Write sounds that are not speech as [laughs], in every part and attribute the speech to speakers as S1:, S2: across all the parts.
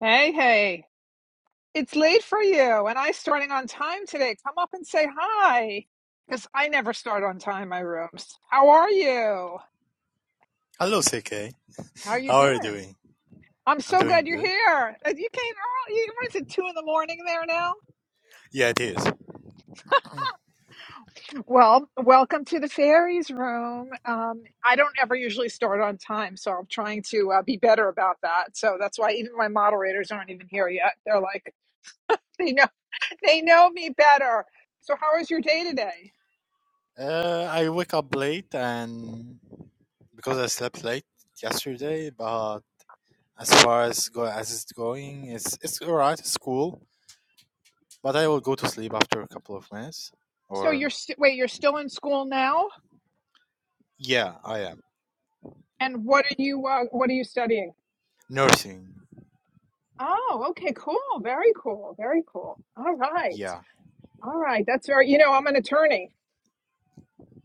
S1: Hey, hey, it's late for you, and I starting on time today. Come up and say hi, because I never start on time my rooms. How are you?
S2: Hello, CK.
S1: How are you
S2: How are you
S1: doing?
S2: doing?
S1: I'm
S2: I'm
S1: so
S2: doing
S1: glad you're
S2: good.
S1: here. Uh, You came early. You- What is it, two in the morning there now?
S2: Yeah, it is.
S1: Well, welcome to the fairies room. Um, I don't ever usually start on time, so I'm trying to uh, be better about that. So that's why even my moderators aren't even here yet. They're like, [laughs] you know, they know me better. So how was your day today?
S2: Uh, I wake up late and because I slept late yesterday, but as far as go as it's going, it's it's all right. It's cool. But I will go to sleep after a couple of minutes.
S1: So
S2: Or
S1: you're st- wait, you're still in school now,
S2: yeah, I am
S1: and what are you uh, what are you studying?
S2: nursing.
S1: Oh, okay, cool, very cool, very cool. All right,
S2: Yeah,
S1: all right, that's very. You know, I'm an attorney.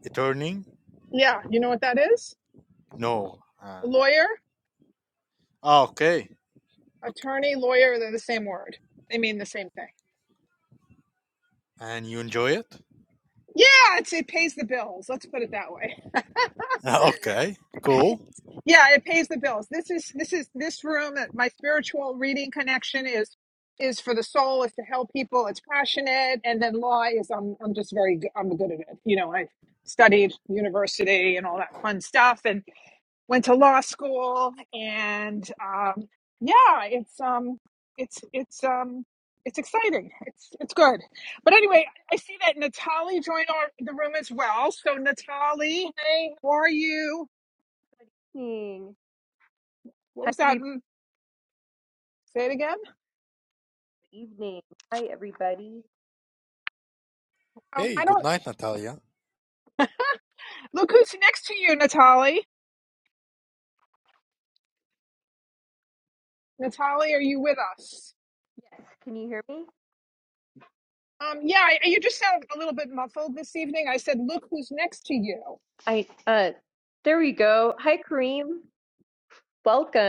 S2: returning.
S1: Yeah, you know what that is?
S2: No. Uh,
S1: A lawyer,
S2: ah, okay.
S1: attorney, lawyer. They're the same word. They mean the same thing.
S2: And you enjoy it?
S1: Yeah, it's, it pays the bills. Let's put it that way.
S2: [laughs] okay. Cool.
S1: Yeah, it pays the bills. This is this is this room. uh, My spiritual reading connection is is for the soul. Is to help people. It's passionate, and then law is I'm I'm just very good- I'm good at it. You know, I studied university and all that fun stuff, and went to law school, and um, yeah, it's um it's it's um it's exciting. It's it's good. But anyway, I see that Natali joined our the room as well. So Natali, hey, how are you?
S3: Evening.
S1: What
S3: Hi,
S1: was that?
S3: every
S1: Mm, Say it again.
S3: evening. Hi, everybody.
S1: Um,
S2: Hey,
S1: I
S2: good
S1: don't
S2: night, Natalia.
S1: look who's next to you, Natalie. Natalie, are you with us?
S3: Yes, can you hear me?
S1: Um, yeah, I, you just sound a little bit muffled this evening. I said, look who's next to you.
S3: I uh, there we go. Hi, Kareem.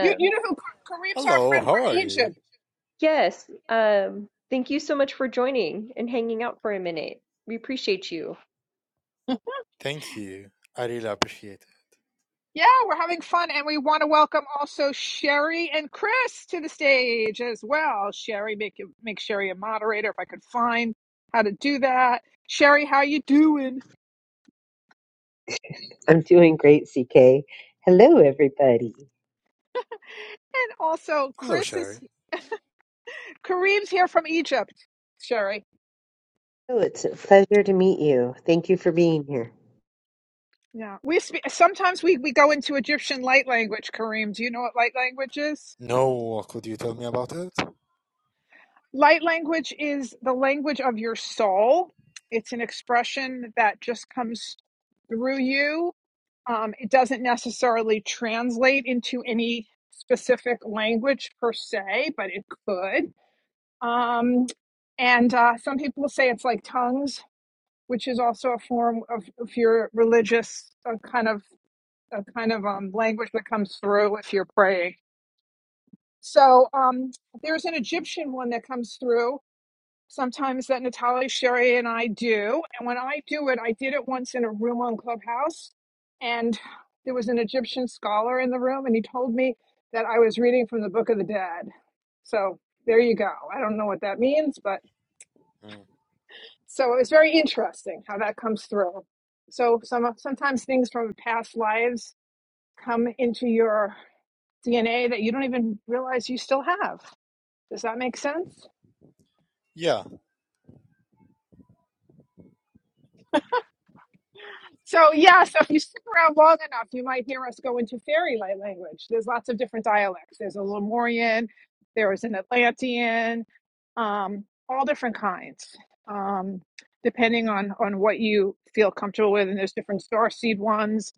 S1: You, you know who Ka- Kareem's our
S2: Hello.
S1: friend
S2: How
S1: from
S2: are you?
S1: Egypt.
S3: Yes. Um, thank you so much for joining and hanging out for a minute. We appreciate you.
S2: Thank you. I really appreciate it.
S1: Yeah, we're having fun, and we want to welcome also Sherry and Chris to the stage as well. Sherry, make it- make Sherry a moderator if I could find how to do that. Sherry, how you doing?
S4: I'm doing great, CK. Hello, everybody.
S1: And also,
S2: Hello,
S1: Chris is
S2: Sherry.
S1: Kareem's here from Egypt. Sherry.
S4: Oh, it's a pleasure to meet you. Thank you for being here.
S1: Yeah, we spe- sometimes we we go into Egyptian light language. Kareem, do you know what light language is?
S2: No, what could you tell me about it?
S1: Light language is the language of your soul. It's an expression that just comes through you. Um, it doesn't necessarily translate into any specific language per se, but it could. Um, and uh, some people say it's like tongues, which is also a form of if you religious, a kind of a kind of um, language that comes through if you're praying. So um, there's an Egyptian one that comes through sometimes that Natalie Sherry and I do. And when I do it, I did it once in a room on Clubhouse, and there was an Egyptian scholar in the room, and he told me that I was reading from the Book of the Dead. So there you go. I don't know what that means, but
S2: Mm.
S1: so it was very interesting how that comes through. So some sometimes things from past lives come into your DNA that you don't even realize you still have. Does that make sense?
S2: Yeah.
S1: So yeah, so if you stick around long enough, you might hear us go into fairy light language. There's lots of different dialects. There's a Lemurian, there is an Atlantean, um, all different kinds, um, depending on on what you feel comfortable with. And there's different starseed ones.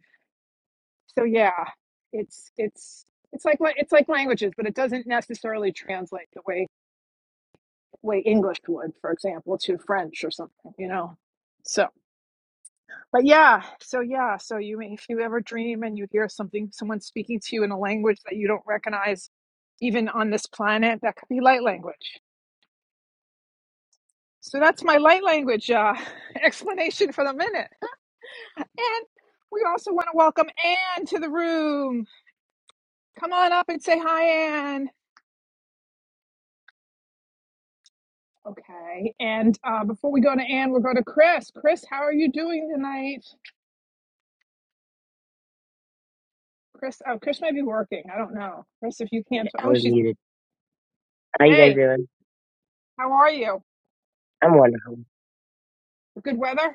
S1: So yeah, it's it's it's like la- it's like languages, but it doesn't necessarily translate the way way English would, for example, to French or something. You know, So, But yeah, so yeah, so you may- if you ever dream and you hear something, someone speaking to you in a language that you don't recognize, even on this planet, that could be light language. So that's my light language uh, [laughs] explanation for the minute. And we also want to welcome Anne to the room. Come on up and say hi, Anne. Okay. And uh, before we go to Anne, we'll go to Chris. Chris, how are you doing tonight? Chris, oh, Chris might be working. I don't know. Chris, if you can't,
S5: Yeah, I
S1: oh,
S5: was
S1: she's.
S5: muted. How you guys
S1: Hey,
S5: doing?
S1: how are you?
S5: I'm wonderful.
S1: Good weather?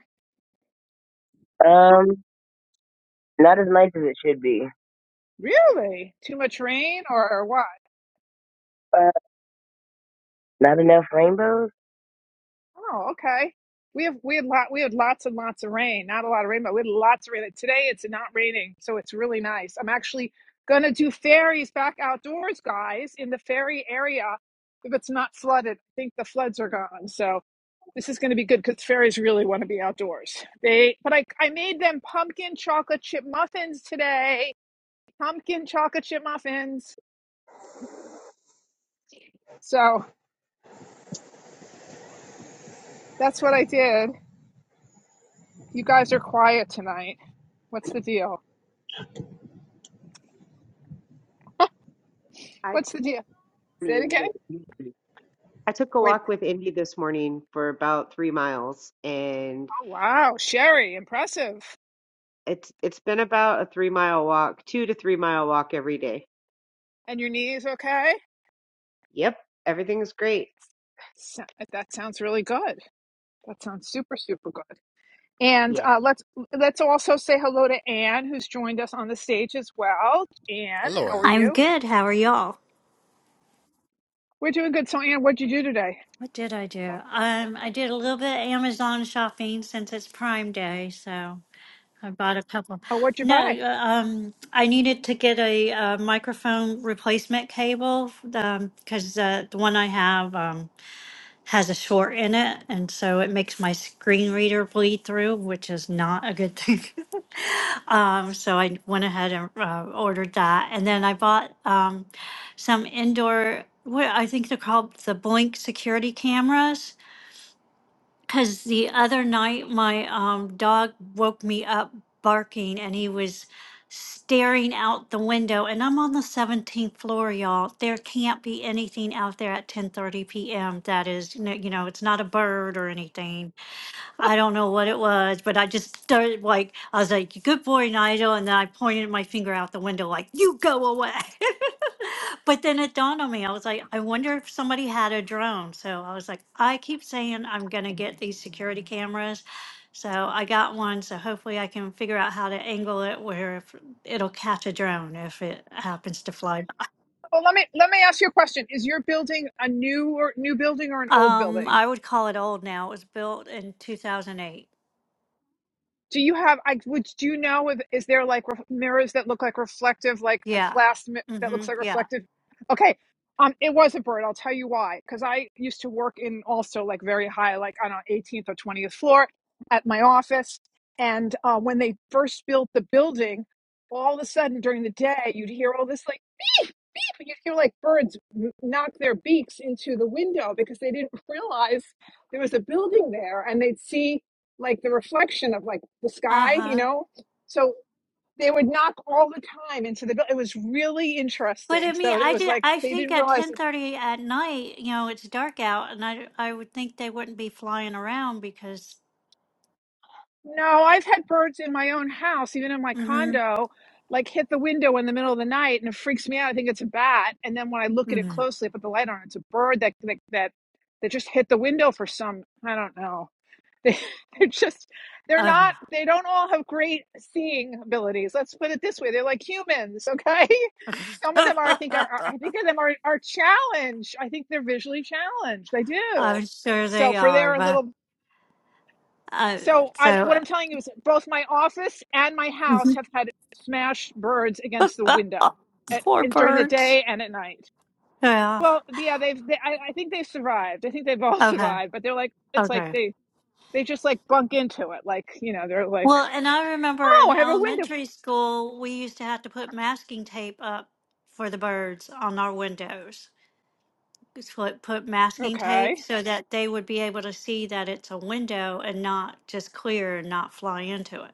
S5: Um, not as nice as it should be.
S1: Really? Too much rain or, or what?
S5: Uh, not enough rainbows.
S1: Oh, okay. We have we had lot we had lots and lots of rain. Not a lot of rain, but we had lots of rain. And Today it's not raining, so it's really nice. I'm actually gonna do ferries back outdoors, guys, in the ferry area if it's not flooded. I think the floods are gone, so this is gonna be good because ferries really want to be outdoors. They but I I made them pumpkin chocolate chip muffins today. Pumpkin chocolate chip muffins. So that's what I did. You guys are quiet tonight. What's the deal?
S3: I took
S1: What's the deal?
S3: a
S1: Say it
S3: morning
S1: again.
S3: with Indy. I took a
S1: Wait.
S3: walk with Indy this morning for about three miles, and
S1: Oh, wow. Sherry, impressive.
S3: it's it's been about a three mile walk, two to three mile walk every day.
S1: And your knees okay?
S3: Yep, everything's great.
S1: So- That sounds really good. That sounds super, super good. And uh, let's let's also say hello to Anne, who's joined us on the stage as well. Anne,
S2: Hello,
S1: how are
S2: Anne.
S6: I'm
S1: you?
S6: good. How are y'all?
S1: We're doing good. So, Anne, what'd you do today?
S6: What did I do? Um, I did a little bit of Amazon shopping since it's Prime Day, so I bought a couple.
S1: Oh, what'd you
S6: No,
S1: buy?
S6: uh, um, I needed to get a, uh microphone replacement cable because uh, the one I have. um, has a short in it, and so it makes my screen reader bleed through, which is not a good thing. [laughs] um, so I went ahead and uh, ordered that, and then I bought um, some indoor. What I think they're called the Blink security cameras because the other night, my um, dog woke me up barking and he was staring out the window. And I'm on the 17th floor, y'all. There can't be anything out there at 10:30 p.m. That is, you know, you know, it's not a bird or anything. I don't know what it was, but I just started like I was like, "Good boy, Nigel," and then I pointed my finger out the window like, "You go away." [laughs] but then it dawned on me. I was like, "I wonder if somebody had a drone." So I was like, "I keep saying I'm gonna get these security cameras." So I got one. So hopefully I can figure out how to angle it where if it'll catch a drone if it happens to fly.
S1: Oh, let me let me ask you a question. Is your building a new or new building or an old
S6: Um,
S1: building?
S6: I would call it old now. It was built in 2008.
S1: Do you have? I would. Do you know if is there like ref- mirrors that look like reflective, like a
S6: Yeah.
S1: glass mi- that looks
S6: Mhm.
S1: like
S6: Yeah.
S1: reflective? Okay, um, it was a bird. I'll tell you why. Because I used to work in also like very high, like on our 18th or 20th floor at my office, and uh, when they first built the building, all of a sudden during the day you'd hear all this like beep beep. You'd hear like birds n- knock their beaks into the window because they didn't [laughs] realize there was a building there, and they'd see like the reflection of like the
S6: Uh
S1: sky, you
S6: huh.
S1: know. So they would knock all the time into the building. It was really
S6: But I
S1: interesting.
S6: mean,
S1: So it
S6: I
S1: was
S6: did.
S1: like
S6: I
S1: they
S6: think
S1: didn't
S6: at
S1: realize.
S6: ten
S1: It.
S6: thirty at night, you know, it's dark out, and I I would think they wouldn't be flying around because.
S1: No, I've had birds in my own house, even in my
S6: hmm
S1: condo, like hit the window in the middle of the night, and it freaks me out. I think it's a bat, and then when I look at it
S6: hmm
S1: closely, I put the light on, it's a bird that that that, that just hit the window for some I don't know [laughs] They, they're just, they're
S6: [laughs]
S1: not, they don't all have great seeing abilities. Let's put it this way. They're like humans, [laughs] okay? Some of them are, I think, are, are- I think of them are, are challenged. I think they're visually challenged. I do.
S6: I'm sure
S1: So
S6: they
S1: for
S6: are,
S1: their
S6: but
S1: little,
S6: uh,
S1: so I, what
S6: so
S1: I'm telling you is both my office and my house
S6: Mhm.
S1: have had smashed birds against the window
S6: [laughs]
S1: at,
S6: poor
S1: in- during the
S6: birds.
S1: day and at night.
S6: Yeah.
S1: Well, yeah, they've. They, I, I think they've survived. I think they've all [laughs]
S6: Okay.
S1: survived, but they're like it's like
S6: Okay.
S1: they they just like bunk into it. Like, you know, they're like,
S6: Well, and I remember
S1: oh,
S6: in
S1: I have a window.
S6: elementary school, we used to have to put masking tape up for the birds on our windows. just put, put masking
S1: Okay.
S6: tape so that they would be able to see that it's a window and not just clear and not fly into it.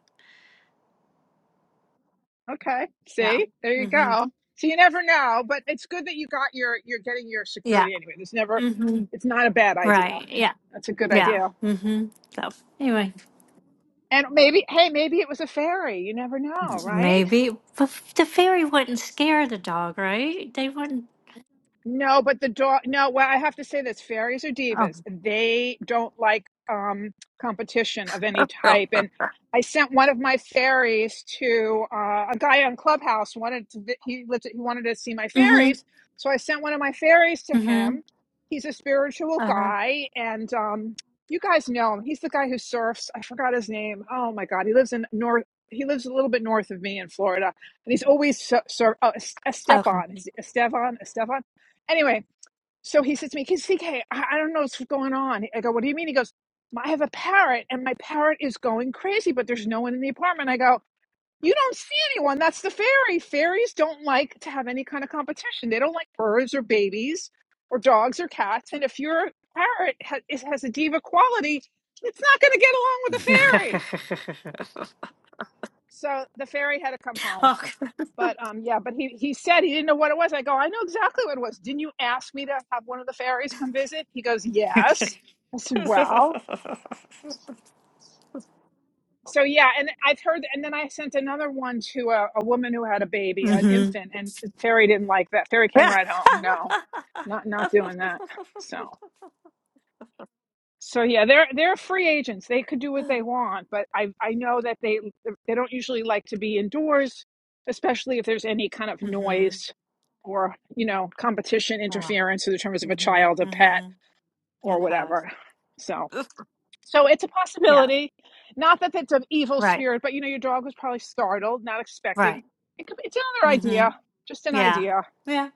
S1: Okay.
S6: Yeah.
S1: See, there you
S6: Mm-hmm.
S1: go. So you never know, but it's good that you got your, you're getting your
S6: Yeah.
S1: security anyway. There's never,
S6: Mm-hmm.
S1: it's not a bad idea.
S6: Right. Yeah.
S1: That's a good
S6: Yeah.
S1: idea.
S6: Mm-hmm. So anyway,
S1: And maybe, hey, maybe it was a fairy. You never know, right?
S6: maybe but the fairy wouldn't scare the dog, right? They wouldn't.
S1: No, but the dog. No, well, I have to say this: fairies are
S6: Oh.
S1: divas, they don't like um, competition of any
S6: [laughs]
S1: type. And I sent one of my fairies to uh, a guy on Clubhouse. Wanted to, vi- he lived. He wanted to see my
S6: Mm-hmm.
S1: fairies, so I sent one of my fairies to
S6: Mm-hmm.
S1: him. He's a spiritual
S6: Uh-huh.
S1: guy, and um, you guys know him. He's the guy who surfs. I forgot his name. Oh my God, he lives in north. He lives a little bit north of me in Florida, and he's always sur- sur- oh,
S6: Okay.
S1: Esteban. Is it Esteban? Esteban? Anyway, so he says to me, CK, I I don't know what's going on. I go, what do you mean? He goes, I have a parrot and my parrot is going crazy, but there's no one in the apartment. I go, you don't see anyone. That's the fairy. Fairies don't like to have any kind of competition. They don't like birds or babies or dogs or cats. And if your parrot ha- is- has a diva quality, it's not going to get along with the fairy. So the fairy had to come
S6: [laughs]
S1: home.
S6: okay.
S1: But um, yeah, but he, he said he didn't know what it was. I go, I know exactly what it was. Didn't you ask me to have one of the fairies come visit? He goes, Yes. I
S6: [laughs] [laughs]
S1: said, Well, so yeah, and I've heard, and then I sent another one to a, a woman who had a baby, an
S6: mm-hmm.
S1: infant, and the fairy didn't like that. Fairy
S6: [laughs]
S1: came right home. No,
S6: mm-hmm.
S1: not not doing that. So. So yeah, they're they're free agents. They could do what they want, but I I know that they they don't usually like to be indoors, especially if there's any kind of noise or, you know, competition
S6: Wow.
S1: interference in terms of a
S6: hmm
S1: child, a pet,
S6: hmm
S1: or
S6: Okay.
S1: whatever. So so it's a
S6: Yeah.
S1: possibility. Not that it's an evil
S6: Right.
S1: spirit, but you know, your dog was probably startled, not expecting.
S6: Right.
S1: It could, it's another
S6: hmm
S1: idea, just an
S6: Yeah.
S1: idea.
S6: Yeah.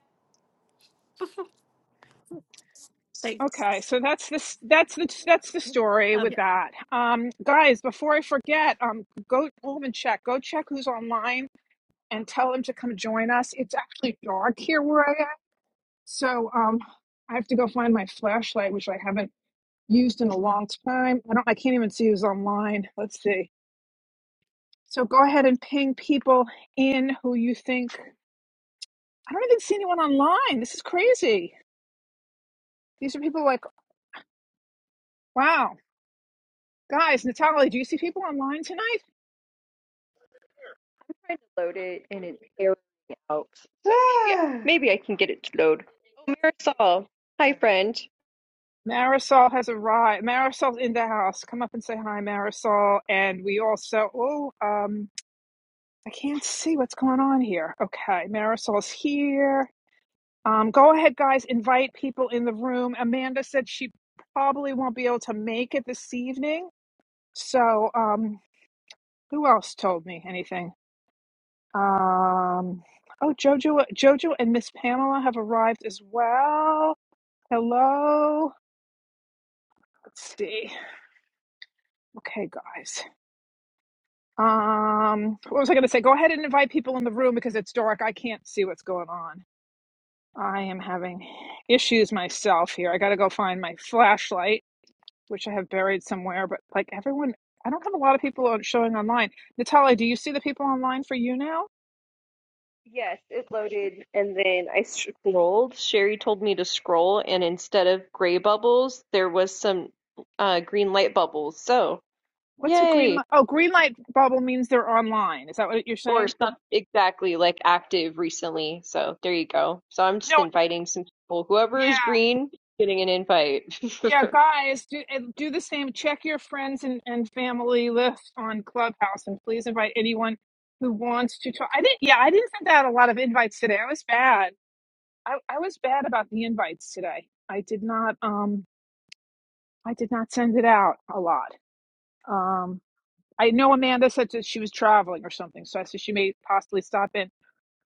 S1: Okay,
S6: Thanks.
S1: so that's this that's the that's the story with
S6: Okay.
S1: that. Um guys, before I forget, um go home and check. Go check who's online and tell them to come join us. It's actually dark here where I am. So um I have to go find my flashlight which I haven't used in a long time. I don't I can't even see who's online. Let's see. So go ahead and ping people in who you think I don't even see anyone online. This is crazy. These are people like, wow. Guys, Natalie, do you see people online tonight?
S3: trying to load it and it's erroring out. So Yeah, [sighs] Ah, maybe I can get it to load. Oh, Marisol. Hi, friend.
S1: Marisol has arrived. Marisol's in the house. Come up and say hi, Marisol. And we also, oh, um, I can't see what's going on here. Okay, Marisol's here. Um, go ahead, guys. Invite people in the room. Amanda said she probably won't be able to make it this evening. So, um, who else told me anything? Um, oh, Jojo, Jojo, and Miss Pamela have arrived as well. Hello. Let's see. Okay, guys. Um, what was I going to say? Go ahead and invite people in the room because it's dark. I can't see what's going on. I am having issues myself here. I got to go find my flashlight, which I have buried somewhere. But like everyone, I don't have a lot of people on- showing online. Natalia, do you see the people online for you now?
S3: Yes, it loaded and then I scrolled. Sherry told me to scroll, and instead of gray bubbles, there was some uh, green light bubbles. So,
S1: What's a green
S3: yay!
S1: light? Oh, green light bubble means they're online. Is that what you're
S3: Or
S1: saying?
S3: some exactly like active recently. So, there you go. So, I'm just
S1: No.
S3: inviting some people. Whoever is
S1: Yeah.
S3: green, getting an invite. [laughs]
S1: Yeah, guys, do and do the same. Check your friends and, and family list on Clubhouse, and please invite anyone who wants to talk. I didn't. Yeah, I didn't send out a lot of invites today. I was bad. I, I was bad about the invites today. I did not. Um, I did not send it out a lot. Um, I know Amanda said that she was traveling or something, so I said she may possibly stop in.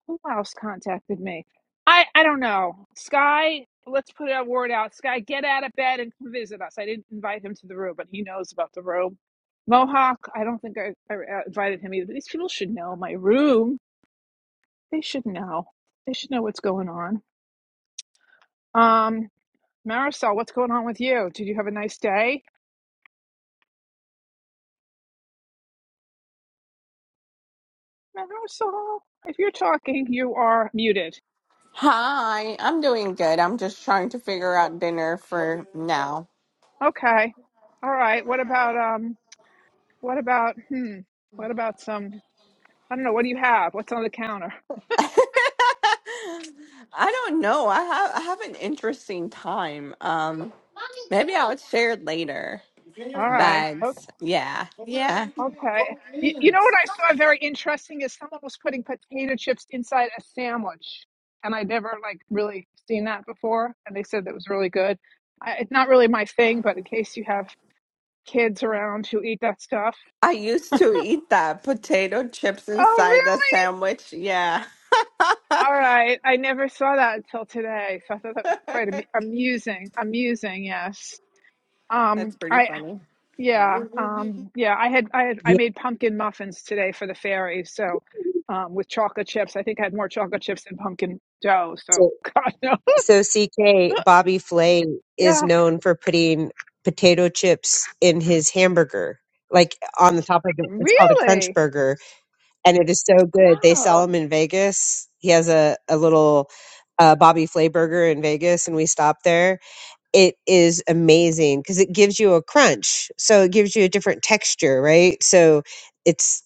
S1: Who else contacted me? I I don't know. Sky, let's put a word out. Sky, get out of bed and come visit us. I didn't invite him to the room, but he knows about the room. Mohawk, I don't think I, I uh, invited him either. But these people should know my room. They should know. They should know what's going on. Um, Marisol, what's going on with you? Did you have a nice day? Marisol, if you're talking, you are muted.
S7: Hi, I'm doing good. I'm just trying to figure out dinner for now.
S1: Okay. All right. What about um? What about hmm? What about some? I don't know. What do you have? What's on the counter?
S7: [laughs] I don't know. I have I have an interesting time. Um maybe I'll share it later.
S1: All right. Okay.
S7: Bags. Yeah. Yeah.
S1: Okay. You, you know what I saw very interesting is someone was putting potato chips inside a sandwich, and i never like really seen that before. And they said that was really good. I, it's not really my thing, but in case you have kids around who eat that stuff.
S7: I used to eat that potato chips
S1: Oh,
S7: inside the
S1: really?
S7: sandwich. Yeah.
S1: All right. I never saw that until today, so I thought that was quite am- amusing. Amusing, yes. Um,
S7: That's pretty
S1: I
S7: funny.
S1: Yeah, um, yeah, I had I had I
S4: Yeah.
S1: made pumpkin muffins today for the fairy, so um, with chocolate chips. I think I had more chocolate chips than pumpkin dough.
S4: So,
S1: So [laughs] God no.
S4: so CK Bobby Flay is
S1: Yeah,
S4: known for putting potato chips in his hamburger, like on the top of it. It's called a crunch
S1: really?
S4: burger, and it is so good. They
S1: Oh,
S4: sell them in Vegas. He has a a little uh, Bobby Flay burger in Vegas, and we stopped there. it is amazing because it gives you a crunch. So it gives you a different texture, right? So it's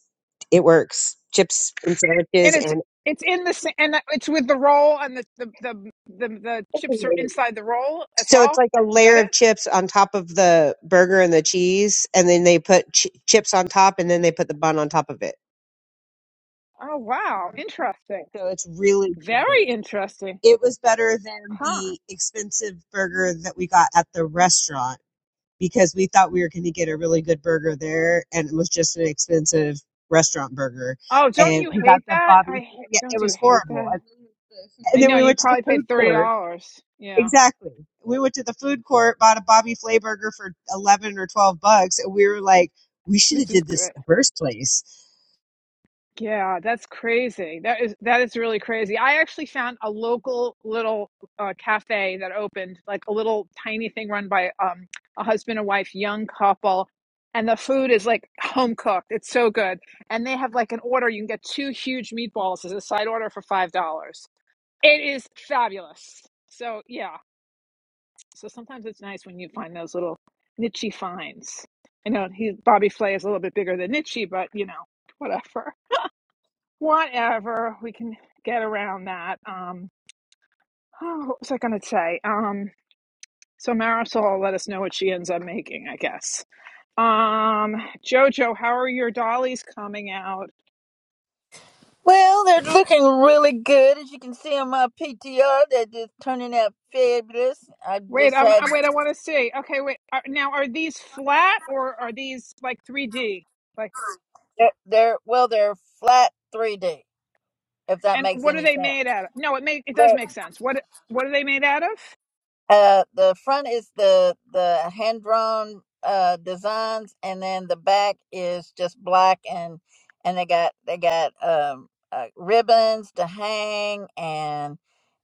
S4: it works. Chips and
S1: And
S4: sandwiches
S1: it's
S4: and
S1: it's in the sa- and it's with the roll and the the the the, the chips are
S4: [laughs]
S1: inside the roll as
S4: so it's
S1: well.
S4: like a
S1: Is that
S4: layer
S1: it?
S4: of chips on top of the burger and the cheese, and then they put ch- chips on top, and then they put the bun on top of it.
S1: Oh wow, interesting.
S4: So it's really good.
S1: Very interesting.
S4: It was better than
S1: Huh.
S4: the expensive burger that we got at the restaurant because we thought we were going to get a really good burger there and it was just an expensive restaurant burger
S1: Oh, don't
S4: and
S1: you
S4: we got
S1: hate
S4: the
S1: that?
S4: bobby
S1: I ha-
S4: yeah it
S1: don't you
S4: was
S1: hate
S4: horrible
S1: that?
S4: and, and
S1: I
S4: then
S1: know
S4: we
S1: you
S4: went to the
S1: probably paid
S4: food
S1: thirty
S4: court
S1: dollars. Yeah.
S4: exactly we went to the food court bought a bobby flay burger for 11 or 12 bucks and we were like we should have
S1: This is
S4: did this in
S1: great.
S4: the first place
S1: Yeah, that's crazy. That is that is really crazy. I actually found a local little uh, cafe that opened, like a little tiny thing run by um, a husband and wife, young couple, and the food is like home cooked. It's so good, and they have like an order. You can get two huge meatballs as a side order for five dollars. It is fabulous. So yeah, so sometimes it's nice when you find those little nichey finds. I know he Bobby Flay is a little bit bigger than nichey, but you know whatever. whatever we can get around that um [sighs] oh, what was i going to say um so marisol let us know what she ends up making i guess um jojo how are your dollies coming out
S8: Well, they're looking really good. As you can see on my PTR, they're just turning out fabulous. I
S1: wait
S8: just
S1: um, am
S8: had
S1: wait i want to see okay wait are, now are these flat or are these like 3d like
S8: they're, they're well, they're flat 3D. If that
S1: and
S8: makes
S1: what are
S8: any
S1: they made
S8: sense,
S1: out of no it make it does make sense what what are they made out of
S8: Uh, the front is the the hand drawn uh designs, and then the back is just black and and they got they got um uh, ribbons to hang and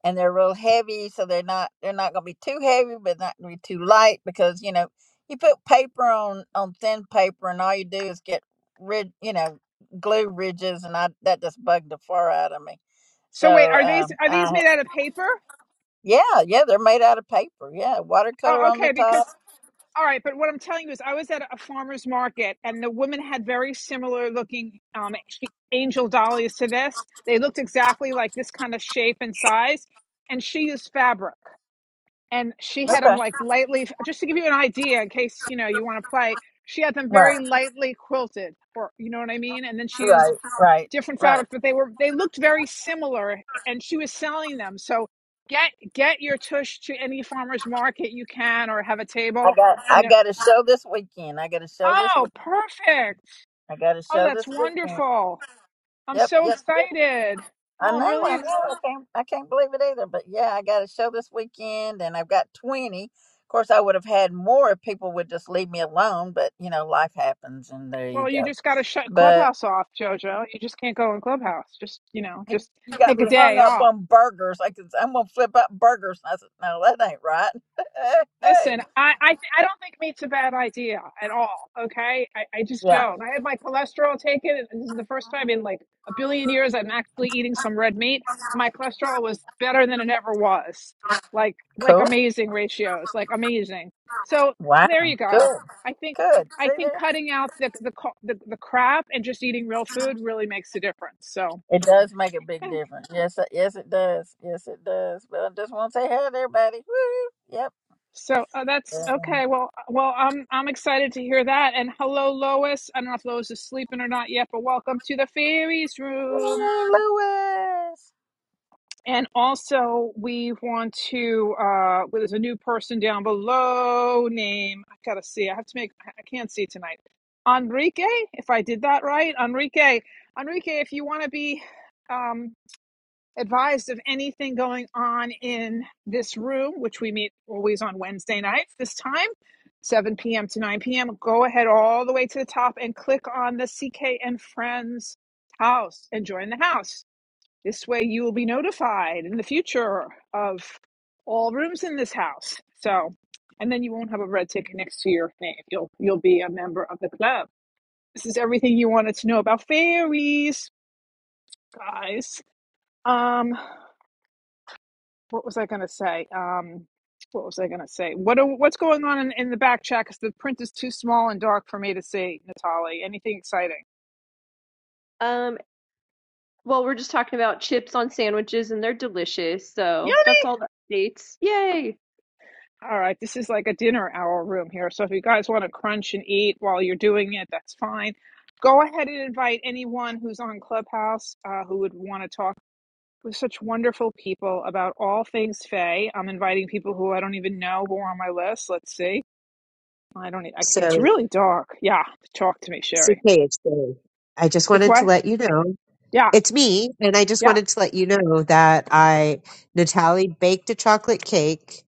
S8: and they're real heavy, so they're not they're not gonna be too heavy, but not gonna be too light because you know you put paper on on thin paper, and all you do is get rid you know glue ridges, and I that just bugged the far out of me.
S1: so wait
S8: So
S1: are these
S8: um,
S1: are
S8: I
S1: these made out of paper
S8: yeah, yeah, they're made out of paper. Yeah, watercolor
S1: oh
S8: on the
S1: okay
S8: top.
S1: because All right, but what I'm telling you is, I was at a farmer's market, and the woman had very similar looking um, angel dahlias to this. They looked exactly like this kind of shape and size, and she used fabric, and she had them
S8: Okay.
S1: like lightly. Just to give you an idea, in case you know you want to play, she had them
S8: Right,
S1: very lightly quilted, or you know what I mean. And then she used
S8: right, right,
S1: different
S8: right.
S1: fabrics, but they were they looked very similar, and she was selling them. So get get your tush to any farmer's market you can, or have a
S8: I
S1: table
S8: got I
S1: You know.
S8: got a show this weekend. I got a show this week.
S1: Oh, perfect.
S8: I got a
S1: Oh,
S8: show this
S1: that's
S8: weekend.
S1: wonderful. I'm
S8: Yep,
S1: so
S8: yep.
S1: excited.
S8: I
S1: Oh, I'm
S8: know,
S1: really
S8: I know.
S1: ex-
S8: I can't I can't believe it either. But yeah, I got a show this weekend and I've got twenty. Of course I would have had more if people would just leave me alone, but you know, life happens and there you
S1: well, you
S8: go.
S1: just got to shut
S8: But
S1: Clubhouse off, Jojo. You just can't go in Clubhouse. Just, you know, just
S8: you got
S1: take a
S8: me hung
S1: day
S8: up
S1: off.
S8: on burgers. Like it's- I'm gonna flip out burgers. And I said, No, that ain't right. [laughs]
S1: Listen, I, I th- I don't think meat's a bad idea at all. Okay, I, I just
S8: Yeah.
S1: don't. I had my cholesterol taken, and this is the first time in like a billion years I'm actually eating some red meat. My cholesterol was better than it ever was, like like
S8: Cool.
S1: amazing ratios, like amazing. So
S8: Wow.
S1: there you go.
S8: Good.
S1: I think
S8: Good.
S1: I
S8: See
S1: think
S8: there?
S1: cutting out the the co- the, the crap and just eating real food really makes a difference. So
S8: It does make a
S1: Yeah.
S8: big difference. Yes. it- Yes, it does. Yes, it does. But I just want to say hi to everybody. Woo. Yep.
S1: So oh, that's
S8: Yeah.
S1: okay. Well, uh, well, I'm I'm excited to hear that. And hello, Lois. I don't know if Lois is sleeping or not yet, but welcome to the fairies room.
S8: Hey, Louis.
S1: And also, we want to. Uh, well, there's a new person down below. Name I gotta see. I have to make. I can't see tonight. Enrique, if I did that right, Enrique, Enrique, if you want to be. Um, advised of anything going on in this room, which we meet always on Wednesday nights this time, 7 p.m. to 9 p.m. Go ahead all the way to the top and click on the CK and Friends house and join the house. This way you will be notified in the future of all rooms in this house. So, and then you won't have a red ticket next to your name. You'll you'll be a member of the club. This is everything you wanted to know about fairies, guys. Um, what was I going to say? Um, what was I going to say? What are, what's going on in, in the back chat? Because the print is too small and dark for me to see. Natalie, anything exciting?
S3: Um, Well, we're just talking about chips on sandwiches and they're delicious.
S1: Yeah.
S3: So that's all the updates. Yay!
S1: All right. This is like a dinner hour room here. So if you guys want to crunch and eat while you're doing it, that's fine. Go ahead and invite anyone who's on Clubhouse uh, who would want to talk with such wonderful people about all things Faye. I'm inviting people who I don't even know who are on my list. Let's see. I don't. e- I, it's
S4: So,
S1: really dark. Yeah. Talk to me,
S4: so
S1: Sherry.
S4: Paige, so I just
S1: It's
S4: wanted to
S1: what?
S4: let you know
S1: Yeah.
S4: it's me, and I just
S1: Yeah.
S4: wanted to let you know that I Natalie baked a chocolate cake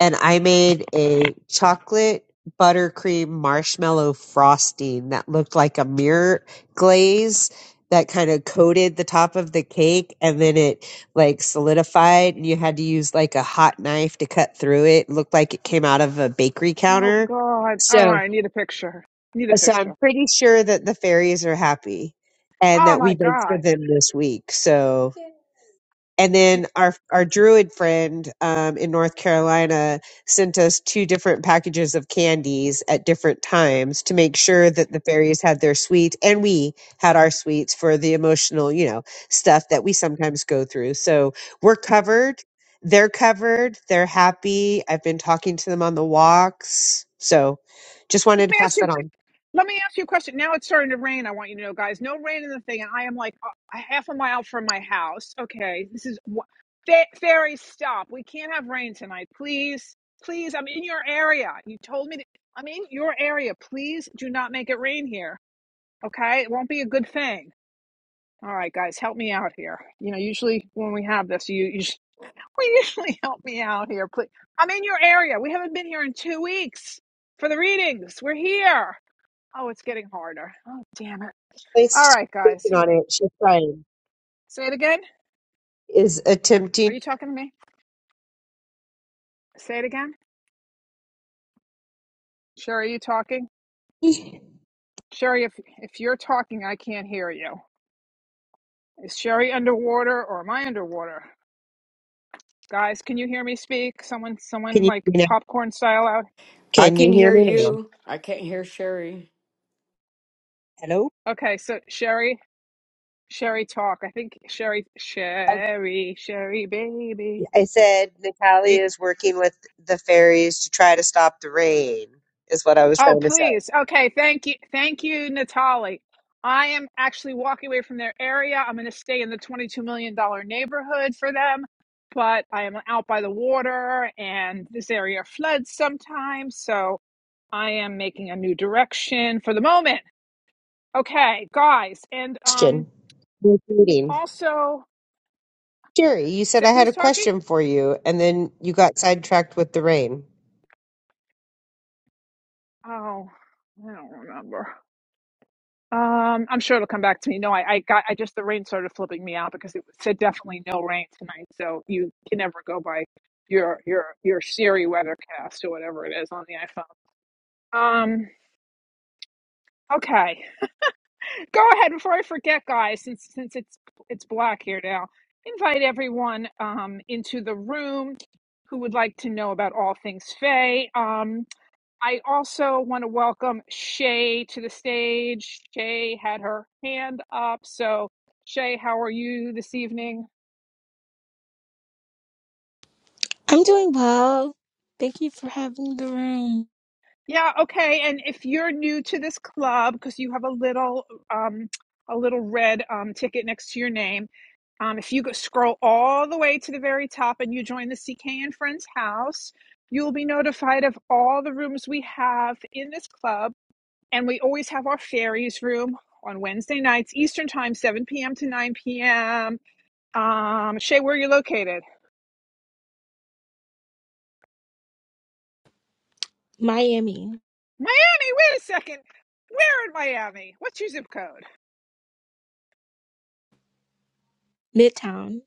S4: and I made a chocolate buttercream marshmallow frosting that looked like a mirror glaze that kind of coated the top of the cake and then it like solidified and you had to use like a hot knife to cut through it. It looked like it came out of a bakery
S1: Oh
S4: counter.
S1: God. Oh,
S4: So
S1: I need a picture. Need a
S4: so I'm
S1: picture.
S4: pretty sure that the fairies are happy and
S1: Oh
S4: that we
S1: my
S4: baked for
S1: God.
S4: them this week. So and then our our druid friend um, in North Carolina sent us two different packages of candies at different times to make sure that the fairies had their sweets and we had our sweets for the emotional, you know, stuff that we sometimes go through. So we're covered. They're covered. They're happy. I've been talking to them on the walks. So just
S1: Let
S4: wanted to
S1: me ask
S4: pass
S1: you.
S4: that on.
S1: Let me ask you a question. Now it's starting to rain. I want you to know, guys. No rain in the thing, and I am like a a half a mile from my house. Okay, this is wha- fa- fairy. Stop. We can't have rain tonight, please. Please, I'm in your area. You told me to, I'm in your area. Please do not make it rain here. Okay, it won't be a good thing. All right, guys, help me out here. You know, usually when we have this, you you. Please [laughs] help me out here, please. I'm in your area. We haven't been here in two weeks for the readings. We're here. Oh, it's getting harder. Oh, damn it. All
S4: Place
S1: right, guys.
S4: working on it. She's trying.
S1: Say it again.
S4: Is
S1: Are
S4: attempting.
S1: you talking to me? Say it again. Sherry, are you talking?
S4: Can
S1: Sherry, if if you're talking, I can't hear you. Is Sherry underwater or am I underwater? Guys, can you hear me speak? Someone, someone
S4: you, hear
S1: like
S4: me now?
S1: popcorn style out.
S9: I
S4: can you
S9: can
S4: hear
S9: hear
S4: me
S1: Sh-
S4: now?
S9: you. I can't hear Sherry.
S4: Hello?
S1: okay, so Sherry, Sherry talk. I think Sherry,
S4: Okay.
S1: Sherry, Sherry, baby.
S4: I said Natalie is working with the fairies to try to stop the rain, is what I was
S1: Oh,
S4: trying to say.
S1: please. Okay. Thank you. Thank you, Natali. I am actually walking away from their area. I'm going to stay in the $22 million dollar neighborhood for them, but I am out by the water and this area floods sometimes. So I am making a new direction for the moment. Okay, guys. And um,
S4: Question. Repeating.
S1: also,
S4: Jerry, you said
S1: so
S4: I had
S1: who's
S4: a
S1: talking?
S4: question for you, and then you got sidetracked with the rain.
S1: Oh, I don't remember. Um, I'm sure it'll come back to me. No, I, I got, I just, the rain started flipping me out because it said definitely no rain tonight. So you can never go by your, your, your Siri weathercast or whatever it is on the iPhone. Um, okay. Go ahead before I forget, guys, since, since it's, it's black here now, invite everyone, um, into the room who would like to know about all things Faye. Um, I also want to welcome Shay to the stage. Shay had her hand up. So, Shay, how are you this evening?
S10: I'm doing well. Thank you for having the room.
S1: Yeah, okay. And if you're new to this club, because you have a little, um, a little red um, ticket next to your name, um, if you go scroll all the way to the very top and you join the CK and Friends house, you'll be notified of all the rooms we have in this club And we always have our fairies room on Wednesday nights, Eastern Time, 7 p.m. to 9 p.m. Um, Shay, where are you located?
S10: Miami,
S1: Miami, wait a second. Where in Miami? What's your zip code?
S10: Midtown.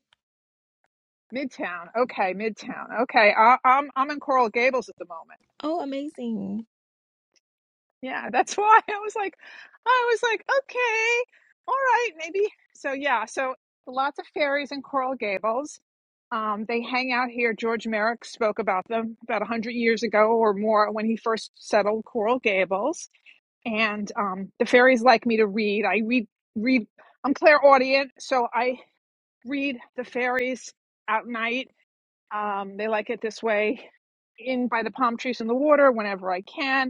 S1: Midtown. Okay, Midtown. Okay, I, I'm I'm in Coral Gables at the moment.
S10: Oh, amazing.
S1: Yeah, that's [laughs] why I was like, I was like, okay, all right, maybe. So yeah, so lots of fairies in Coral Gables. Um, they hang out here. George Merrick spoke about them about a hundred years ago or more when he first settled Coral Gables. And um, the fairies like me to read. I read read. I'm clairaudient, so I read the fairies at night. Um, they like it this way, in by the palm trees in the water whenever I can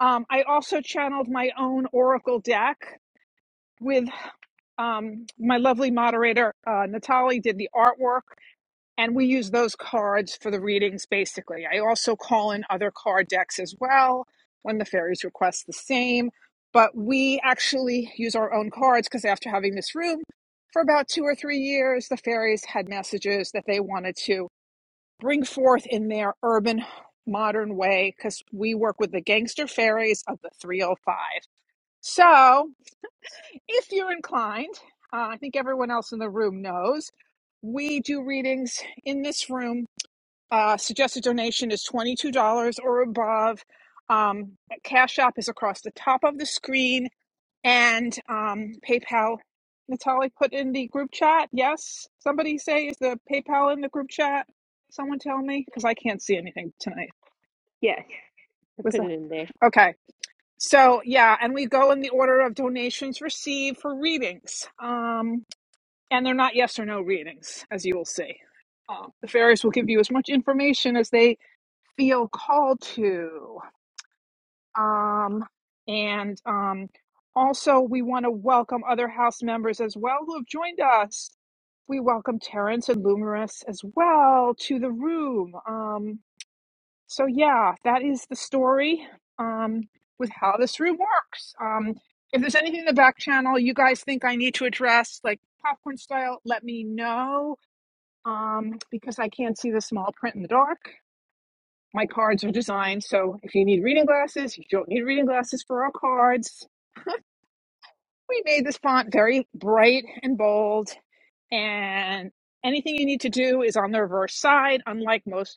S1: um, I also channeled my own Oracle deck with um, my lovely moderator, uh, Natalie, did the artwork, and we use those cards for the readings basically. I also call in other card decks as well when the fairies request the same, but we actually use our own cards because after having this room for about two or three years, the fairies had messages that they wanted to bring forth in their urban modern way because we work with the gangster fairies of the 305 so, if you're inclined, uh, I think everyone else in the room knows we do readings in this room. Uh, suggested donation is $22 or above. Um, Cash App is across the top of the screen, and um, PayPal. Natalie put in the group chat. Yes, somebody say is the PayPal in the group chat? Someone tell me because I can't see anything tonight.
S3: Yeah, I
S1: Was
S3: put
S1: the
S3: it in there.
S1: okay? So yeah, and we go in the order of donations received for readings. Um, and they're not yes or no readings, as you will see. Um, the fairies will give you as much information as they feel called to. Um, and um, also, we want to welcome other house members as well who have joined us. We welcome Terrence and Lumerus as well to the room. Um, so, yeah, that is the story um, with how this room works. Um, if there's anything in the back channel you guys think I need to address, like popcorn style, let me know um, because I can't see the small print in the dark. My cards are designed, so if you need reading glasses, you don't need reading glasses for our cards. We made this font very bright and bold, and anything you need to do is on the reverse side, unlike most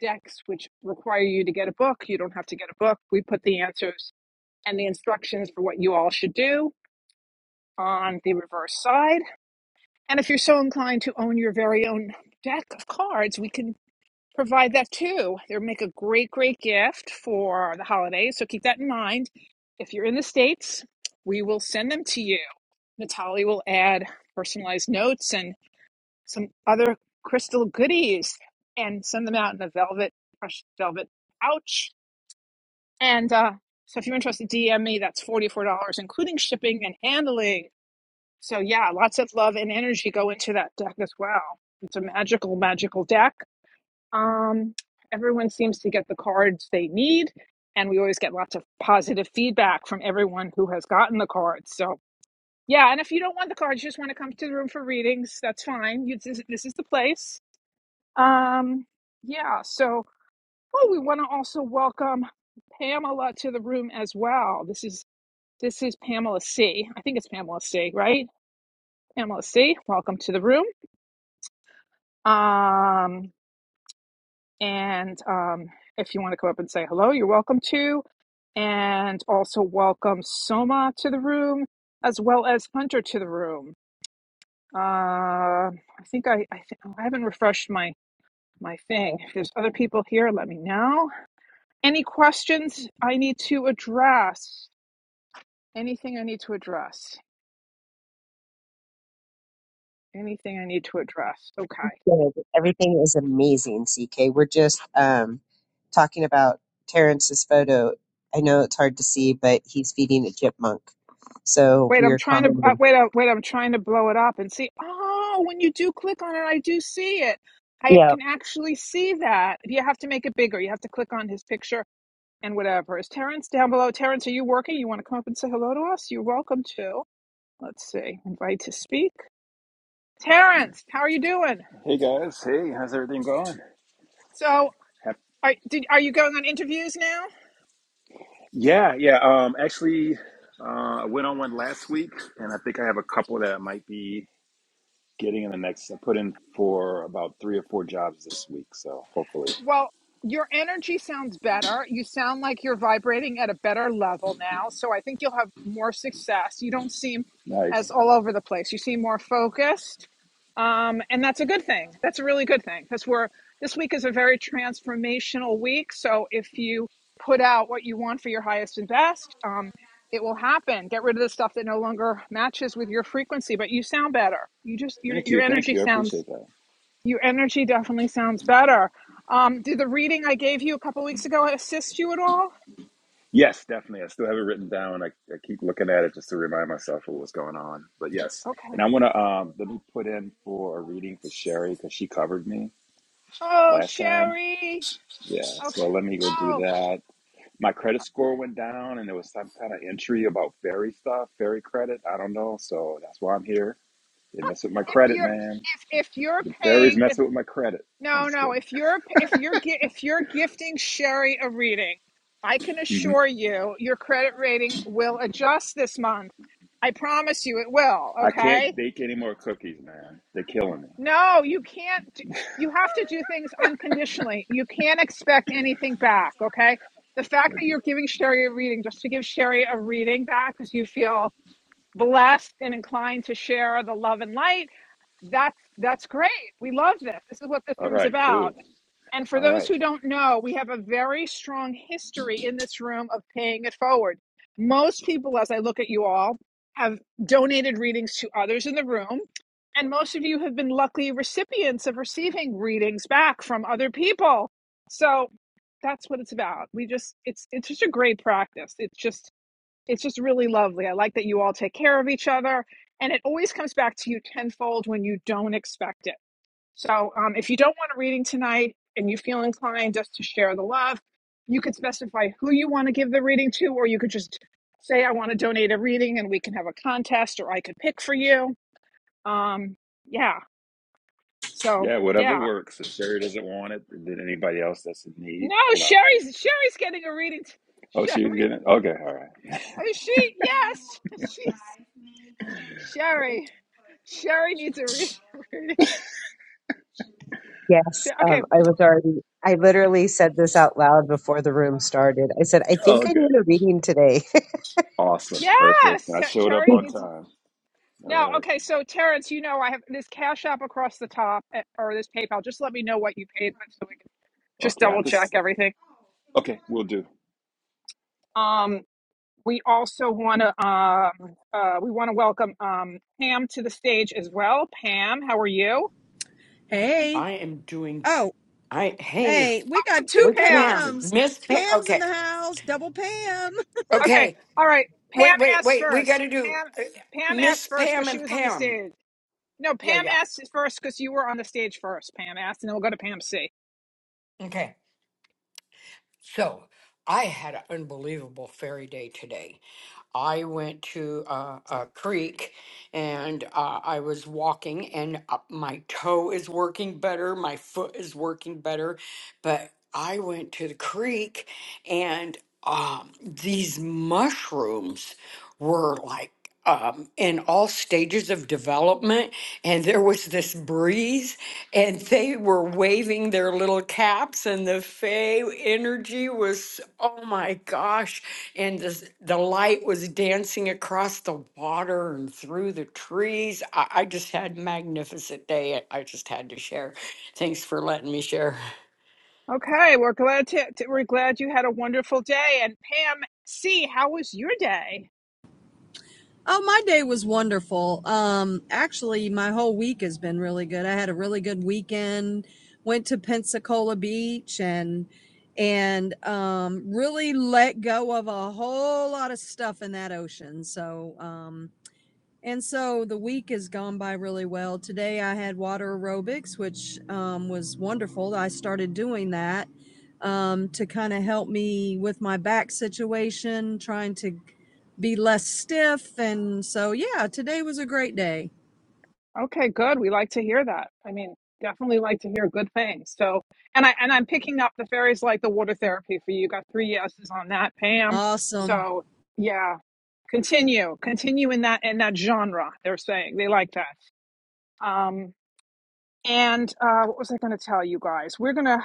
S1: decks which require you to get a book. You don't have to get a book. We put the answers and the instructions for what you all should do on the reverse side. And if you're so inclined to own your very own deck of cards, we can provide that too. They make a great, great gift for the holidays. So keep that in mind. If you're in the States, we will send them to you. Natalie will add personalized notes and some other crystal goodies and send them out in a velvet, crushed velvet pouch And uh, so if you're interested, DM me. That's $44, including shipping and handling. So yeah, lots of love and energy go into that deck as well. It's a magical, magical deck. Um, everyone seems to get the cards they need. And we always get lots of positive feedback from everyone who has gotten the cards. So yeah, and if you don't want the cards, you just want to come to the room for readings, that's fine. You, this, this is the place. Um, yeah, so, oh, we want to also welcome Pamela to the room as well. This is this is Pamela C. I think it's Pamela C, right? Pamela C, welcome to the room. Um, and um, if you want to come up and say hello, you're welcome to. And also welcome Soma to the room, as well as Hunter to the room. Uh, I think I I, th- I haven't refreshed my my thing. If there's other people here, let me know. Any questions I need to address? Anything I need to address? Anything I need to address? Okay.
S4: Good. Everything is amazing, CK. We're just um, talking about Terrence's photo. I know it's hard to see, but he's feeding a chipmunk. So
S1: Wait,
S4: we
S1: I'm
S4: are
S1: trying to uh,
S4: commenting.
S1: wait. Uh, wait, I'm trying to blow it up and see. Oh, when you do click on it, I do see it. I can actually see that. You have to make it bigger. You have to click on his picture and whatever. Is Terrence down below? Terrence, are you working? You want to come up and say hello to us? You're welcome to. Let's see. Invite to speak. Terrence, how are you doing?
S11: Hey guys, hey, how's everything going?
S1: So,
S11: Hap-
S1: are did, are you going on interviews now?
S11: Yeah, yeah. Um, actually, uh, I went on one last week, and I think I have a couple that I might be getting in the next. I put in for about three or four jobs this week, so hopefully,
S1: Well, your energy sounds better. You sound like you're vibrating at a better level now. So I think you'll have more success. You don't seem as
S11: nice.
S1: all over the place. You seem more focused. Um, and that's a good thing. That's a really good thing because we're this week is a very transformational week. So if you put out what you want for your highest and best, um, it will happen. Get rid of the stuff that no longer matches with your frequency. But you sound better. You just your
S11: Thank
S1: your
S11: you, thank
S1: energy
S11: you. I
S1: sounds
S11: appreciate that.
S1: your energy definitely sounds better. Um, did the reading I gave you a couple weeks ago assist you at all?
S11: Yes, definitely. I still have it written down. I, I keep looking at it just to remind myself of what's going on. But yes,
S1: Okay.
S11: and I want to um, let me put in for a reading for Sherry because she covered me
S1: Oh,
S11: last time.
S1: Sherry.
S11: Yeah,
S1: Okay.
S11: so let me go do
S1: Oh,
S11: that. my credit score went down and there was some kind of entry about ferry stuff, ferry credit. I don't know. So that's why I'm here. They mess with my
S1: if
S11: credit,
S1: you're
S11: man.
S1: if if you're
S11: Ferries
S1: paying if
S11: messing with my credit. I'm
S1: no
S11: just
S1: no
S11: kidding.
S1: if you're if you're gi- if you're gifting Sherry a reading, I can
S11: hmm
S1: assure you your credit rating will adjust this month. I promise you it will.
S11: I
S1: Okay.
S11: can't bake any more cookies, man. They're killing me.
S1: No, you can't. do- You have to do things unconditionally. You can't expect anything back. Okay. The fact that
S11: Okay.
S1: you're giving Sherry a reading, just to give Sherry a reading back because you feel blessed and inclined to share the love and light, that's that's great. We love this. This is what this
S11: All
S1: room's
S11: right,
S1: about.
S11: cool.
S1: And for
S11: All
S1: those
S11: right.
S1: who don't know, we have a very strong history in this room of paying it forward. Most people, as I look at you all, have donated readings to others in the room. And most of you have been lucky recipients of receiving readings back from other people. So that's what it's about. We just, it's, it's just a great practice. It's just, it's just really lovely. I like that you all take care of each other. And it always comes back to you tenfold when you don't expect it. So um, if you don't want a reading tonight and you feel inclined just to share the love, you could specify who you want to give the reading to, or you could just say, I want to donate a reading and we can have a contest or I could pick for you. Um, yeah. So
S11: Yeah, whatever
S1: yeah.
S11: works. If Sherry doesn't want it, then anybody else that's in need,
S1: No,
S11: you know.
S1: Sherry's Sherry's getting a reading. T-
S11: Oh, she was
S1: Sherry.
S11: getting it. Okay, all right.
S1: Oh she yes. [laughs] She's Sherry. Sherry needs a re- [laughs] reading. She-
S4: Yes,
S1: okay.
S4: um, I was already, I literally said this out loud before the room started. I said, I think I
S11: Okay.
S4: need a reading today. [laughs]
S11: Awesome. Perfect.
S1: Yes.
S11: I showed up
S1: Sherry
S11: on
S1: needs
S11: time. All
S1: No,
S11: right.
S1: okay. So Terrence, you know I have this Cash App across the top eh, or this PayPal. Just let me know what you paid with so we can just
S11: Okay, I have
S1: double
S11: to.
S1: check
S11: s-
S1: everything.
S11: Okay, we'll do.
S1: Um, we also want to um, uh, we want to welcome um, Pam to the stage as well. Pam, how are you?
S12: Hey.
S9: I am doing.
S12: Oh,
S9: I hey,
S12: hey, we
S1: I
S12: got
S1: have two
S12: two
S9: with
S1: Pams.
S9: Pam,
S12: Pams.
S9: Miss Pam.
S12: Pam's in
S9: Okay,
S12: the house, double Pam.
S1: Okay,
S9: okay.
S1: all right. Pam
S9: Wait, wait,
S1: S
S9: wait. We got
S1: first.
S9: to do
S1: Pam
S9: uh,
S1: Pam
S9: Miss
S1: S first
S9: Pam
S1: because she
S9: and
S1: was on the
S9: Pam.
S1: stage. No,
S9: Yeah,
S1: Pam
S9: yeah.
S1: S first because you were on the stage first. Pam S, and then we'll go to Pam C.
S9: Okay. So I had an unbelievable fairy day today. I went to a, a creek and uh, I was walking, and uh, my toe is working better, my foot is working better, but I went to the creek and um, these mushrooms were like um, in all stages of development, and there was this breeze and they were waving their little caps and the fey energy was oh my gosh and the, the light was dancing across the water and through the trees i, I just had a magnificent day i I just had to share thanks for letting me share
S1: Okay, we're glad to, to- we're glad you had a wonderful day. And Pam C, how was your day?
S12: Oh, my day was wonderful. Um, actually, my whole week has been really good. I had a really good weekend. Went to Pensacola Beach and and um really let go of a whole lot of stuff in that ocean. So, um And so the week has gone by really well. Today I had water aerobics, which um, was wonderful. I started doing that um, to kind of help me with my back situation, trying to be less stiff. And so, yeah, today was a great day.
S1: Okay, good. We like to hear that. I mean, definitely like to hear good things. So, and I and I'm picking up the fairies like the water therapy for you. You Got three yeses on that, Pam.
S12: Awesome.
S1: So, yeah, continue, continue in that in that genre. They're saying they like that. Um, And uh, what was I going to tell you guys? We're gonna.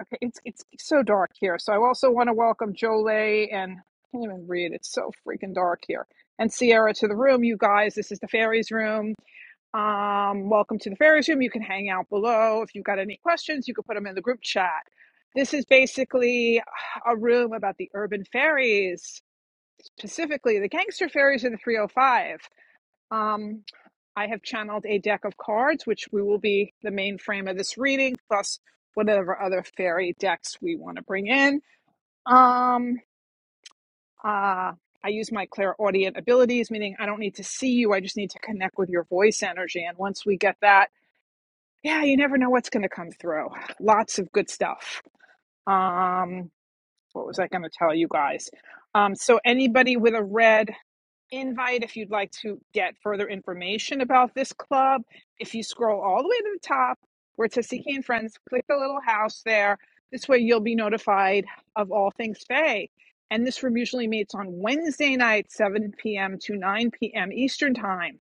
S1: Okay, it's it's so dark here. So I also want to welcome Jolie and I can't even read. It's so freaking dark here. And Sierra to the room, you guys. This is the fairies room. Um, welcome to the fairies room. You can hang out below if you've got any questions. You can put them in the group chat. This is basically a room about the urban fairies, specifically the gangster fairies in the 305. Um. I have channeled a deck of cards, which we will be the main frame of this reading, plus whatever other fairy decks we want to bring in. Um, uh, I use my clairaudient abilities, meaning I don't need to see you. I just need to connect with your voice energy. And once we get that, yeah, you never know what's going to come through. Lots of good stuff. Um, what was I going to tell you guys? Um, so anybody with a red invite if you'd like to get further information about this club. If you scroll all the way to the top, where it says and Friends, click the little house there. This way you'll be notified of all things Faye. And this room usually meets on Wednesday night, 7 p.m. to 9 p.m. Eastern Time.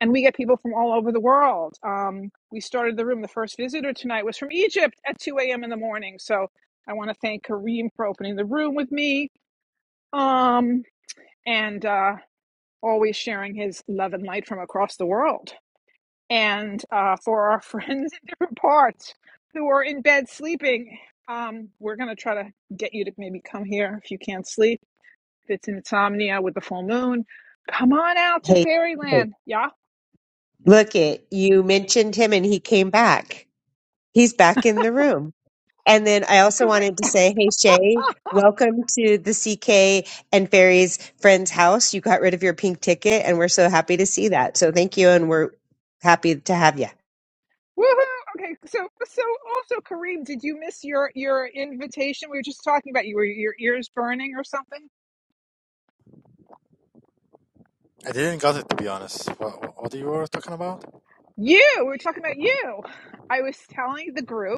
S1: And we get people from all over the world. Um, we started the room. The first visitor tonight was from Egypt at 2 a.m. in the morning. So I want to thank Kareem for opening the room with me. Um, and uh, always sharing his love and light from across the world. And uh, for our [laughs] friends in different parts who are in bed sleeping, um, we're going to try to get you to maybe come here if you can't sleep. If it's insomnia with the full moon, come on out to
S4: hey,
S1: fairyland. Yeah.
S4: look it, you mentioned him and he came back. He's back in the room. And then I also
S1: Kareem.
S4: wanted to say, hey, Shay, welcome to the CK and Fairies Friends House. You got rid of your pink ticket, and we're so happy to see that. So thank you, and we're happy to have you.
S1: Woohoo! Okay, so so also Kareem, did you miss your your invitation? We were just talking about you. Were your ears burning or something?
S2: I didn't got it to be honest. What, what you were talking about?
S1: You. We were talking about you. I was telling the group.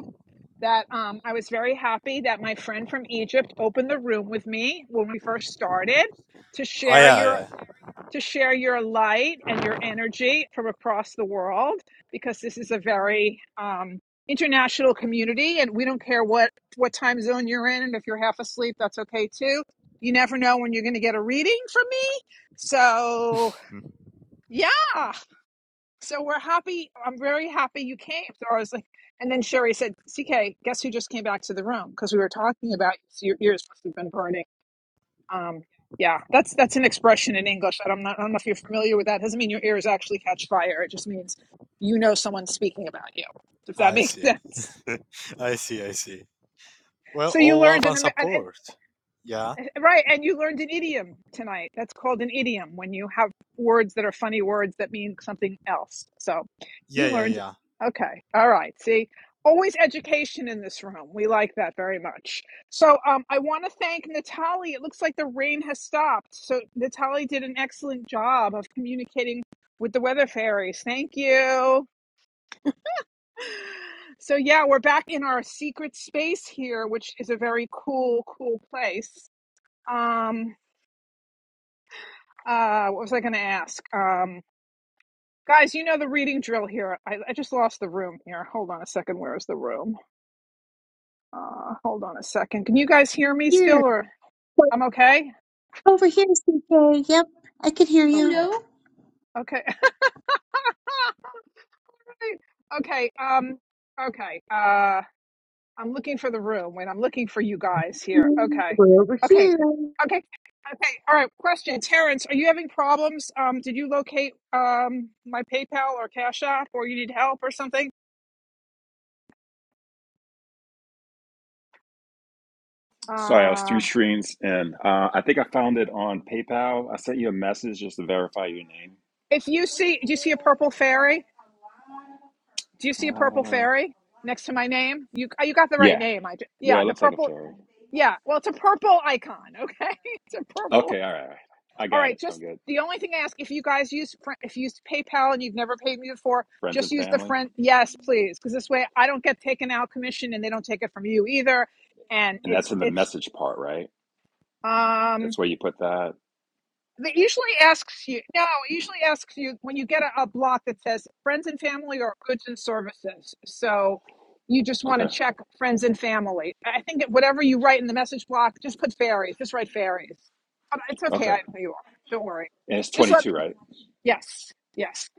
S1: that um, I was very happy that my friend from Egypt opened the room with me when we first started to
S2: Oh
S1: share
S2: yeah,
S1: your
S2: yeah.
S1: to share your light and your energy from across the world because this is a very um, international community and we don't care what what time zone you're in and if you're half asleep that's okay too. You never know when you're going to get a reading from me. So,
S2: Mm.
S1: yeah. So we're happy. I'm very happy you came. So I was like, and then Sherry said, CK, guess who just came back to the room? Because we were talking about so your ears must have been burning. Um, yeah, that's that's an expression in English. I don't, know- I don't know if you're familiar with that. It doesn't mean your ears actually catch fire. It just means you know someone's speaking about you, if that [laughs]
S2: I
S1: makes
S2: see.
S1: sense.
S2: [laughs] I see. I see. Well,
S1: So you
S2: all love
S1: learned,
S2: and
S1: and, and,
S2: support. Yeah.
S1: [laughs] Right, and you learned an idiom tonight. That's called an idiom when you have words that are funny words that mean something else. So
S2: Yeah.
S1: you
S2: Yeah.
S1: learned.
S2: Yeah.
S1: Okay, all right. See, always education in this room. We like that very much. So um, I want to thank Natalie. It looks like the rain has stopped. So Natalie did an excellent job of communicating with the weather fairies. Thank you. So yeah, we're back in our secret space here, which is a very cool, cool place. Um, Uh, what was I going to ask? Um, guys, you know the reading drill here. I, I just lost the room here. Hold on a second. Where's the room? Uh, hold on a second. Can you guys hear me still
S4: Here,
S1: or I'm okay?
S4: over here, CK. Yep, I could hear you.
S1: Okay. Okay. [laughs] okay. Um, okay. Uh, I'm looking for the room. Wait, I'm looking for you guys here.
S4: Hello.
S1: Okay.
S4: We're over
S1: Okay.
S4: here.
S1: Okay. Okay. All right. Question. Terrence, are you having problems? Um, did you locate um my PayPal or Cash App or you need help or something?
S11: Sorry, I was through
S1: Uh.
S11: screens, and uh, I think I found it on PayPal. I sent you a message just to verify your name.
S1: If you see, do you see a purple fairy? Do you see a purple
S11: Uh,
S1: fairy next to my name? You uh, you got the right
S11: yeah,
S1: name. I ju-
S11: yeah,
S1: yeah,
S11: it
S1: the
S11: looks like a
S1: purple.
S11: fairy.
S1: Yeah, well, it's a purple icon. Okay, [laughs] it's a purple.
S11: Okay, all right, all right. I
S1: All
S11: got
S1: right,
S11: it. I'm
S1: just
S11: good.
S1: the only thing I ask if you guys use Fri- if you use PayPal and you've never paid me before,
S11: Friends
S1: just
S11: and
S1: use the
S11: family,
S1: friend. Yes, please, because this way I don't get taken out commission and they don't take it from you either, and
S11: and
S1: it's
S11: that's in the
S1: it's
S11: message part, right?
S1: um
S11: That's where you put that.
S1: It usually asks you, no, it usually asks you when you get a, a block that says friends and family or goods and services. So you just want to
S11: Okay,
S1: check friends and family. I think that whatever you write in the message block, just put fairies, just write fairies. But it's okay.
S11: okay.
S1: I know who you are. Don't worry.
S11: And it's
S1: Just let
S11: 22,
S1: me,
S11: right?
S1: yes, yes.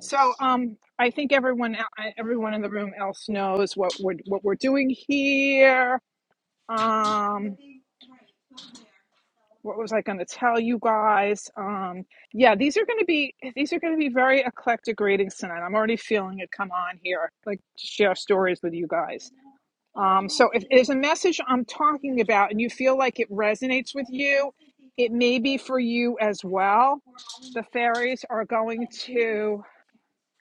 S1: So um, I think everyone, e, everyone in the room else knows what we're, what we're doing here. Um, what was I going to tell you guys? Um, yeah, these are going to be these are going to be very eclectic readings tonight. I'm already feeling it come on here, I'd like to share stories with you guys. Um, so if there's a message I'm talking about and you feel like it resonates with you, it may be for you as well. The fairies are going to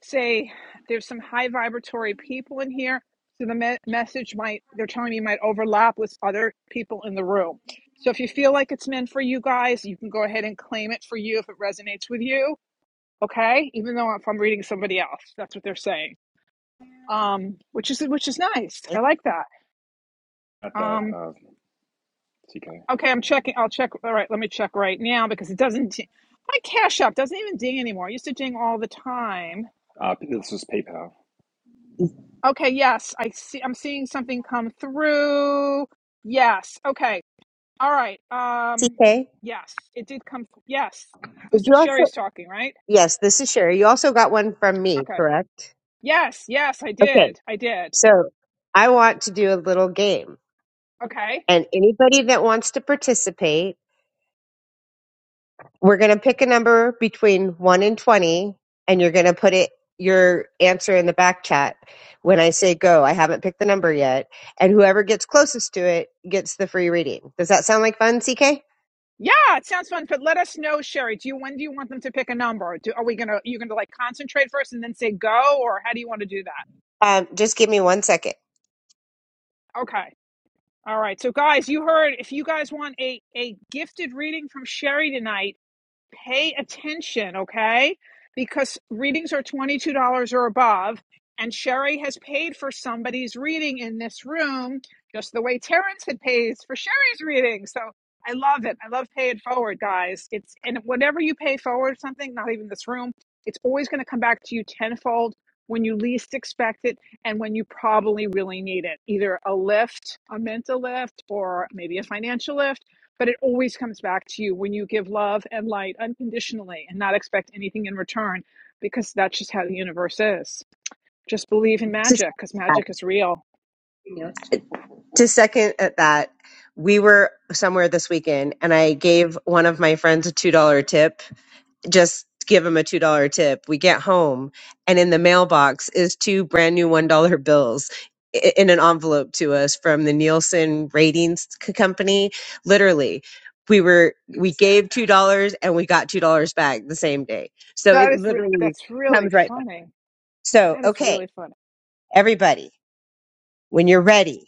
S1: say there's some high vibratory people in here so the me- message might they're telling me might overlap with other people in the room so if you feel like it's meant for you guys you can go ahead and claim it for you if it resonates with you okay even though if i'm reading somebody else that's what they're saying um which is which is nice i like that
S11: Got that,
S1: um
S11: uh, TK.
S1: okay i'm checking i'll check all right let me check right now because it doesn't my cash app doesn't even ding anymore I used to ding all the time
S11: Uh, this is PayPal.
S1: Okay, yes, I see I'm seeing something come through. Yes. Okay. All right. Um
S4: CK,
S1: yes, it did come th- yes.
S4: would
S1: Who's
S4: you also?
S1: Sherry's talking, right?
S4: Yes, this is Sherry. You also got one from me,
S1: Okay.
S4: correct?
S1: Yes, yes, I
S4: Okay.
S1: did. I did.
S4: So I want to do a little game.
S1: Okay.
S4: And anybody that wants to participate, we're going to pick a number between 1 and 20, and you're going to put it your answer in the back chat when I say go. I haven't picked the number yet. And whoever gets closest to it gets the free reading. Does that sound like fun, CK?
S1: Yeah, it sounds fun, but let us know, Sherry. Do you when do you want them to pick a number? Do, are we gonna you gonna like concentrate first and then say go, or how do you want to do that?
S4: Um, just give me one second.
S1: Okay. All right. So guys, you heard if you guys want a a gifted reading from Sherry tonight, pay attention, okay? Because readings are $22 or above, and Sherry has paid for somebody's reading in this room, just the way Terrence had paid for Sherry's reading. So I love it. I love pay it forward, guys. It's and whenever you pay forward something, not even this room, it's always going to come back to you tenfold when you least expect it and when you probably really need it. Either a lift, a mental lift, or maybe a financial lift but it always comes back to you when you give love and light unconditionally and not expect anything in return because that's just how the universe is just believe in
S4: Just-
S1: magic because magic is real
S4: to second at that, we were somewhere this weekend and I gave one of my friends a $2 tip. Just give him a $2 tip. We get home and in the mailbox is two brand new $1 bills i- in an envelope to us from the Nielsen ratings c- company. Literally, we were, we gave $2 and we got $2 back the same day. So it
S1: that is re-
S4: literally
S1: that's really
S4: comes right back.
S1: funny
S4: So,
S1: that is
S4: okay,
S1: really funny
S4: everybody, when you're ready.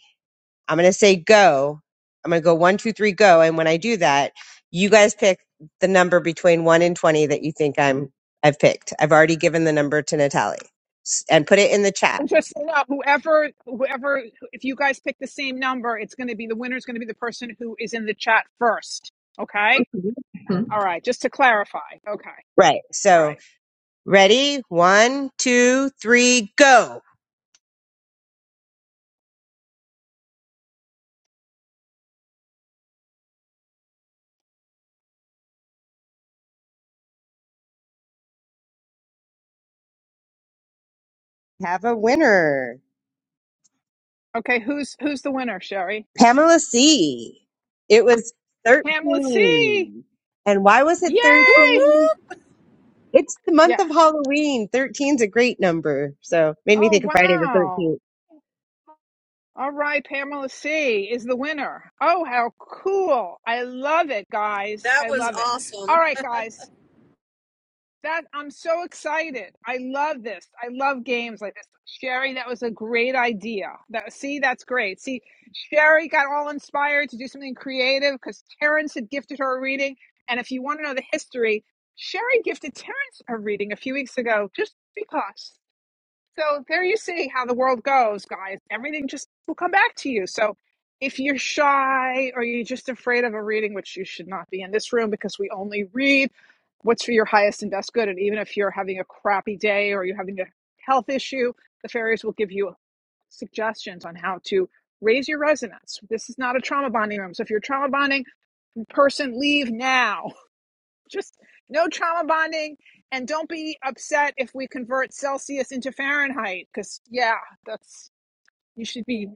S4: I'm going to say go. I'm going to go one, two, three, go. And when I do that, you guys pick the number between one and 20 that you think I'm, I've picked. I've already given the number to Natalie S- and put it in the chat.
S1: i'm just saying uh, whoever whoever if you guys pick the same number it's going to be the winner is going to be the person who is in the chat first okay
S4: Mhm.
S1: all right just to clarify okay
S4: Right.
S1: all
S4: So
S1: right
S4: ready? One, two, three, go. Have a winner.
S1: okay who's who's the winner sherry
S4: Pamela C. It was
S1: pamela c
S4: 13. And why was it
S1: yay
S12: Whoop,
S4: 13?
S12: whoop.
S4: It's the
S1: Yeah.
S4: month of Halloween. 13 is a great number. So made me
S1: Oh,
S4: think of Friday the
S1: wow.
S4: 13th.
S1: All right, Pamela C is the winner. Oh, how cool. I love it, guys.
S12: That
S1: I
S12: was
S1: love it. All
S12: awesome.
S1: right, guys. That I'm so excited. I love this. I love games like this. Sherry, that was a great idea. That see, that's great. See, Sherry got all inspired to do something creative because Terrence had gifted her a reading. And if you want to know the history, Sherry gifted Terrence a reading a few weeks ago just because. So there you see how the world goes, guys. Everything just will come back to you. So if you're shy or you're just afraid of a reading, which you should not be in this room because we only read what's for your highest and best good. And even if you're having a crappy day or you're having a health issue, the fairies will give you suggestions on how to raise your resonance. This is not a trauma bonding room. So if you're trauma bonding person, leave now. Just no trauma bonding. And don't be upset if we convert Celsius into Fahrenheit, because yeah, that's you should be.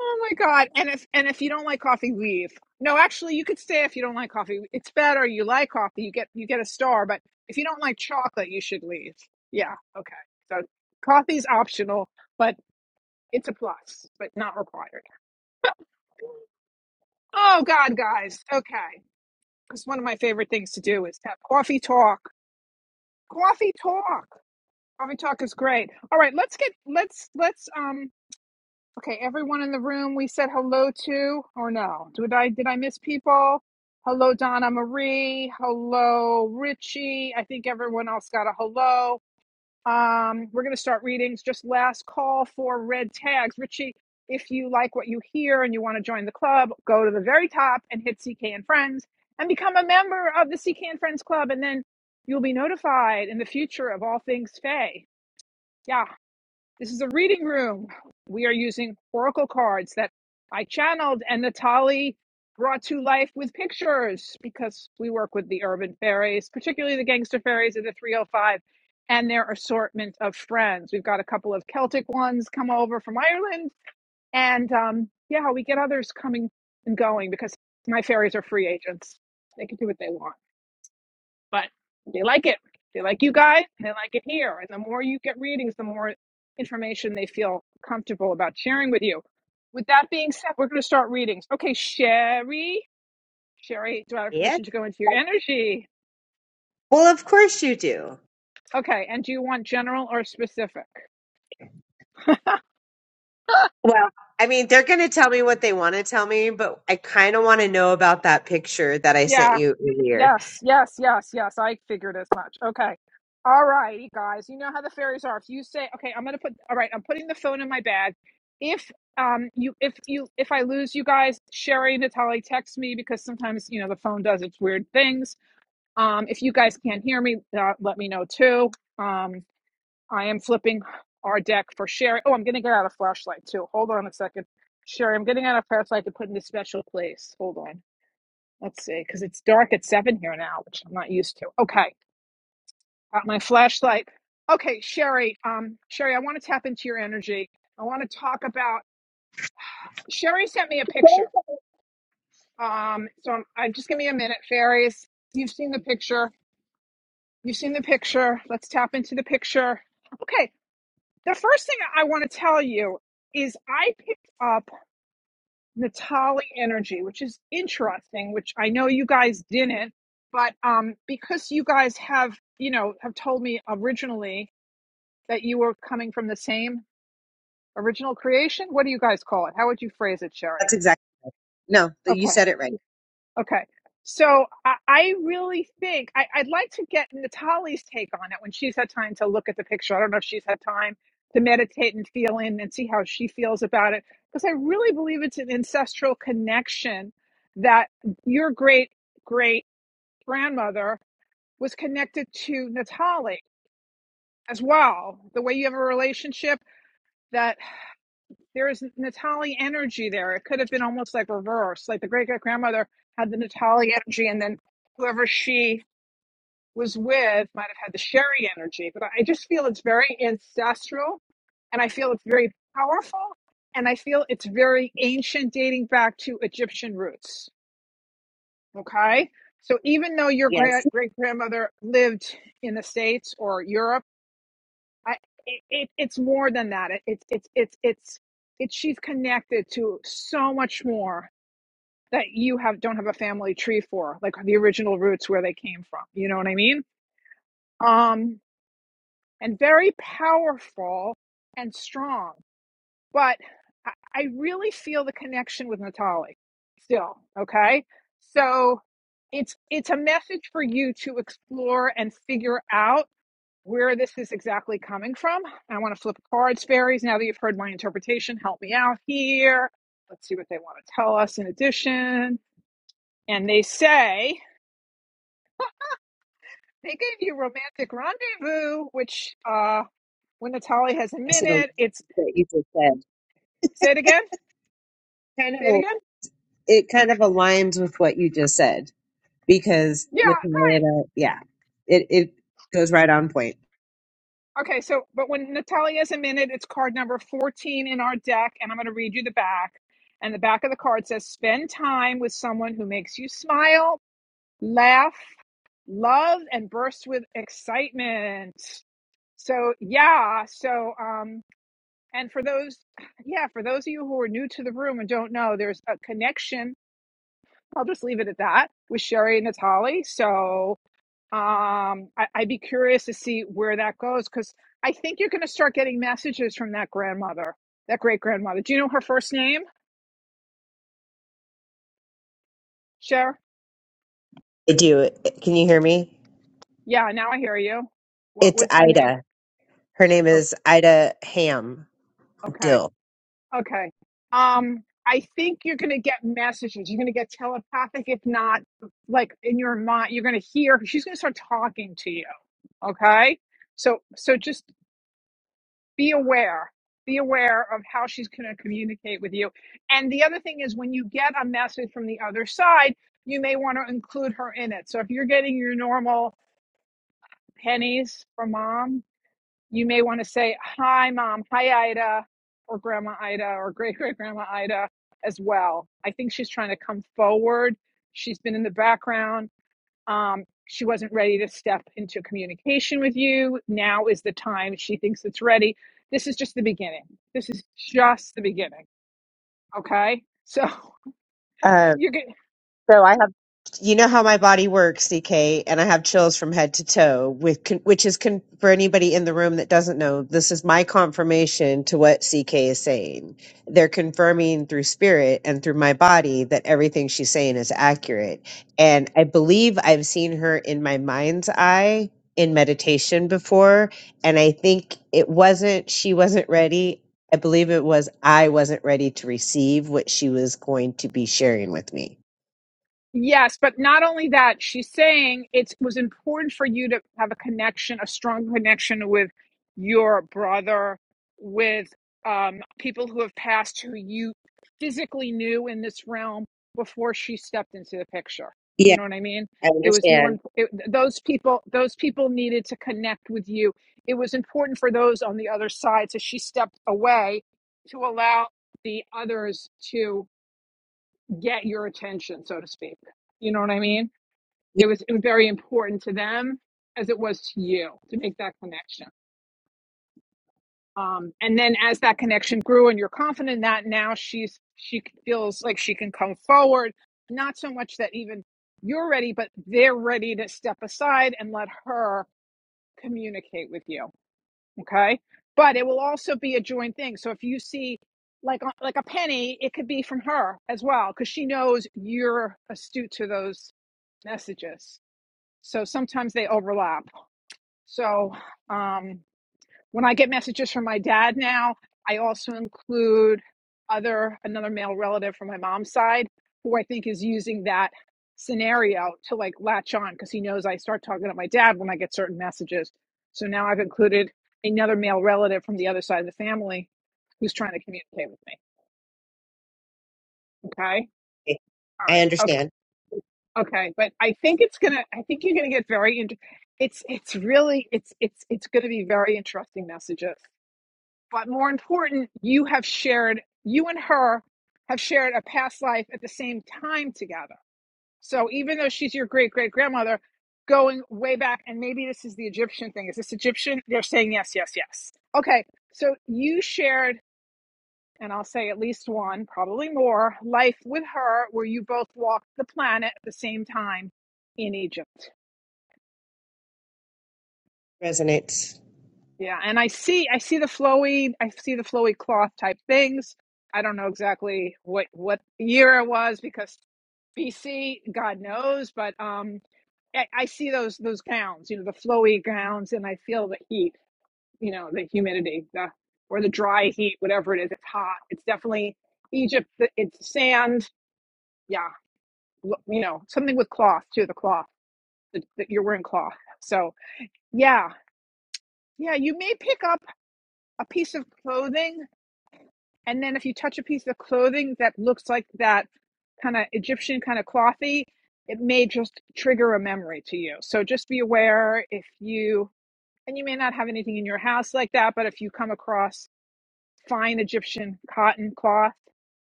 S1: Oh my God. And if and if you don't like coffee, leave. No, actually you could stay if you don't like coffee. It's better. You like coffee, you get you get a star, but if you don't like chocolate, you should leave. Yeah, okay. So coffee's optional, but it's a plus, but not required. Oh God, guys. Okay. Because one of my favorite things to do is have coffee talk. Coffee talk. Coffee talk is great. All right, let's get let's let's um okay, everyone in the room we said hello to or no? Did I did I miss people? Hello Donna Marie, hello Richie. I think everyone else got a hello. Um we're going to start readings just last call for red tags. Richie, if you like what you hear and you want to join the club, go to the very top and hit CK and Friends and become a member of the CK and Friends club and then you'll be notified in the future of all things Faye. Yeah, this is a reading room. We are using oracle cards that I channeled and Natali brought to life with pictures because we work with the urban fairies, particularly the gangster fairies of the 305 and their assortment of friends. We've got a couple of Celtic ones come over from Ireland, and um, yeah, we get others coming and going because my fairies are free agents. They can do what they want but they like it. They like you guys. They like it here. And the more you get readings, the more information they feel comfortable about sharing with you. With that being said, we're going to start readings. Okay, Sherry. Sherry, do I have
S4: Yeah.
S1: permission to go into your energy?
S4: Well, of course you do.
S1: Okay, and do you want general or specific?
S4: Well, I mean, they're going to tell me what they want to tell me, but I kind of want to know about that picture that I sent
S1: Yeah.
S4: you earlier.
S1: Yes, yes, yes, yes. I figured as much. Okay. All righty, guys. You know how the fairies are. If you say, okay, I'm gonna put all right, I'm putting the phone in my bag. If um you if you if I lose you guys, Sherry, Natalie, text me because sometimes you know the phone does its weird things. Um if you guys can't hear me, uh, let me know too. Um I am flipping our deck for Sherry. Oh, I'm gonna get out a flashlight too. Hold on a second. Sherry, I'm getting out a flashlight to put in a special place. Hold on. Let's see, because it's dark at seven here now, which I'm not used to. Okay, got my flashlight. Okay, Sherry. Um, Sherry, I want to tap into your energy. I want to talk about. Sherry sent me a picture. Um, so I'm, I just give me a minute, fairies. You've seen the picture. You've seen the picture. Let's tap into the picture. Okay, the first thing I want to tell you is I picked up. Natali Energy, which is interesting, which I know you guys didn't, but um, because you guys have, you know, have told me originally that you were coming from the same original creation, what do you guys call it? How would you phrase it,
S4: That's
S1: Sherry?
S4: exactly no. You
S1: Okay.
S4: said it right.
S1: Okay. So I, I really think I, I'd like to get Natalie's take on it when she's had time to look at the picture. I don't know if she's had time to meditate and feel in and see how she feels about it. Because I really believe it's an ancestral connection that your great great grandmother was connected to Natalie as well. The way you have a relationship that there is Natali energy there. It could have been almost like reverse. Like the great great grandmother had the Natali energy, and then whoever she was with might have had the Sherry energy. But I just feel it's very ancestral, and I feel it's very powerful, and I feel it's very ancient, dating back to Egyptian roots. Okay. So even though your great
S4: Yes.
S1: great grandmother lived in the States or Europe, I, it, it it's more than that. It, it's it's it's it's it's she's connected to so much more that you have don't have a family tree for, like the original roots where they came from. You know what I mean? Um, and very powerful and strong. But I, I really feel the connection with Natalie still. Okay, so it's it's a message for you to explore and figure out where this is exactly coming from. I want to flip cards, fairies. Now that you've heard my interpretation, help me out here. Let's see what they want to tell us in addition. And they say they gave you romantic rendezvous, which uh, when Natalie has a
S4: Yes, it
S1: minute, it's
S4: what you just said.
S1: say it again,
S4: Kind of.
S1: say it again.
S4: It kind of aligns with what you just said. because
S1: Yeah, right.
S4: Natalia, yeah, it, it goes right on point.
S1: Okay, so but when Natalie has a minute, it's card number 14 in our deck, and I'm going to read you the back. And the back of the card says, Spend time with someone who makes you smile laugh, love, and burst with excitement. So yeah, so um, and for those, yeah, for those of you who are new to the room and don't know, there's a connection. I'll just leave it at that with Sherry and Natali. So um, I, I'd be curious to see where that goes because I think you're going to start getting messages from that grandmother, that great grandmother. Do you know her first name, Sher?
S4: I do. Can you hear me?
S1: Yeah, now I hear you. What
S4: It's
S1: was her name?
S4: Ida. Her name
S1: Oh,
S4: is Ida Ham
S1: okay.
S4: Dill.
S1: Okay. Um, I think you're going to get messages. You're going to get telepathic, if not, like in your mind, you're going to hear. She's going to start talking to you. Okay. So, so just be aware. Be aware of how she's going to communicate with you. And the other thing is, when you get a message from the other side, you may want to include her in it. So, if you're getting your normal pennies from mom, you may want to say, Hi, mom. Hi, Ida, or Grandma Ida, or great [laughs] great grandma Ida as well. I think she's trying to come forward. She's been in the background. Um, she wasn't ready to step into communication with you. Now is the time she thinks it's ready. This is just the beginning. This is just the beginning. Okay. [laughs] So you're good.
S4: So I have, you know how my body works, CK, and I have chills from head to toe. With con- which is con- for anybody in the room that doesn't know, this is my confirmation to what CK is saying. They're confirming through spirit and through my body that everything she's saying is accurate. And I believe I've seen her in my mind's eye in meditation before, and I think it wasn't she wasn't ready. I believe it was I wasn't ready to receive what she was going to be sharing with me.
S1: Yes, but not only that, she's saying it was important for you to have a connection, a strong connection with your brother, with um, people who have passed who you physically knew in this realm before she stepped into the picture. Do you know what I mean?
S4: I
S1: It was more
S4: understand.
S1: imp- it, those people. Those people needed to connect with you. It was important for those on the other side. So she stepped away to allow the others to get your attention, so to speak. You know what I mean?
S4: Yeah,
S1: It was, it was very important to them as it was to you to make that connection. Um, and then as that connection grew and you're confident in that now she's, she feels like she can come forward. Not so much that even you're ready, but they're ready to step aside and let her communicate with you. Okay. But it will also be a joint thing. So if you see like uh, like a penny, it could be from her as well because she knows you're astute to those messages. So sometimes they overlap. So um, when I get messages from my dad now, I also include other another male relative from my mom's side who I think is using that scenario to like latch on because he knows I start talking to my dad when I get certain messages. So now I've included another male relative from the other side of the family who's trying to communicate with me. Okay.
S4: okay.
S1: All
S4: I
S1: right.
S4: understand.
S1: Okay, but I think it's gonna. I think you're gonna get very. Int- it's it's really it's it's it's gonna be very interesting messages. But more important, you have shared. You and her have shared a past life at the same time together. So even though she's your great great grandmother, going way back, and maybe this is the Egyptian thing. Is this Egyptian? They're saying yes, yes, yes. Okay, so you shared and I'll say at least one, probably more, life with her where you both walked the planet at the same time in Egypt.
S4: Resonates.
S1: Yeah, and I see I see the flowy I see the flowy cloth type things. I don't know exactly what what year it was because BC, God knows, but um I, I see those those gowns, you know, the flowy gowns, and I feel the heat, you know, the humidity, the or the dry heat, whatever it is. It's hot. It's definitely Egypt. It's sand. Yeah, you know, something with cloth too, the cloth that you're wearing cloth. So yeah, yeah, you may pick up a piece of clothing, and then if you touch a piece of clothing that looks like that kind of Egyptian kind of clothy, it may just trigger a memory to you. So just be aware if you and you may not have anything in your house like that, but if you come across fine Egyptian cotton cloth,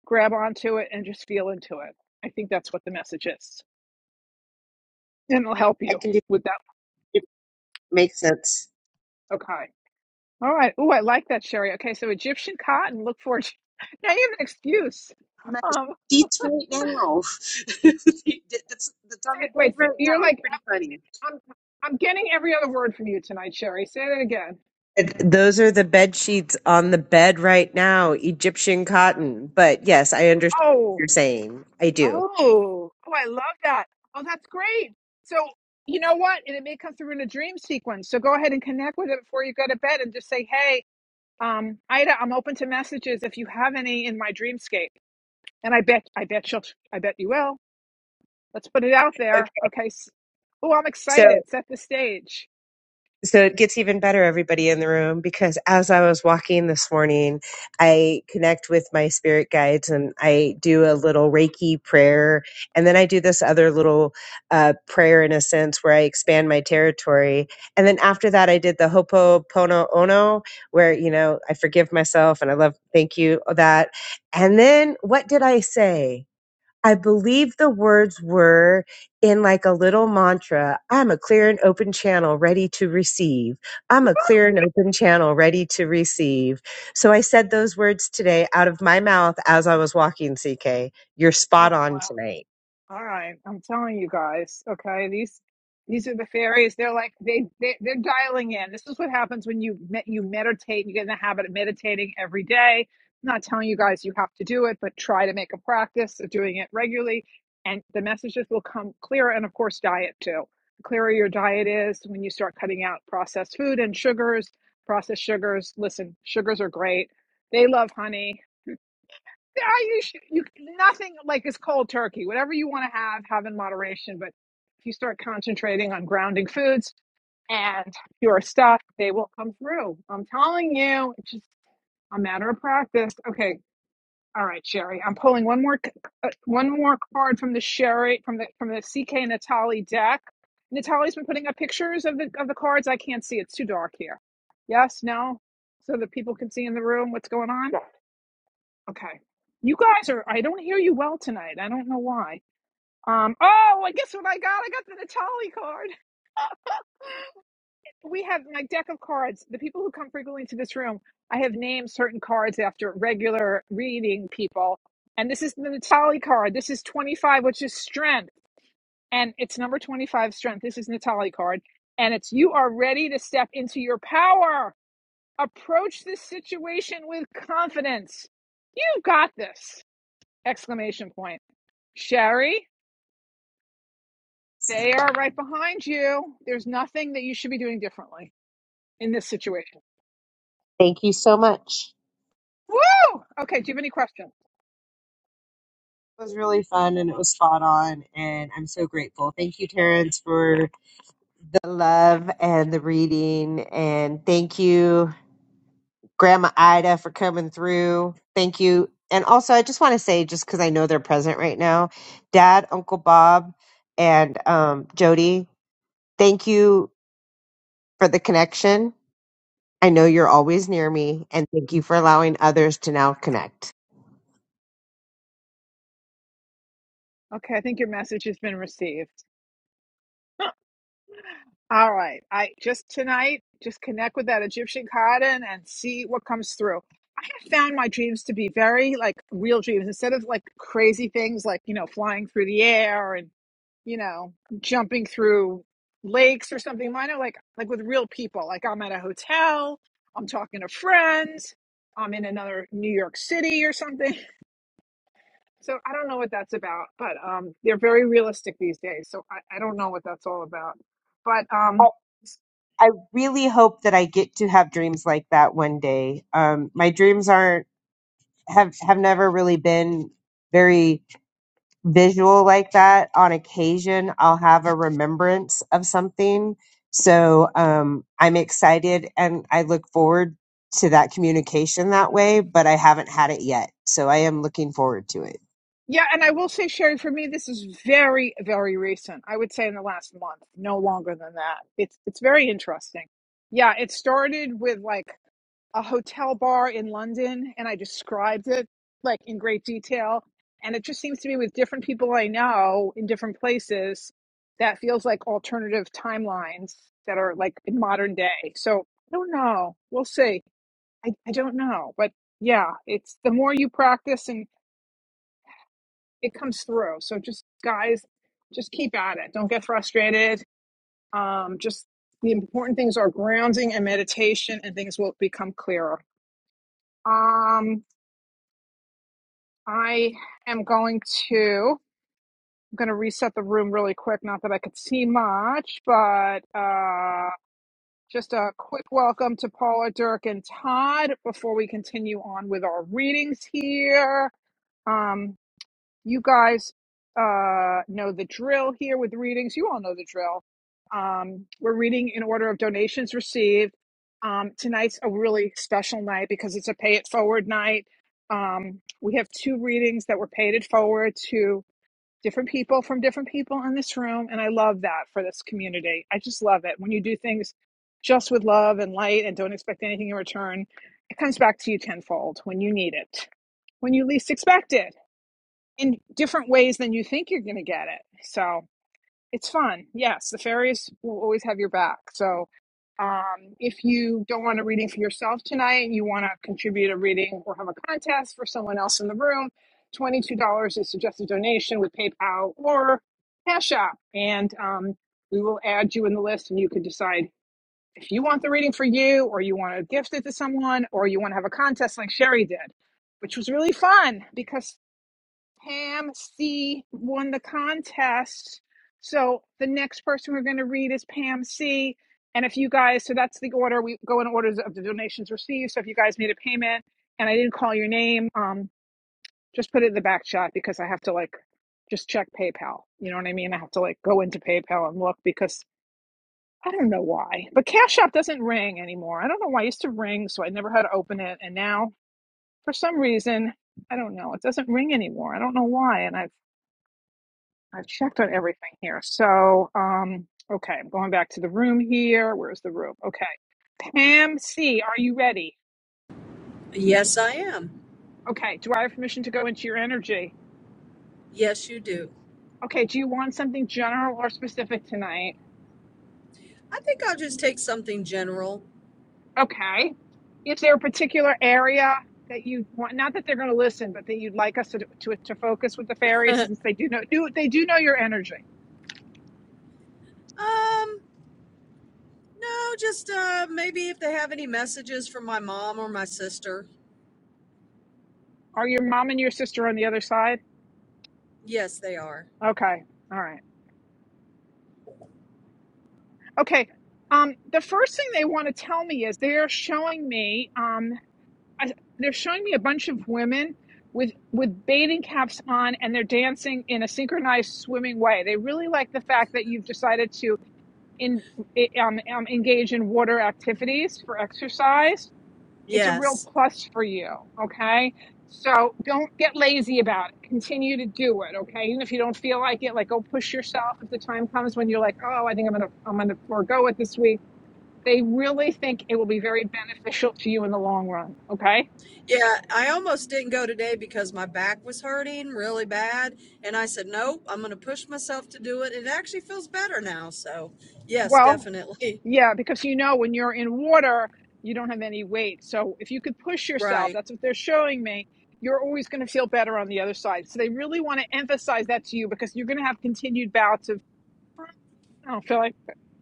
S1: grab onto it and just feel into it. I think that's what the message is, and it'll help
S4: I
S1: you
S4: can do
S1: with that.
S4: it. Makes sense.
S1: Okay. All right. Oh, I like that, Sherry. Okay, so Egyptian cotton. Look for it. [laughs] Now you have an excuse.
S4: I'm
S1: Um,
S4: Sheets right now. [laughs] that's, that's on the
S1: say-
S4: bed
S1: wait, say-
S4: right
S1: you're
S4: now. It's
S1: like
S4: pretty funny.
S1: I'm. I'm getting every other word from you tonight, Sherry. Say that again.
S4: And Those are the bed sheets on the bed right now, Egyptian cotton. But yes, I understand what
S1: Oh,
S4: you're saying. I do.
S1: oh, oh! I love that. Oh, that's great. So you know what? And it may come through in a dream sequence. So go ahead and connect with it before you go to bed, and just say, "Hey, um, Ida, I'm open to messages if you have any in my dreamscape." And I bet, I bet she'll, I bet you will. Let's put it out
S4: Okay.
S1: there. Okay. Oh, I'm
S4: so.
S1: excited. Set the stage.
S4: So it gets even better, everybody in the room, because as I was walking this morning, I connect with my spirit guides and I do a little Reiki prayer. And then I do this other little uh, prayer, in a sense, where I expand my territory. And then after that, I did the Hopopono Ono, where, you know, I forgive myself and I love, thank you, that. And then what did I say? I believe the words were in like a little mantra. I'm a clear and open channel ready to receive. I'm
S1: Woo!
S4: a clear and open channel ready to receive. So I said those words today out of my mouth as I was walking, CK. You're spot
S1: Oh,
S4: on
S1: wow.
S4: tonight.
S1: All right, I'm telling you guys, okay, these these are the fairies. They're like they, they they're dialing in. This is what happens when you met you meditate. You get in the habit of meditating every day. I'm not telling you guys you have to do it, but try to make a practice of doing it regularly, and the messages will come clearer. And of course, diet too. The clearer your diet is when you start cutting out processed food and sugars, processed sugars. Listen, sugars are great. They love honey yeah, you should, you nothing like is cold turkey. Whatever you want to have, have in moderation. But if you start concentrating on grounding foods and your stuff, they will come through. I'm telling you, it's just a matter of practice. Okay, all right, Sherry. I'm pulling one more c- uh, one more card from the Sherry from the from the CK Natali deck. natalie has been putting up pictures of the of the cards. I can't see. It's too dark here. Yes, no. So that people can see in the room what's going on.
S3: Yeah,
S1: Okay. You guys are, I don't hear you well tonight. I don't know why. Um, oh, I guess what I got? I got the Natali card. We have my deck of cards. The people who come frequently to this room, I have named certain cards after regular reading people. And this is the Natali card. This is 25, which is strength. And it's number 25, strength. This is Natali card. And it's you are ready to step into your power. Approach this situation with confidence. You got this! Exclamation point. Sherry, they are right behind you. There's nothing that you should be doing differently in this situation.
S4: Thank you so much.
S1: Woo! Okay, do you have any questions?
S4: It was really fun and it was spot on, and I'm so grateful. Thank you, Terrence, for the love and the reading, and thank you. Grandma Ida for coming through. Thank you. And also, I just want to say, just because I know they're present right now, Dad, Uncle Bob, and um, Jody, thank you for the connection. I know you're always near me, and thank you for allowing others to now connect.
S1: Okay, I think your message has been received. [laughs] Huh. All right. I just tonight, just connect with that Egyptian cotton and see what comes through. I have found my dreams to be very like real dreams instead of like crazy things like, you know, flying through the air and. you know, jumping through lakes or something Mine are like like with real people. Like I'm at a hotel, I'm talking to friends, I'm in another New York City or something. [laughs] So I don't know what that's about, but um, they're very realistic these days. So I, I don't know what that's all about. But
S4: I
S1: um,
S4: I really hope that I get to have dreams like that one day. Um, my dreams aren't have have never really been very visual like that on occasion i'll have a remembrance of something so um, i'm excited and i look forward to that communication that way but i haven't had it yet so i am looking forward to it
S1: yeah, and I will say, Sherry, for me, this is very, very recent. I would say in the last month, no longer than that. It's it's very interesting. Yeah, it started with like a hotel bar in London and I described it like in great detail. And it just seems to me with different people I know in different places, that feels like alternative timelines that are like in modern day. So I don't know. We'll see. I, I don't know. But yeah, it's the more you practice and it comes through. So just guys, just keep at it. Don't get frustrated. Um, just the important things are grounding and meditation and things will become clearer. Um, I am going to. I'm going to reset the room really quick. Not that I could see much, but uh, just a quick welcome to Paula, Dirk, and Todd before we continue on with our readings here. Um, you guys uh, know the drill here with readings. You all know the drill. Um, we're reading in order of donations received. Um, tonight's a really special night because it's a pay it forward night. Um, we have two readings that were paid it forward to different people from different people in this room. And I love that for this community. I just love it. When you do things just with love and light and don't expect anything in return, it comes back to you tenfold when you need it, when you least expect it in different ways than you think you're going to get it. So it's fun. Yes, the fairies will always have your back. So um, if you don't want a reading for yourself tonight, you want to contribute a reading or have a contest for someone else in the room, $22 is suggested donation with PayPal or Cash App. And um, we will add you in the list and you can decide if you want the reading for you or you want to gift it to someone or you want to have a contest like Sherry did which was really fun because Pam C won the contest. So the next person we're going to read is Pam C. And if you guys, so that's the order we go in orders of the donations received. So if you guys made a payment and I didn't call your name, um, just put it in the back chat because I have to like just check PayPal. You know what I mean? I have to like go into PayPal and look because I don't know why. But Cash App doesn't ring anymore. I don't know why it used to ring, so I never had to open it. And now for some reason, I don't know, it doesn't ring anymore. I don't know why. And I I've checked on everything here. So, um, okay, I'm going back to the room here. Where's the room? Okay. Pam C, are you ready?
S12: Yes, I am.
S1: Okay, do I have permission to go into your energy?
S12: Yes, you do.
S1: Okay, do you want something general or specific tonight?
S12: I think I'll just take something general.
S1: Okay. Is there a particular area that you want? Not that they're going to listen, but that you'd like us to to, to focus with the
S12: [laughs]
S1: fairies, since they do know do they do know your energy.
S12: um, No, just uh, maybe if they have any messages from my mom or my sister.
S1: Are your mom and your sister on the other side?
S12: Yes, they are.
S1: Okay, all right. Okay. Um, the first thing they want to tell me is they're showing me um, I, they're showing me a bunch of women with with bathing caps on and they're dancing in a synchronized swimming way. They really like the fact that you've decided to in eh, um, um, engage in water activities for exercise. It's a real
S12: Yes.
S1: plus for you. Okay. So don't get lazy about it. Continue to do it. Okay. Even if you don't feel like it, like go push yourself. If the time comes when you're like, oh, I think I'm gonna I'm gonna forego it this week they really think it will be very beneficial to you in the long run. Okay.
S12: Yeah, I almost didn't go today because my back was hurting really bad. And I said, nope, I'm going to push myself to do it. It actually feels better now. So, yes,
S1: Well,
S12: definitely. [laughs]
S1: yeah, because you know, when you're in water, you don't have any weight. So if you could push yourself,
S12: Right,
S1: that's what they're showing me, you're always going to feel better on the other side. So they really want to emphasize that to you because you're going to have continued bouts of I don't feel like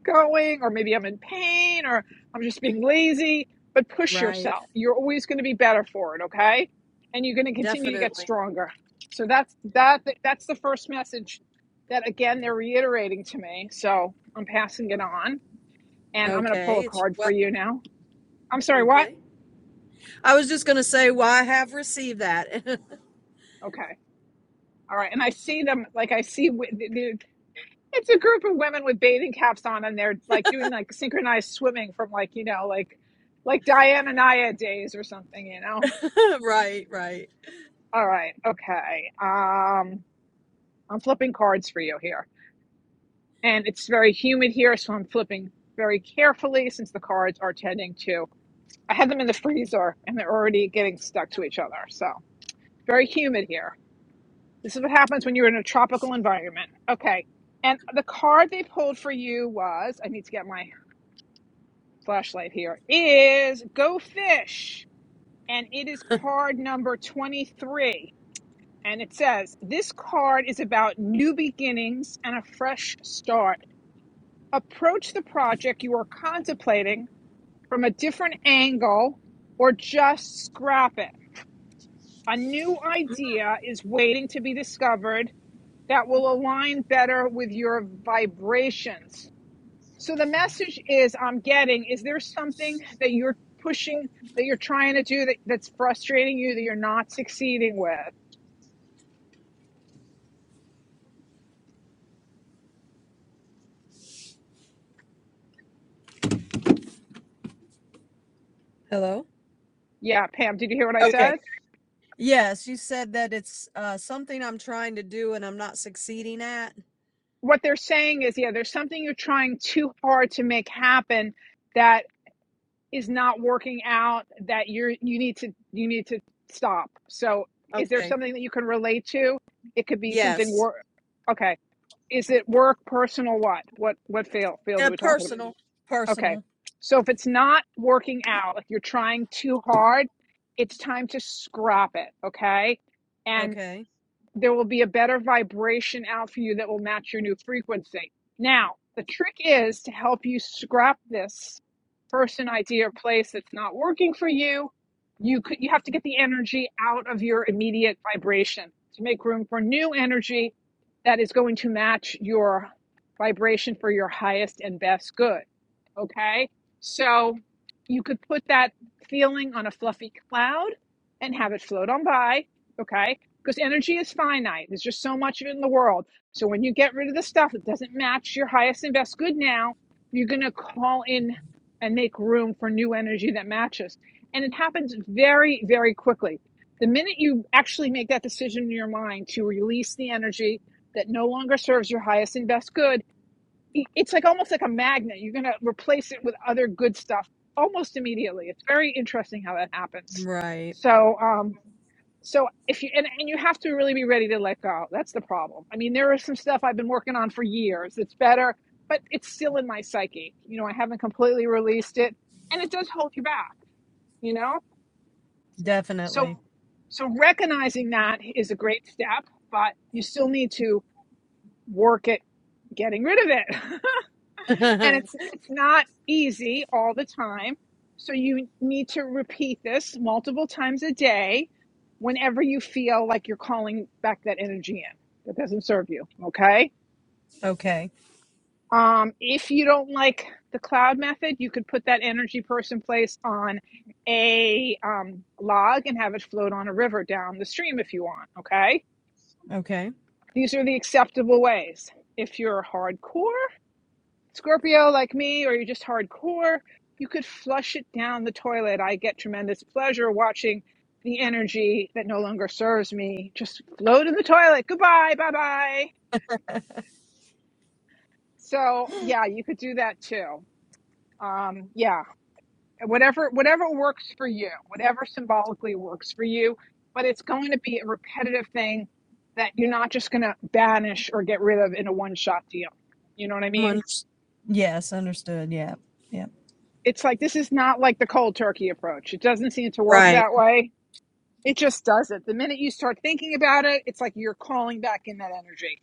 S1: going, or maybe I'm in pain, or I'm just being lazy. But push
S12: right.
S1: yourself. You're always going to be better for it, okay? And you're going to continue to get
S12: Definitely.
S1: stronger. So that's that. That's the first message that again they're reiterating to me. So I'm passing it on, and I'm going to pull
S12: Okay.
S1: a
S12: It's
S1: card for
S12: what?
S1: you now. I'm sorry, what?
S12: okay. I was just going to say, well, I have received that.
S1: Okay, all right. And I see them like I see w- the, It's a group of women with bathing caps on, and they're like doing like synchronized swimming from like you know like like Diana Naya days or something. You know.
S12: [laughs] right, right.
S1: All right. Okay. Um, I'm flipping cards for you here, and it's very humid here, so I'm flipping very carefully since the cards are tending to. I had them in the freezer, and they're already getting stuck to each other. So very humid here. This is what happens when you're in a tropical environment. Okay. And the card they pulled for you was I need to get my flashlight here is Go Fish. And it is card number 23. And it says, This card is about new beginnings and a fresh start. Approach the project you are contemplating from a different angle or just scrap it. A new idea is waiting to be discovered that will align better with your vibrations. So the message is I'm getting is there something that you're pushing that you're trying to do that, that's frustrating you that you're not succeeding with?
S12: Hello?
S1: Yeah, Pam, did you hear what I
S12: Okay.
S1: said?
S12: Yes, you said that it's uh, something I'm trying to do and I'm not succeeding at.
S1: What they're saying is yeah, there's something you're trying too hard to make happen that is not working out that you're you need to you need to stop. So is there
S12: Okay.
S1: something that you can relate to? It could be something
S12: Yes.
S1: work okay. Is it work, personal, what? What what field field are
S12: Uh,
S1: we talking about?
S12: personal.
S1: Okay.
S12: Personal.
S1: So if it's not working out, if you're trying too hard, it's time to scrap it. Okay. And
S12: Okay.
S1: there will be a better vibration out for you that will match your new frequency. Now, the trick is to help you scrap this person, idea, or place that's not working for you. You could, you have to get the energy out of your immediate vibration to make room for new energy that is going to match your vibration for your highest and best good. Okay? So you could put that feeling on a fluffy cloud and have it float on by. Okay? because energy is finite. There's just so much of it in the world. So when you get rid of the stuff that doesn't match your highest and best good now, you're going to call in and make room for new energy that matches. And it happens very, very quickly. The minute you actually make that decision in your mind to release the energy that no longer serves your highest and best good, it's like almost like a magnet. You're going to replace it with other good stuff almost immediately. It's very interesting how that happens.
S12: Right.
S1: So, um, so if you and, and you have to really be ready to let go. That's the problem. I mean, there is some stuff I've been working on for years. It's better, but it's still in my psyche. You know, I haven't completely released it and it does hold you back, you know? So
S12: Definitely.
S1: so recognizing that is a great step, but you still need to work at getting rid of it.
S12: [laughs]
S1: [laughs] and
S12: okay.
S1: it's it's not easy all the time. So you need to repeat this multiple times a day whenever you feel like you're calling back that energy in that doesn't serve you, okay?
S12: Okay.
S1: Um, if you don't like the cloud method, you could put that energy person place on a um, log and have it float on a river down the stream if you want, okay? These are the acceptable ways. If you're hardcore, Scorpio like me or you're just hardcore, you could flush it down the toilet. I get tremendous pleasure watching the energy that no longer serves me just float in the toilet. Goodbye, bye bye. So yeah, you could do that too. Um, yeah, whatever whatever works for you, whatever symbolically works for you, but it's going to be a repetitive thing that you're not just going to banish or get rid of in a one shot deal. You know what I
S12: I'm
S1: mean?
S12: unders- yes. Understood. Yeah. Yeah.
S1: it's like this is not like the cold turkey approach. It doesn't seem to work
S12: right.
S1: that way. It just doesn't. The minute you start thinking about it, it's like you're calling back in that energy.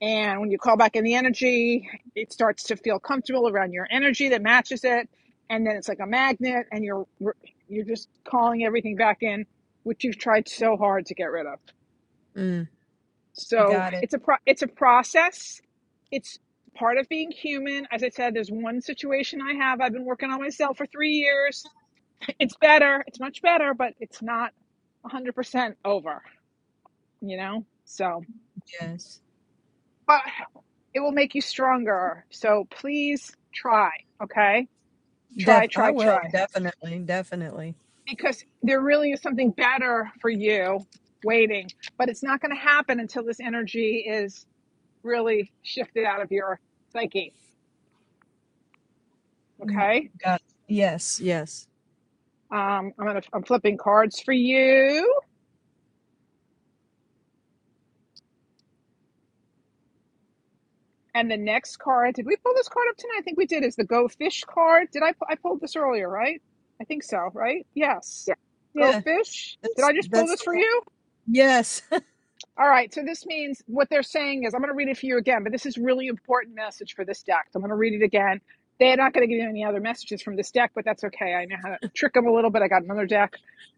S1: And when you call back in the energy, it starts to feel comfortable around your energy that matches it. And then it's like a magnet and you're you're just calling everything back in which you've tried so hard to get rid of.
S12: Mm.
S1: So,
S12: Got it.
S1: it's a pro- it's a process. It's part of being human. As I said, there's one situation I have I've been working on myself for 3 years it's better. It's much better, but it's not 100% over, you know? So,
S12: Yes.
S1: but it will make you stronger. So please try, okay? Try,
S12: Def. I
S1: try,
S12: will.
S1: try.
S12: Definitely. Definitely.
S1: Because there really is something better for you waiting, but it's not going to happen until this energy is really shifted out of your psyche,
S12: Mm,
S1: okay?
S12: Got. Yes. Yes.
S1: Um, I'm gonna I'm flipping cards for you. And the next card, did we pull this card up tonight? I think we did. Is the Go Fish card? Did I I pulled this earlier, right? I think so, right? Yes.
S3: yeah.
S1: Go
S12: Yeah.
S1: Fish. Did
S12: That's
S1: I just pull
S12: that's
S1: this
S12: the
S1: for
S12: one.
S1: you?
S12: Yes.
S1: All right, so this means what they're saying is I'm going to read it for you again, but this is really important message for this deck. So I'm going to read it again. They're not going to give you any other messages from this deck, but that's okay. I know how to trick them a little bit. I got another deck.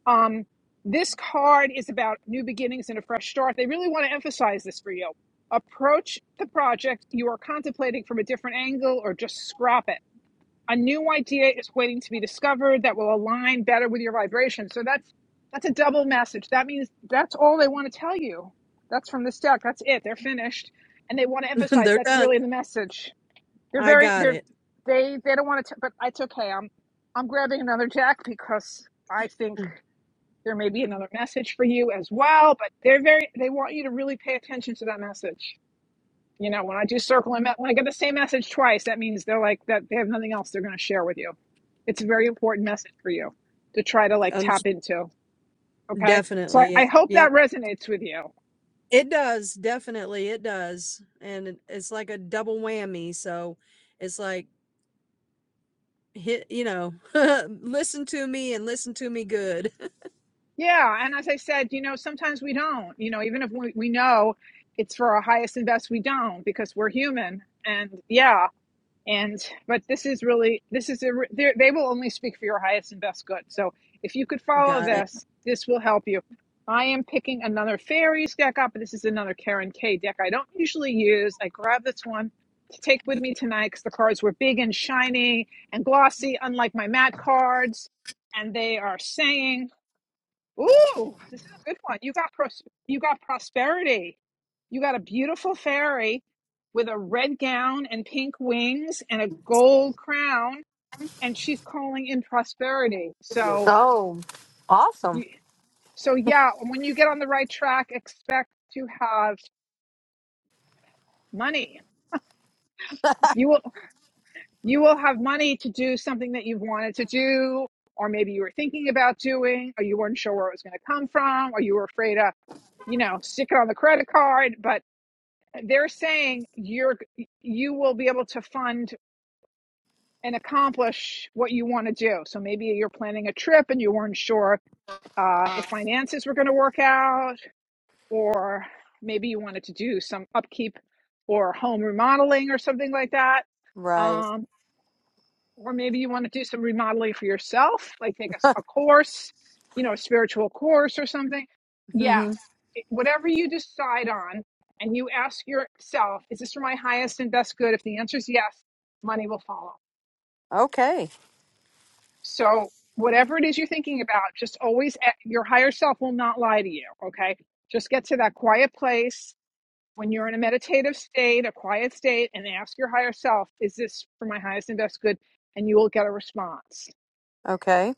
S1: Um, this card is about new beginnings and a fresh start. They really want to emphasize this for you. Approach the project you are contemplating from a different angle or just scrap it a new idea is waiting to be discovered that will align better with your vibration. So that's that's a double message. That means that's all they want to tell you. That's from this deck. That's it. They're finished, and they want to
S12: [laughs]
S1: emphasize
S12: They're
S1: that's
S12: done.
S1: really the message. They're
S12: I
S1: very
S12: got
S1: they're
S12: it.
S1: they they don't want to. T- but it's okay. I'm I'm grabbing another deck because I think there may be another message for you as well. But they're very they want you to really pay attention to that message. You know, when I do circle and me- when I get the same message twice, that means they're like that they have nothing else they're going to share with you. It's a very important message for you to try to like
S12: Understood.
S1: tap into. Okay. So
S12: Definitely, yeah.
S1: I, I hope that
S12: Yep.
S1: resonates with you.
S12: It does, definitely it does, and it it's like a double whammy, so it's like hit you know, [laughs] listen to me and listen to me good.
S1: Yeah. And as I said, you know, sometimes we don't, you know, even if we, we know it's for our highest and best, we don't because we're human. And yeah, and but this is really this is a they will only speak for your highest and best good so if you could
S12: [laughs]
S1: follow
S12: Got it.
S1: this this will help you i am picking another fairies deck up this is another karen k deck i don't usually use i grabbed this one to take with me tonight because the cards were big and shiny and glossy unlike my mat cards and they are saying Ooh, this is a good one. You got pros- you got prosperity. You got a beautiful fairy with a red gown and pink wings and a gold crown, and she's calling in prosperity. So,
S12: Oh, awesome.
S1: you, so yeah, when you get on the right track, expect to have money. You will you will have money to do something that you've wanted to do, or maybe you were thinking about doing, or you weren't sure where it was going to come from, or you were afraid to, you know, stick it on the credit card. but. they're saying you're you will be able to fund and accomplish what you want to do so maybe you're planning a trip and you weren't sure uh, if finances were going to work out or maybe you wanted to do some upkeep or home remodeling or something like that
S12: Right.
S1: Um, or maybe you want to do some remodeling for yourself, like take a a course, you know, a spiritual course or something.
S12: hmm
S1: Yes, it- whatever you decide on, and you ask yourself, is this for my highest and best good? If the answer is yes, money will follow.
S12: Okay.
S1: So, whatever it is you're thinking about, just always, a- your higher self will not lie to you, okay? Just get to that quiet place when you're in a meditative state, a quiet state, and ask your higher self, is this for my highest and best good? And you will get a response.
S12: Okay.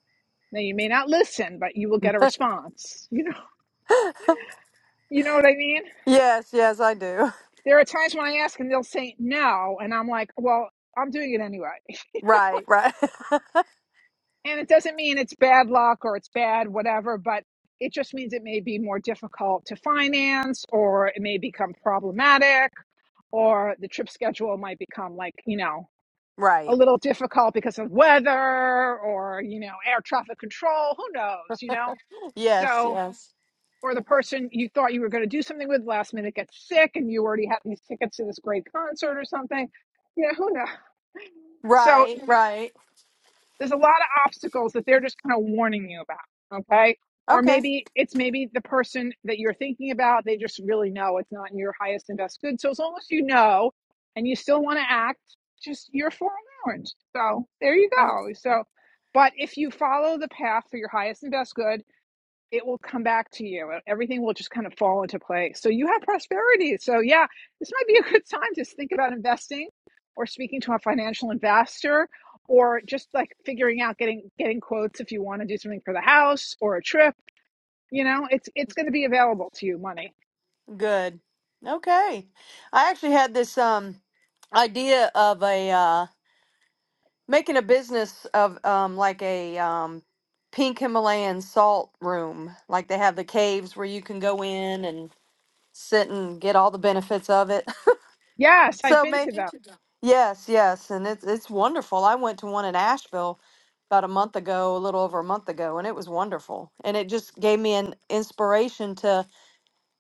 S1: Now you may not listen, but you will get a response. You know, [laughs] you know what I mean?
S12: Yes, yes, I do. [laughs]
S1: There are times when I ask and they'll say no, and I'm like, well, I'm doing it anyway.
S12: Right, right. [laughs]
S1: And it doesn't mean it's bad luck or it's bad whatever, but it just means it may be more difficult to finance or it may become problematic or the trip schedule might become like, you know, a
S12: right.
S1: little difficult because of weather or, you know, air traffic control, who knows, you know?
S12: Yes,
S1: So
S12: yes.
S1: or the person you thought you were going to do something with last minute gets sick and you already have these tickets to this great concert or something. You know, who knows? So
S12: Right, right.
S1: there's a lot of obstacles that they're just kind of warning you about. Okay. Or
S12: Okay.
S1: maybe it's maybe the person that you're thinking about, they just really know it's not in your highest and best good. So as long as you know and you still want to act, just you're for an orange. So there you
S12: Oh,
S1: go. So, but if you follow the path for your highest and best good, it will come back to you. Everything will just kind of fall into place. So you have prosperity. So yeah, this might be a good time to think about investing or speaking to a financial investor or just like figuring out getting getting quotes if you want to do something for the house or a trip, you know, it's it's going to be available to you money.
S12: good. Okay. I actually had this um idea of a uh making a business of um like a um pink Himalayan salt room. Like they have the caves where you can go in and sit and get all the benefits of it.
S1: Yes,
S12: [laughs]
S1: I've
S12: so
S1: been
S12: may
S1: to those.
S12: yes, yes, and it's it's wonderful. I went to one in Asheville about a month ago, a little over a month ago, and it was wonderful. And it just gave me an inspiration to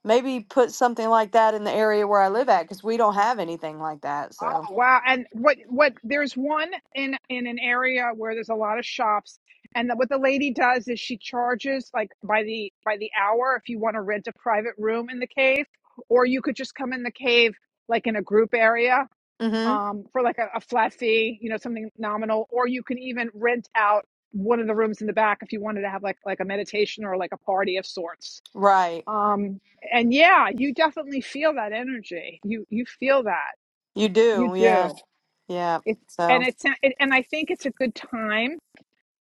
S12: maybe put something like that in the area where I live at because we don't have anything like that. So,
S1: Oh, wow. And what what there's one in in an area where there's a lot of shops and the, what the lady does is she charges like by the by the hour if you want to rent a private room in the cave or you could just come in the cave like in a group area
S12: mm-hmm.
S1: um for like a, a flat fee, you know, something nominal or you can even rent out one of the rooms in the back if you wanted to have like like a meditation or like a party of sorts.
S12: right,
S1: Um and yeah, you definitely feel that energy. You you feel that.
S12: you
S1: You
S12: do, yeah,
S1: do.
S12: yeah.
S1: It's
S12: So.
S1: and it's and I think it's a good time.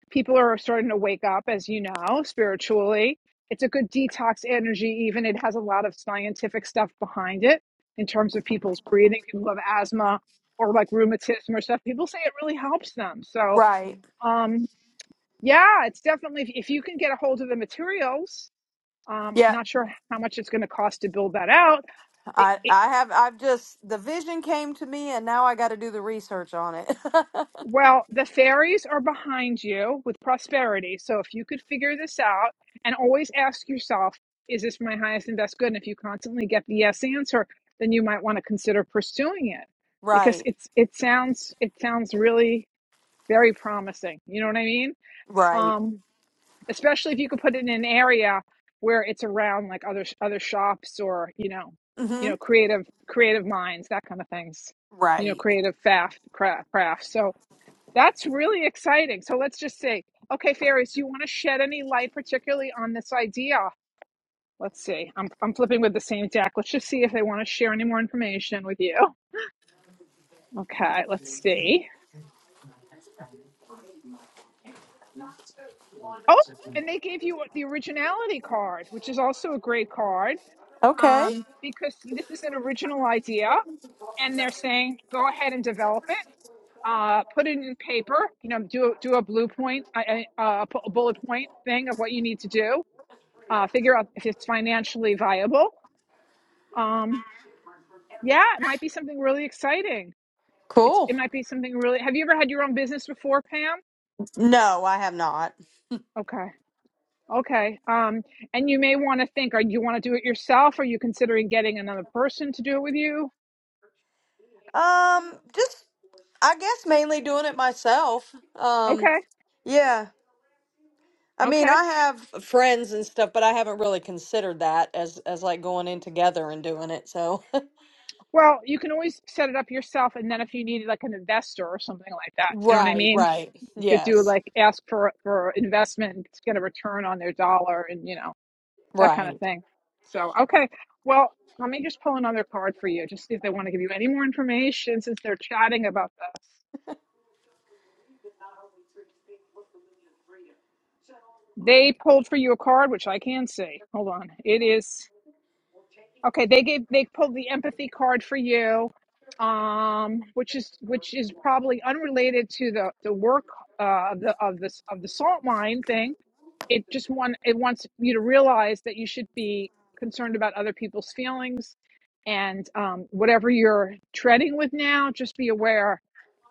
S1: People are starting to wake up, as you know, spiritually. It's a good detox energy. Even it has a lot of scientific stuff behind it in terms of people's breathing. People who have asthma or like rheumatism or stuff. People say it really helps them. So,
S12: Right.
S1: um, yeah, it's definitely if, if you can get a hold of the materials. Um, I'm
S12: Yeah.
S1: not sure how much it's going to cost to build that out It,
S12: I
S1: it,
S12: I have I've just the vision came to me and now I got to do the research on it. [laughs]
S1: Well, the fairies are behind you with prosperity. So if you could figure this out and always ask yourself, is this my highest and best good? And if you constantly get the yes answer, then you might want to consider pursuing it because
S12: right.
S1: it's it sounds it sounds really very promising. You know what I mean?
S12: Right.
S1: Um, especially if you could put it in an area where it's around like other other shops or you know, you
S12: Mhm.
S1: know, creative creative minds, that kind of things. You know,
S12: Right.
S1: creative craft craft. crafts. So that's really exciting. So let's just say, okay, Fairies, do you want to shed any light particularly on this idea? Let's see. I'm, I'm flipping with the same deck. Let's just see if they want to share any more information with you. Okay, let's see. Oh, and they gave you the originality card, which is also a great card
S12: Okay.
S1: um, because this is an original idea. And they're saying, go ahead and develop it. Uh, put it in paper. You know, do a- do a blue point, a, a, a bullet point thing of what you need to do uh, figure out if it's financially viable. Um, yeah, it might be something really exciting. It's it
S12: Cool.
S1: might be something really. Have you ever had your own business before, Pam?
S12: No, I have not.
S1: Okay, okay. Um, and you may want to think: Are you want to do it yourself? Are you considering getting another person to do it with you?
S12: Um just I guess mainly doing it myself. Um
S1: Okay,
S12: yeah. I mean,
S1: okay.
S12: I have friends and stuff, but I haven't really considered that as as like going in together and doing it. So
S1: Well, you can always set it up yourself, and then if you need like an investor or something like
S12: [laughs]
S1: that, you know what I
S12: Right,
S1: mean.
S12: right.
S1: You could do
S12: Yes.
S1: like ask for for investment, and get a return on their dollar, and you know that kind of
S12: Right.
S1: thing. So, okay. Well, let me just pull another card for you, just see if they want to give you any more information since they're chatting about this. They pulled for you a card, which I can see. Hold on. It is. Okay, they gave they pulled the empathy card for you, um, which is which is probably unrelated to the the work uh, of the of this of the salt mine thing. It just want it wants you to realize that you should be concerned about other people's feelings, and um, whatever you're treading with now, just be aware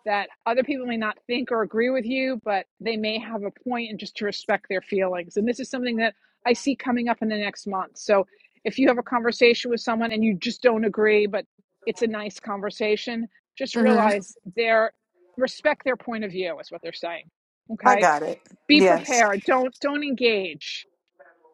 S1: that other people may not think or agree with you, but they may have a point and just to respect their feelings. And this is something that I see coming up in the next month. So if you have a conversation with someone and you just don't agree, but it's a nice conversation, just
S12: Mhm.
S1: realize they're respect their point of view is what they're saying.
S12: I
S1: Okay.
S12: got it.
S1: Be
S12: Yes.
S1: prepared. Don't don't engage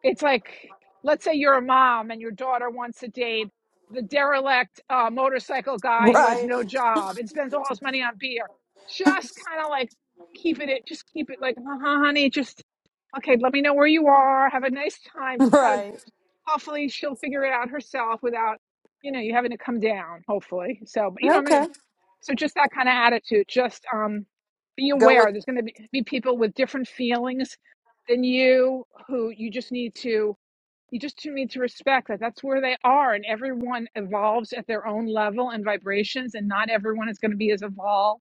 S1: it's like let's say you're a mom and your daughter wants to date the derelict uh, motorcycle guy who has
S12: Right. [laughs]
S1: no job and spends all his money on beer just kind of like keep it just keep it like uh-huh honey just okay let me know where you are have a nice time just kind of
S12: Right.
S1: hopefully she'll figure it out herself without you know you having to come down hopefully so but you know what I mean?
S12: Okay.
S1: so just that kind of attitude just um be
S12: Go
S1: aware
S12: with
S1: there's going to be, be people with different feelings than you who you just need to you just need to respect that that's where they are and everyone evolves at their own level and vibrations and not everyone is going to be as evolved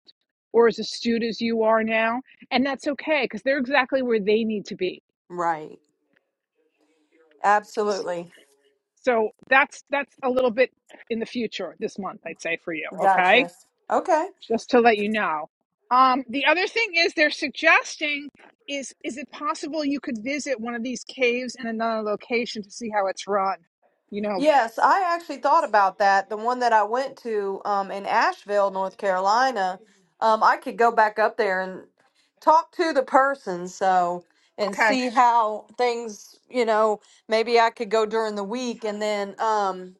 S1: or as astute as you are now and that's okay because they're exactly where they need to be
S12: right. Absolutely.
S1: so that's that's a little bit in the future this month i'd say for you okay
S12: Gotcha. Okay.
S1: just to let you know um, the other thing is they're suggesting is is it possible you could visit one of these caves in another location to see how it's run you know
S12: Yes, I actually thought about that. The one that I went to um in Asheville, North Carolina, um I could go back up there and talk to the person so and
S1: okay
S12: see how things, you know, maybe I could go during the week and then um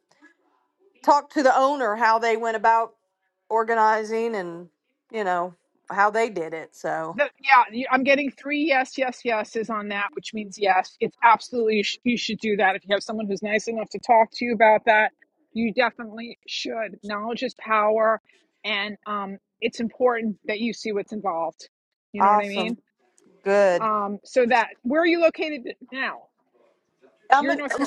S12: talk to the owner how they went about organizing and, you know, how they did it. So,
S1: The, yeah, you- I'm getting three yes, yes, yeses on that, which means yes, it's absolutely you, sh- you should do that. If you have someone who's nice enough to talk to you about that, you definitely should. Knowledge is power, and um, it's important that you see what's involved. You know what I
S12: awesome.
S1: mean?
S12: Good.
S1: Um, so that where are you located now?
S12: I'm
S1: You're in
S12: in,
S1: North Carolina.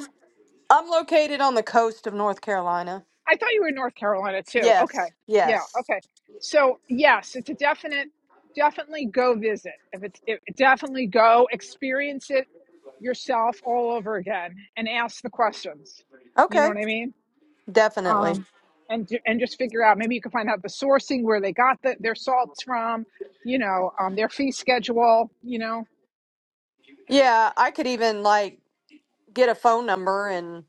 S12: I'm located on the coast of North Carolina.
S1: I thought you were in North Carolina too.
S12: Yes.
S1: Okay. Yeah.
S12: Yes.
S1: Okay. So yes, it's a definite, definitely go visit. If it's it, definitely go experience it yourself all over again and ask the questions. You know
S12: Okay.
S1: what I mean?
S12: Definitely.
S1: Um, and ju- and just figure out. Maybe you can find out the sourcing where they got the, their salts from. You know, um, their fee schedule. You know,
S12: Yeah, I could even like get a phone number and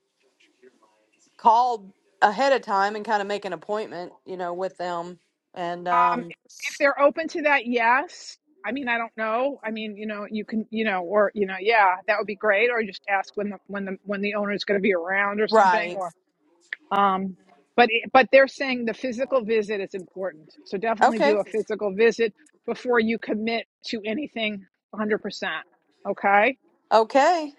S12: call ahead of time and kind of make an appointment, you know, with them. And
S1: Um,
S12: um
S1: if they're open to that, yes. I mean, I don't know. I mean, you know, you can, you know, or you know, yeah, that would be great. Or just ask when the when the when the owner is going to be around or something.
S12: right.
S1: Or, um, but it- but they're saying the physical visit is important. So definitely
S12: Okay.
S1: do a physical visit before you commit to anything 100%. Okay.
S12: Okay.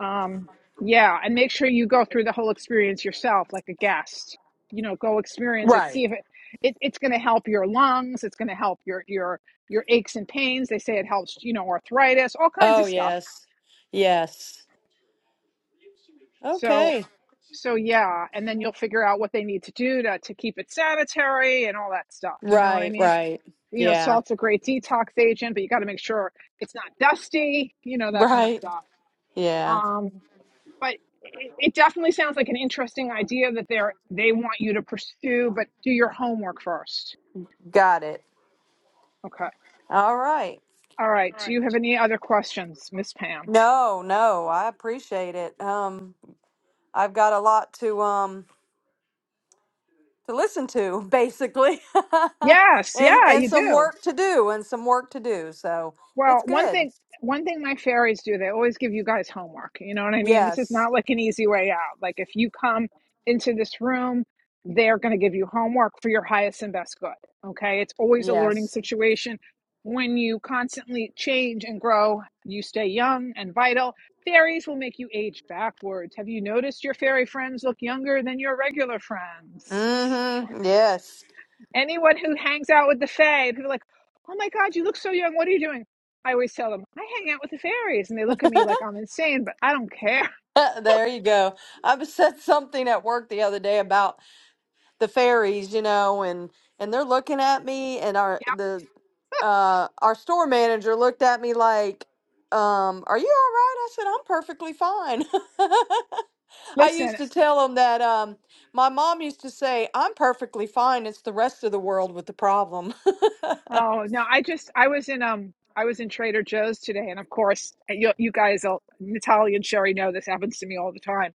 S1: Um, yeah, and make sure you go through the whole experience yourself, like a guest. You know, go experience it.
S12: Right.
S1: See if it, it it's going to help your lungs. It's going to help your your your aches and pains. They say it helps, you know, arthritis, all kinds
S12: Oh,
S1: of stuff.
S12: yes. Yes.
S1: So
S12: Okay.
S1: so yeah, and then you'll figure out what they need to do to to keep it sanitary and all that stuff. You know what I
S12: Right,
S1: mean?
S12: right.
S1: You know,
S12: Yeah.
S1: salt's a great detox agent, but you got to make sure it's not dusty. You know that kind of
S12: Right.
S1: stuff.
S12: Yeah.
S1: Um. but it, it definitely sounds like an interesting idea that they're they want you to pursue but do your homework first
S12: Got it.
S1: okay
S12: All right.
S1: all right do you have any other questions miss pam
S12: No, no, I appreciate it. Um, I've got a lot to um to listen to, basically, [laughs]
S1: yes
S12: and
S1: yeah
S12: and
S1: you
S12: some
S1: do
S12: work to do, and some work to do. So
S1: Well,
S12: it's
S1: one
S12: good.
S1: thing one thing my fairies do, they always give you guys homework. You know what I mean? This is
S12: Yes,
S1: not like an easy way out. Like if you come into this room, they're going to give you homework for your highest and best good. Okay? It's always a learning
S12: yes,
S1: situation. When you constantly change and grow, you stay young and vital. Fairies will make you age backwards. Have you noticed your fairy friends look younger than your regular friends?
S12: mm-hmm, yes.
S1: Anyone who hangs out with the Fae, people are like, oh my God, you look so young. What are you doing? I always tell them, I hang out with the fairies. And they look at me like I'm insane, but I don't care.
S12: [laughs] there you go. I was- said something at work the other day about the fairies, you know, and and they're looking at me, and our the uh, our store manager looked at me like, um, "Are you all right?" I said, "I'm perfectly fine." [laughs]
S1: [laughs]
S12: I used
S1: Listen,
S12: to tell him that um, my mom used to say, "I'm perfectly fine. It's the rest of the world with the problem." [laughs]
S1: oh no, I just, I was in, um, I was in Trader Joe's today. And of course, you, you guys, all, Natalia and Sherry know this happens to me all the time.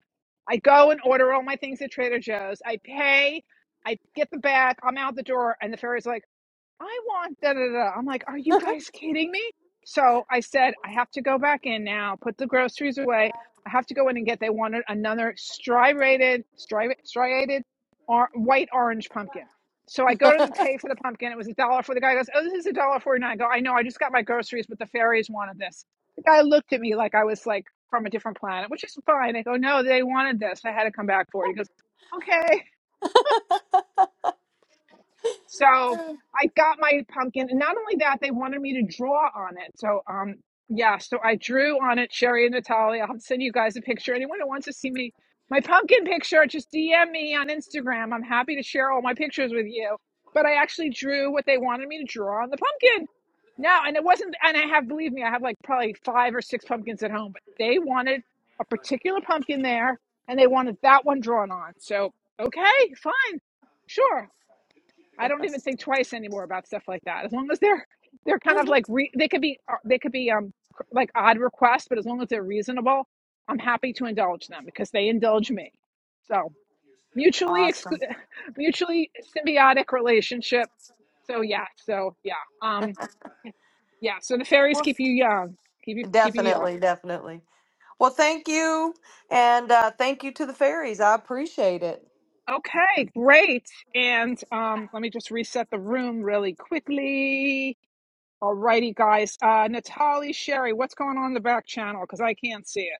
S1: I go and order all my things at Trader Joe's. I pay, I get the bag, I'm out the door. And the fairies are like, I want da da da. I'm like, are you guys kidding me? So I said, I have to go back in now, put the groceries away. I have to go in and get. They wanted another striated, stri- striated, or white orange pumpkin. So I go to the pay for the pumpkin. It was a dollar for the guy. Goes, oh, this is a dollar forty nine. I go, I know. I just got my groceries, but the fairies wanted this. The guy looked at me like I was like from a different planet, which is fine. I go, no, they wanted this. I had to come back for it. He goes, okay. So I got my pumpkin, and not only that, they wanted me to draw on it. So, um, yeah, so I drew on it, Sherry and Natalia. I'll send you guys a picture. Anyone who wants to see me, my pumpkin picture, just DM me on Instagram. I'm happy to share all my pictures with you. But I actually drew what they wanted me to draw on the pumpkin. No, and it wasn't, and I have, believe me, I have like probably five or six pumpkins at home, but they wanted a particular pumpkin there, and they wanted that one drawn on. So, okay, fine. Sure. I don't even think twice anymore about stuff like that. As long as they're they're kind of like re, they could be uh, they could be um like odd requests, but as long as they're reasonable, I'm happy to indulge them because they indulge me. So mutually exclu-
S12: Awesome.
S1: [laughs] mutually symbiotic relationship. So yeah, so yeah, um, yeah. So the fairies
S12: Well,
S1: keep you young, keep you keep you young.
S12: definitely, definitely. Well, thank you, and uh, thank you to the fairies. I appreciate it.
S1: Okay, great. And um, let me just reset the room really quickly. Alrighty, guys. Uh, Natalie, Sherry, what's going on in the back channel? Because I can't see it.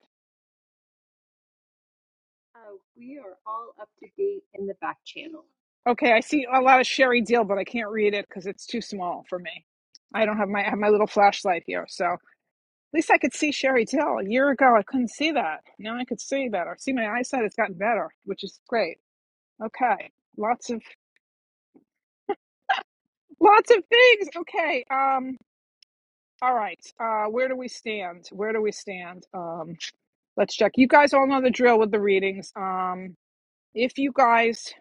S3: Uh, we are all up to date in the back channel.
S1: Okay, I see a lot of Sherry deal, but I can't read it because it's too small for me. I don't have my I have my little flashlight here, so at least I could see Sherry Deal. A year ago, I couldn't see that. Now I could see better. See, my eyesight has gotten better, which is great. Okay, lots of lots of things. Okay, um, all right. Uh, where do we stand? Where do we stand? Um, let's check. You guys all know the drill with the readings. Um, if you guys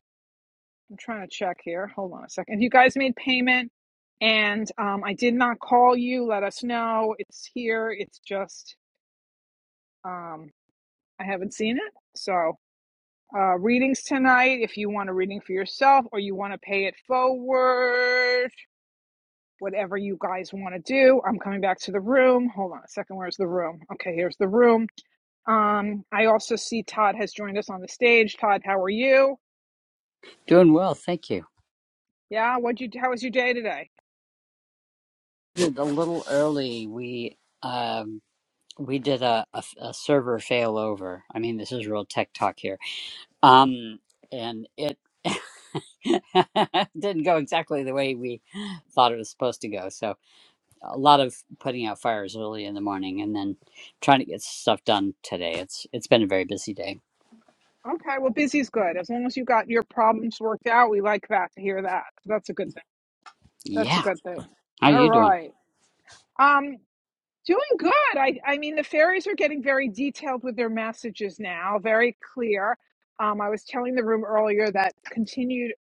S1: I'm trying to check here. Hold on a second. If You guys made payment and um, I did not call you. Let us know. It's here. It's just um, I haven't seen it. So, uh, readings tonight if you want a reading for yourself or you want to pay it forward, whatever you guys want to do. I'm coming back to the room. Hold on a second. Where's the room? Okay, here's the room. Um, I also see Todd has joined us on the stage. Todd, how are you?
S13: Doing well, thank you.
S1: Yeah, what'd you how was your day today?
S13: Did a little early. We um we did a, a, a server failover. I mean, this is real tech talk here. Um, and it [laughs] didn't go exactly the way we thought it was supposed to go. So a lot of putting out fires early in the morning and then trying to get stuff done today. It's it's been a very busy day.
S1: Okay, well, busy's good. As long as you got your problems worked out, we like that to hear that. That's a good thing. That's a
S13: Yeah.
S1: good thing.
S13: How are
S1: All
S13: you doing?
S1: right. Um, doing good. I, I mean, the fairies are getting very detailed with their messages now, very clear. Um, I was telling the room earlier that continued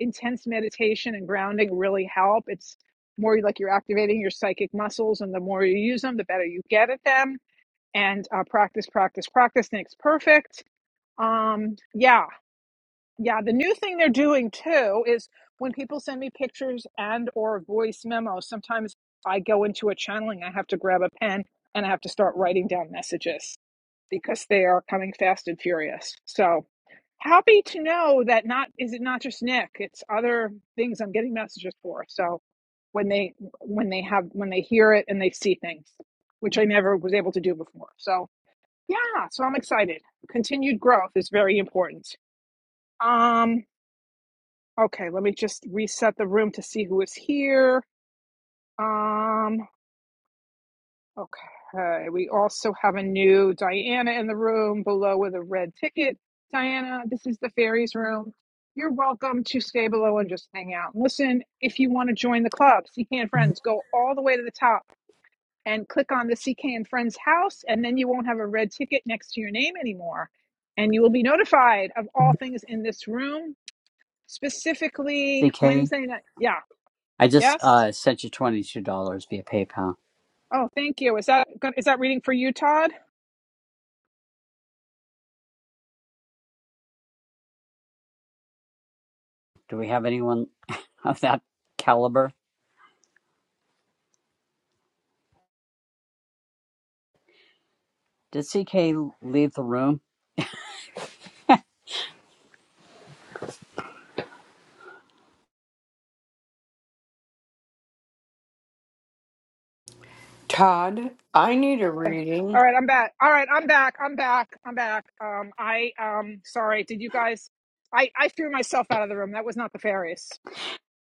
S1: intense meditation and grounding really help. It's more like you're activating your psychic muscles, and the more you use them, the better you get at them. And uh, practice, practice, practice makes perfect. Um, yeah, yeah, the new thing they're doing too is when people send me pictures and or voice memos, sometimes I go into a channeling. I have to grab a pen and I have to start writing down messages because they are coming fast and furious. So happy to know that not is it not just Nick, it's other things I'm getting messages for. So when they when they have when they hear it and they see things, which I never was able to do before. So yeah, so I'm excited. Continued growth is very important. Um Okay, let me just reset the room to see who is here. Um, okay, we also have a new Diana in the room below with a red ticket. Diana, this is the fairies room. You're welcome to stay below and just hang out. Listen, if you want to join the club, CK and Friends, go all the way to the top and click on the CK and Friends house, and then you won't have a red ticket next to your name anymore. And you will be notified of all things in this room, specifically
S13: CK,
S1: Wednesday night. Yeah,
S13: I just
S1: yes?
S13: uh, sent you twenty two dollars via PayPal.
S1: Oh, thank you. Is that gon- is that reading for you, Todd?
S13: Do we have anyone [laughs] of that caliber? Did CK leave the room?
S9: todd i need a reading
S1: All right, I'm back. All right, I'm back. I'm back. I'm back. Um, I um, sorry. Did you guys? I I threw myself out of the room. That was not the fairest.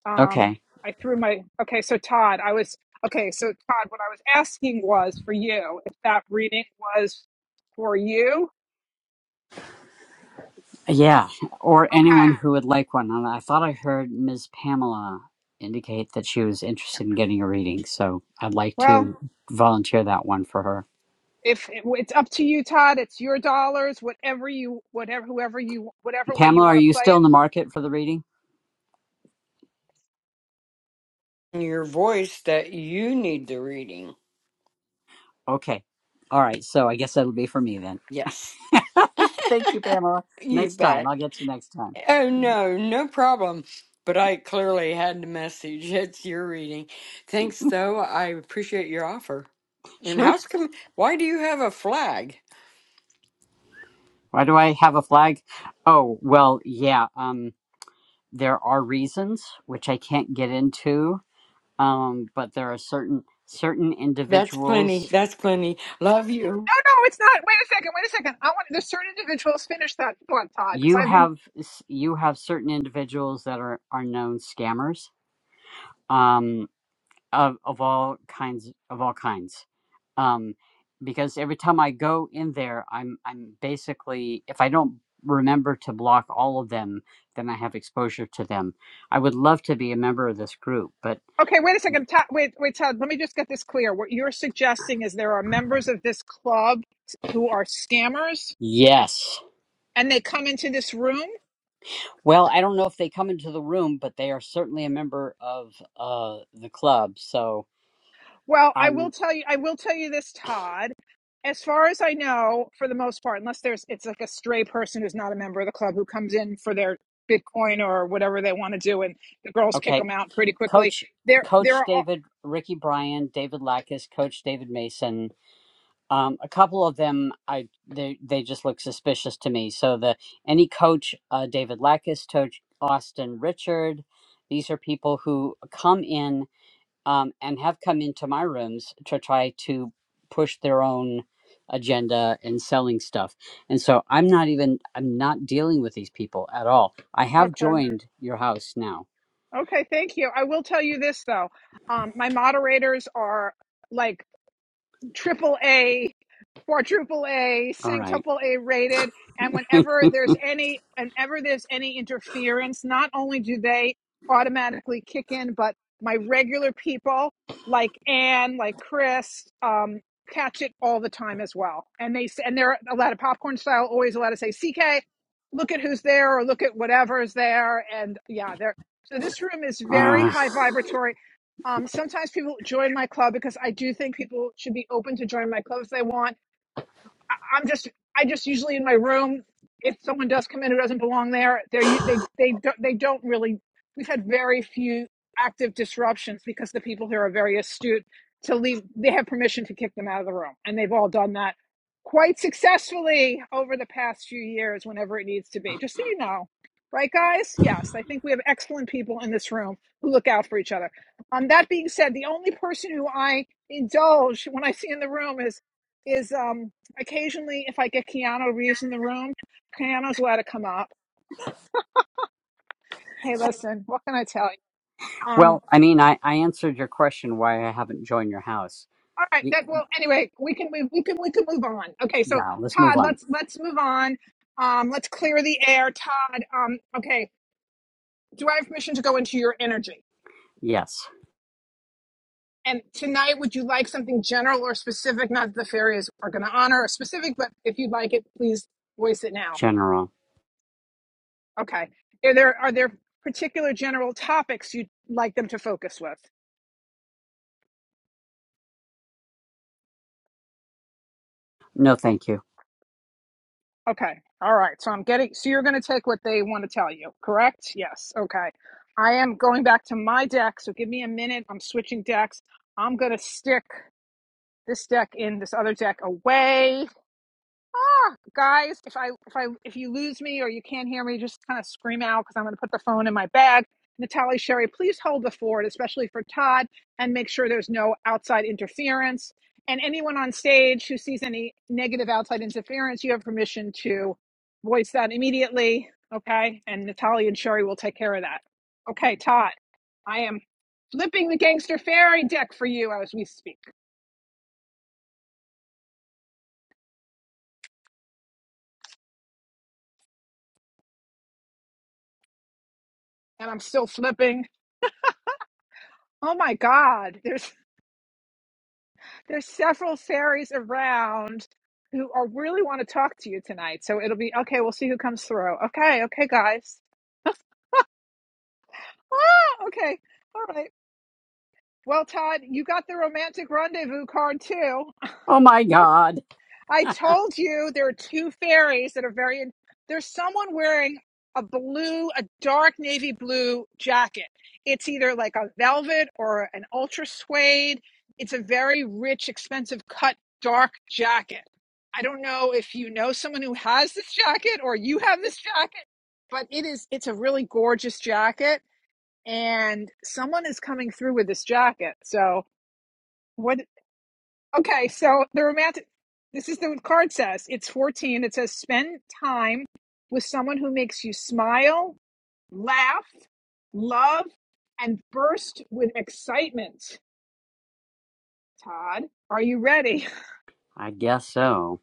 S1: Um,
S13: Okay.
S1: I threw my. Okay, so Todd, I was okay. So Todd, what I was asking was for you if that reading was for you.
S13: Yeah. Or
S1: Okay,
S13: anyone who would like one. And I thought I heard Ms. Pamela indicate that she was interested in getting a reading. So I'd like
S1: Well,
S13: to volunteer that one for her.
S1: if it, it's up to you, Todd. It's your dollars. Whatever you, whatever, whoever you, whatever way you
S13: Pamela, are
S1: want to
S13: you
S1: play it.
S13: still in the market for the reading?
S9: your voice that you need the reading
S13: Okay. All right. So I guess that'll be for me then.
S9: yes
S13: Thank you, Pamela.
S9: [laughs] you
S13: Next time.
S9: bet
S13: I'll get you next time.
S9: Oh, no, no problem. But I clearly had the message. [laughs] It's your reading. Thanks, though. I appreciate your offer. And
S13: Sure.
S9: how's come? Why do you have a flag?
S13: Why do I have a flag? Oh, well, yeah. Um, there are reasons which I can't get into um, but there are certain certain
S9: That's plenty.
S13: individuals
S9: That's plenty. Love you.
S1: No, no, it's not. Wait a second. Wait a second. I want there's certain individuals. Finish that thought, Todd, because
S13: you
S1: I didn't.
S13: have you have certain individuals that are are known scammers um, of of all kinds of all kinds um, because every time I go in there I'm I'm basically if I don't remember to block all of them then I have exposure to them I would love to be a member of this group but
S1: Okay, wait a second. Ta- wait, wait, Todd. Let me just get this clear. What you're suggesting is there are members of this club who are scammers,
S13: yes
S1: and they come into this room.
S13: well I don't know if they come into the room but they are certainly a member of uh, the club so
S1: Well, I will
S13: I'm
S1: tell you. I will tell you this, Todd. As far as I know, for the most part, unless there's it's like a stray person who's not a member of the club who comes in for their Bitcoin or whatever they want to do, and the girls kick
S13: okay.
S1: them out pretty quickly.
S13: Coach,
S1: There, there
S13: Coach
S1: are.
S13: David, Ricky Bryan, David Lackus, Coach David Mason. Um, a couple of them, I they they just look suspicious to me. So the any coach, uh, David Lackus, coach Austin Richard, these are people who come in um, and have come into my rooms to try to push their own agenda and selling stuff. And so I'm not even I'm not dealing with these people at all. I have
S1: okay.
S13: joined your house now.
S1: Okay, thank you. I will tell you this though. Um, my moderators are like triple A quadruple A,
S13: All right.
S1: sanctuple A rated. And
S13: [laughs]
S1: whenever there's any, whenever there's any interference, not only do they automatically kick in, but my regular people like Anne, like Chris, um, catch it all the time as well. And they and they're allowed to popcorn style, always allowed to say CK, look at who's there or look at whatever is there. And yeah, they're so this room is
S13: [sighs]
S1: very
S13: Uh,
S1: high vibratory. Um, sometimes people join my club because I do think people should be open to join my club if they want I, I'm just I just usually in my room. If someone does come in who doesn't belong there, they they they don't they don't really. We've had very few active disruptions because the people here are very astute to leave. They have permission to kick them out of the room, and they've all done that quite successfully over the past few years whenever it needs to be. Just so you know, right, guys? Yes, I think we have excellent people in this room who look out for each other. Um, that being said, the only person who I indulge when I see in the room is is um Occasionally, if I get Keanu Reeves in the room, Keanu's allowed to come up. Hey, listen, what can I tell you?
S13: well,
S1: Um,
S13: I mean, I, I answered your question why I haven't joined your house.
S1: all right,
S13: Y-
S1: that well, anyway, we can move, we can we can move on. Okay, so
S13: yeah, let's move
S1: Todd,
S13: on.
S1: let's let's move on. Um, let's clear the air, Todd. Um, okay, do I have permission to go into your energy?
S13: Yes,
S1: And tonight, would you like something general or specific? Not that the fairies are going to honor a specific, but if you'd like it, please voice it now.
S13: General.
S1: Okay. Are there are there particular general topics you'd like them to focus with?
S13: No, thank you.
S1: Okay. All right. So I'm getting, so you're going to take what they want to tell you, correct? Yes. Okay. I am going back to my deck. So give me a minute. I'm switching decks. I'm going to stick this deck in, this other deck away guys, if I if I if you lose me or you can't hear me, just kind of scream out because I'm going to put the phone in my bag. Natalie Sherry, please hold the fort, especially for Todd, and make sure there's no outside interference. And anyone on stage who sees any negative outside interference, you have permission to voice that immediately. Okay, and Natalie and Sherry will take care of that. Okay, Todd, I am flipping the gangster fairy deck for you as we speak, and I'm still flipping. Oh my God! There's there's several fairies around who are really want to talk to you tonight. So it'll be okay. We'll see who comes through. Okay, okay, guys. Ah, okay, all right. Well, Todd, you got the romantic rendezvous card too.
S13: Oh my God.
S1: I told you there are two fairies that are very. There's someone wearing a blue, a dark navy blue jacket. It's either like a velvet or an ultra suede. It's a very rich, expensive cut, dark jacket. I don't know if you know someone who has this jacket or you have this jacket, but it is, it's a really gorgeous jacket. And someone is coming through with this jacket. So, what Okay, so the romantic this is the card says. It's 14. It says spend time with someone who makes you smile, laugh, love, and burst with excitement. Todd, are you ready?
S13: [laughs] I guess so.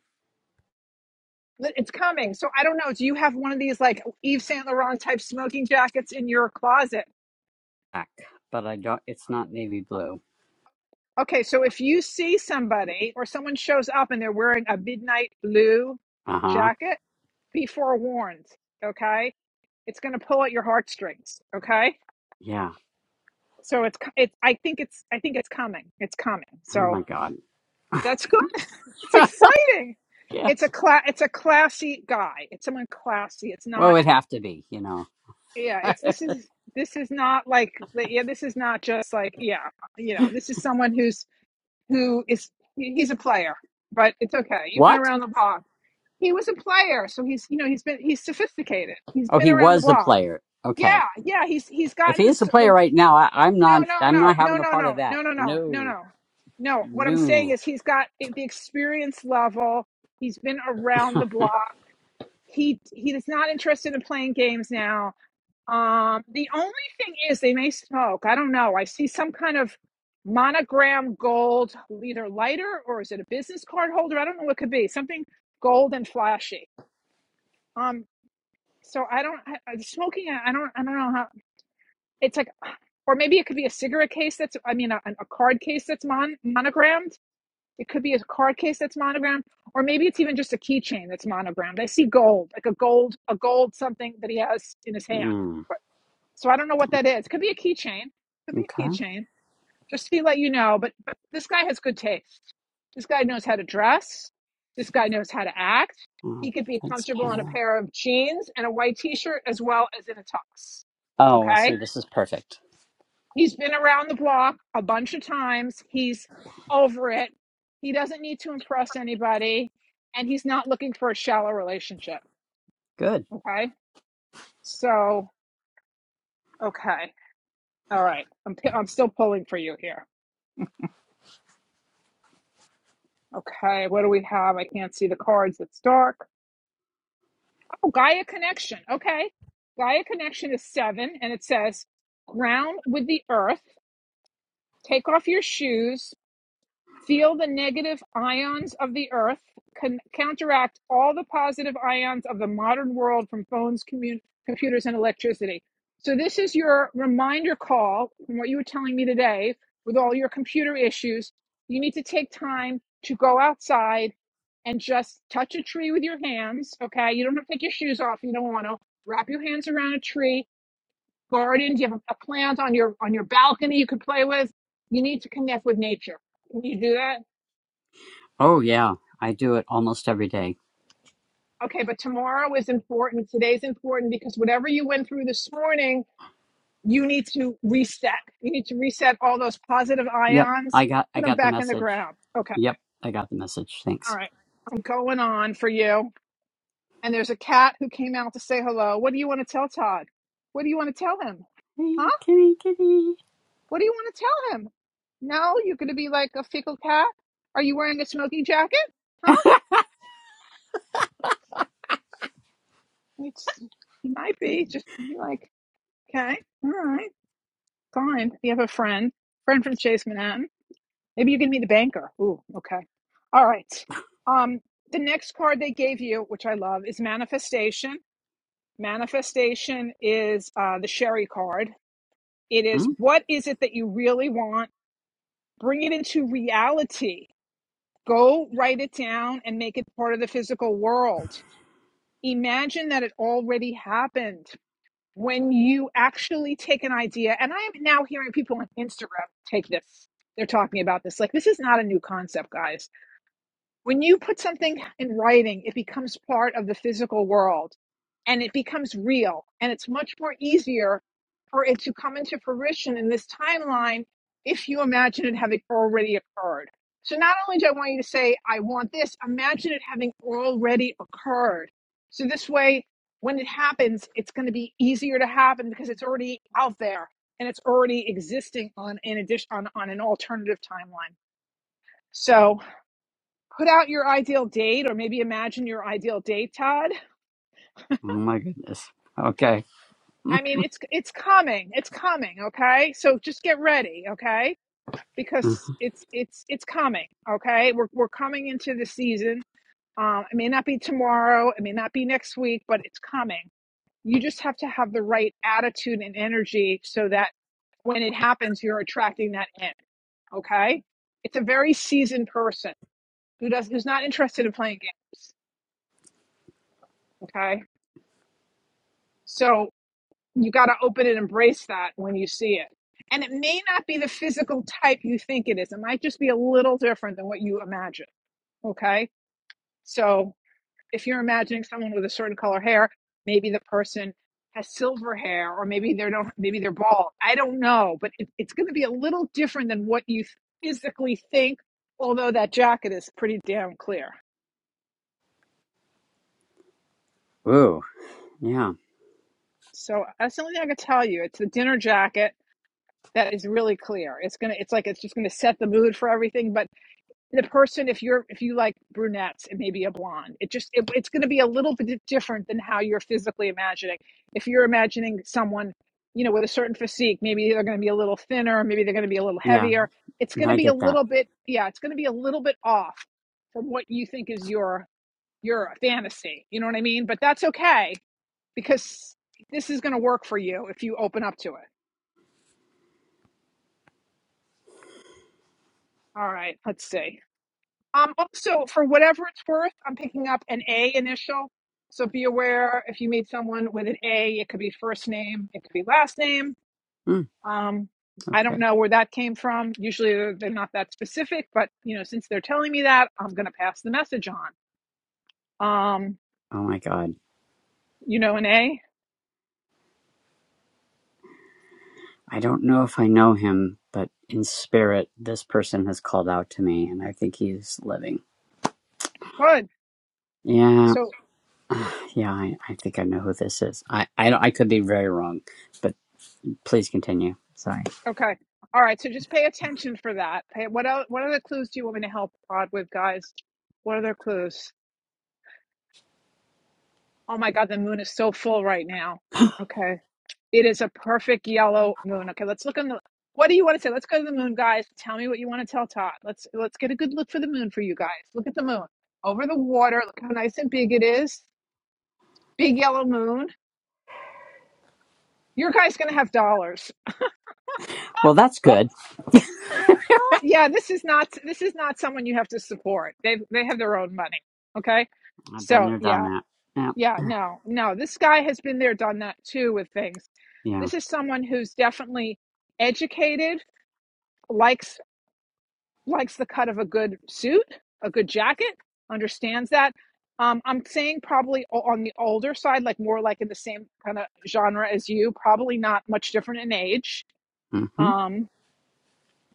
S1: [laughs] It's coming. So I don't know. Do you have one of these like Yves Saint Laurent type smoking jackets in your closet?
S13: Heck, But I don't. It's not navy blue.
S1: Okay, so if you see somebody or someone shows up and they're wearing a midnight blue
S13: Uh huh.
S1: jacket, be forewarned. Okay It's going to pull at your heartstrings. Okay.
S13: Yeah.
S1: So it's, co- it's, I think it's, I think it's coming. It's coming.
S13: Oh my
S1: So
S13: God.
S1: that's good. It's exciting.
S13: [laughs]
S1: It's a
S13: yes.
S1: class, it's a classy guy. It's someone classy. It's
S13: Well,
S1: not,
S13: it'd have to be. You know
S1: yeah, it's, this is, this is not like, yeah, this is not just like, yeah, you know, this is someone who's, who is, he's a player, but it's okay. You've been
S13: what?
S1: around the block. He was a player. So he's, you know, he's been, he's sophisticated. He's
S13: Oh,
S1: been
S13: he
S1: around the
S13: was a
S1: block.
S13: player. Okay.
S1: Yeah, yeah, he's he's
S13: If he
S1: gotten
S13: is a
S1: this.
S13: player right now, I, I'm
S1: No,
S13: not.
S1: no,
S13: I'm
S1: no,
S13: not
S1: no,
S13: having a
S1: no,
S13: part of
S1: no,
S13: that.
S1: no, no, no, no,
S13: No.
S1: no. No, what I'm saying
S13: No.
S1: is he's got the experience level. He's been around the block. He he is not interested in playing games now. Um, the only thing is they may smoke. I don't know. I see some kind of monogram gold, either lighter or is it a business card holder? I don't know what it could be. Something gold and flashy. Um, so I don't I, I- smoking. I I don't I don't know it's like or maybe it could be a cigarette case that's i mean a, a card case that's mon- monogrammed it could be a card case that's monogrammed or maybe it's even just a keychain that's monogrammed i see gold like a gold a gold something that he has in his hand
S13: Mm,
S1: so i don't know what that is It could be a keychain could be a
S13: okay.
S1: keychain just to let you know but, but this guy has good taste this guy knows how to dress this guy knows how to act
S13: Well,
S1: he could be
S13: thanks,
S1: comfortable in a
S13: Pamela.
S1: pair of jeans and a white t-shirt as well as in a tux
S13: Oh, well, see,
S1: okay
S13: this is perfect.
S1: He's been around the block a bunch of times. He's over it. He doesn't need to impress anybody. And he's not looking for a shallow relationship.
S13: Good.
S1: Okay. So, okay. All right. I'm, I'm still pulling for you here. Okay. What do we have? I can't see the cards. It's dark. Oh, Gaia Connection. Okay. Gaia Connection is seven, and it says ground with the earth, take off your shoes, Feel the negative ions of the earth can counteract all the positive ions of the modern world from phones, commu- computers, and electricity. So, this is your reminder call from what you were telling me today with all your computer issues. You need to take time to go outside and just touch a tree with your hands. Okay. You don't have to take your shoes off. You don't want to wrap your hands around a tree, garden. Do You have a plant on your, on your balcony you could play with. You need to connect with nature. Can you do that?
S13: Oh, yeah. I do it almost every day.
S1: Okay, but tomorrow is important. Today's important because whatever you went through this morning, you need to reset. You need to reset all those positive
S13: Yep. I
S1: ions,
S13: got I
S1: put them
S13: got the
S1: back in the
S13: message.
S1: ground. Okay,
S13: Yep. I got the message.
S1: all
S13: Thanks.
S1: right. I'm going on for you. And there's a cat who came out to say hello. What do you want to tell Todd? What do you want to tell him? Huh?
S13: Hey, kitty, kitty.
S1: What do you want to tell him? No, you're going to be like a fickle cat? Are you wearing a smoking jacket? Huh? It's, you might be. Just be like, okay, all right. Fine. You have a friend, friend from Chase Manhattan. Maybe you can meet the banker. Ooh, okay. All right. Um, the next card they gave you, which I love, is manifestation. Manifestation is uh, the Sherry card. It is
S13: Hmm?
S1: what is it that you really want? Bring it into reality. Go write it down and make it part of the physical world. Imagine that it already happened. when you actually take an idea, and I am now hearing people on Instagram take this. They're talking about this. Like, this is not a new concept, guys. When you put something in writing, it becomes part of the physical world and it becomes real. And it's much more easier for it to come into fruition in this timeline if you imagine it having already occurred. So not only do I want you to say, I want this, imagine it having already occurred. So this way, when it happens, it's going to be easier to happen because it's already out there and it's already existing on an addition on, on an alternative timeline. So put out your ideal date or maybe imagine your ideal date todd
S13: Oh, my goodness. Okay.
S1: i mean it's it's coming it's coming okay so just get ready okay
S13: Mm.
S1: because it's it's it's coming okay we're, we're coming into the season um it may not be tomorrow it may not be next week but it's coming you just have to have the right attitude and energy so that when it happens you're attracting that in okay it's a very seasoned person who does who's not interested in playing games okay so you got to open and embrace that when you see it. And it may not be the physical type you think it is. It might just be a little different than what you imagine. Okay. So if you're imagining someone with a certain color hair, maybe the person has silver hair or maybe they don't, maybe they're bald. I don't know, but it, it's going to be a little different than what you physically think, although that jacket is pretty damn clear.
S13: Ooh. Yeah.
S1: So that's the only thing I can tell you. It's the dinner jacket that is really clear. It's going to, it's like, it's just going to set the mood for everything, but the person if you're if you like brunettes it may be a blonde it just it, it's going to be a little bit different than how you're physically imagining if you're imagining someone you know with a certain physique maybe they're going to be a little thinner maybe they're going to be a little
S13: Yeah.
S1: heavier it's going to
S13: I
S1: be a
S13: get that.
S1: little bit yeah it's going to be a little bit off from what you think is your your fantasy you know what i mean but that's okay because this is going to work for you if you open up to it all right let's see Um, also, for whatever it's worth, I'm picking up an A initial. So be aware if you meet someone with an A, it could be first name, it could be last name.
S13: Mm.
S1: Um, I
S13: Okay.
S1: don't know where that came from. Usually they're they're not that specific, but you know, since they're telling me that, I'm going to pass the message on. Um,
S13: Oh, my God.
S1: you know, an A,
S13: I don't know if I know him, but in spirit, this person has called out to me, and I think he's living.
S1: good.
S13: Yeah.
S1: So
S13: Yeah. I, I think I know who this is. I, I, don't- I could be very wrong but. Please continue. Sorry.
S1: okay, all right. So just pay attention for that. Pay, what else, What other clues do you want me to help Rod with, guys? What other clues? Oh my God, the moon is so full right now. Okay. It is a perfect yellow moon. Okay, let's look on the. What do you want to say? Let's go to the moon, guys. Tell me what you want to tell Todd. Let's let's get a good look for the moon for you guys. Look at the moon over the water. Look how nice and big it is. Big yellow moon. Your guy's gonna have dollars.
S13: Well, that's good.
S1: [gasps] Ah, yeah, this is not this is not someone you have to support. They they have their own money. Okay,
S13: I've been
S1: so
S13: there, done
S1: yeah,
S13: that. Yeah.
S1: yeah, no, no. This guy has been there, done that too with things.
S13: Yeah.
S1: This is someone who's definitely educated, likes likes the cut of a good suit, a good jacket, understands that. Um, I'm saying probably on the older side, like more like in the same kind of genre as you, probably not much different in age.
S13: hmm
S1: Um,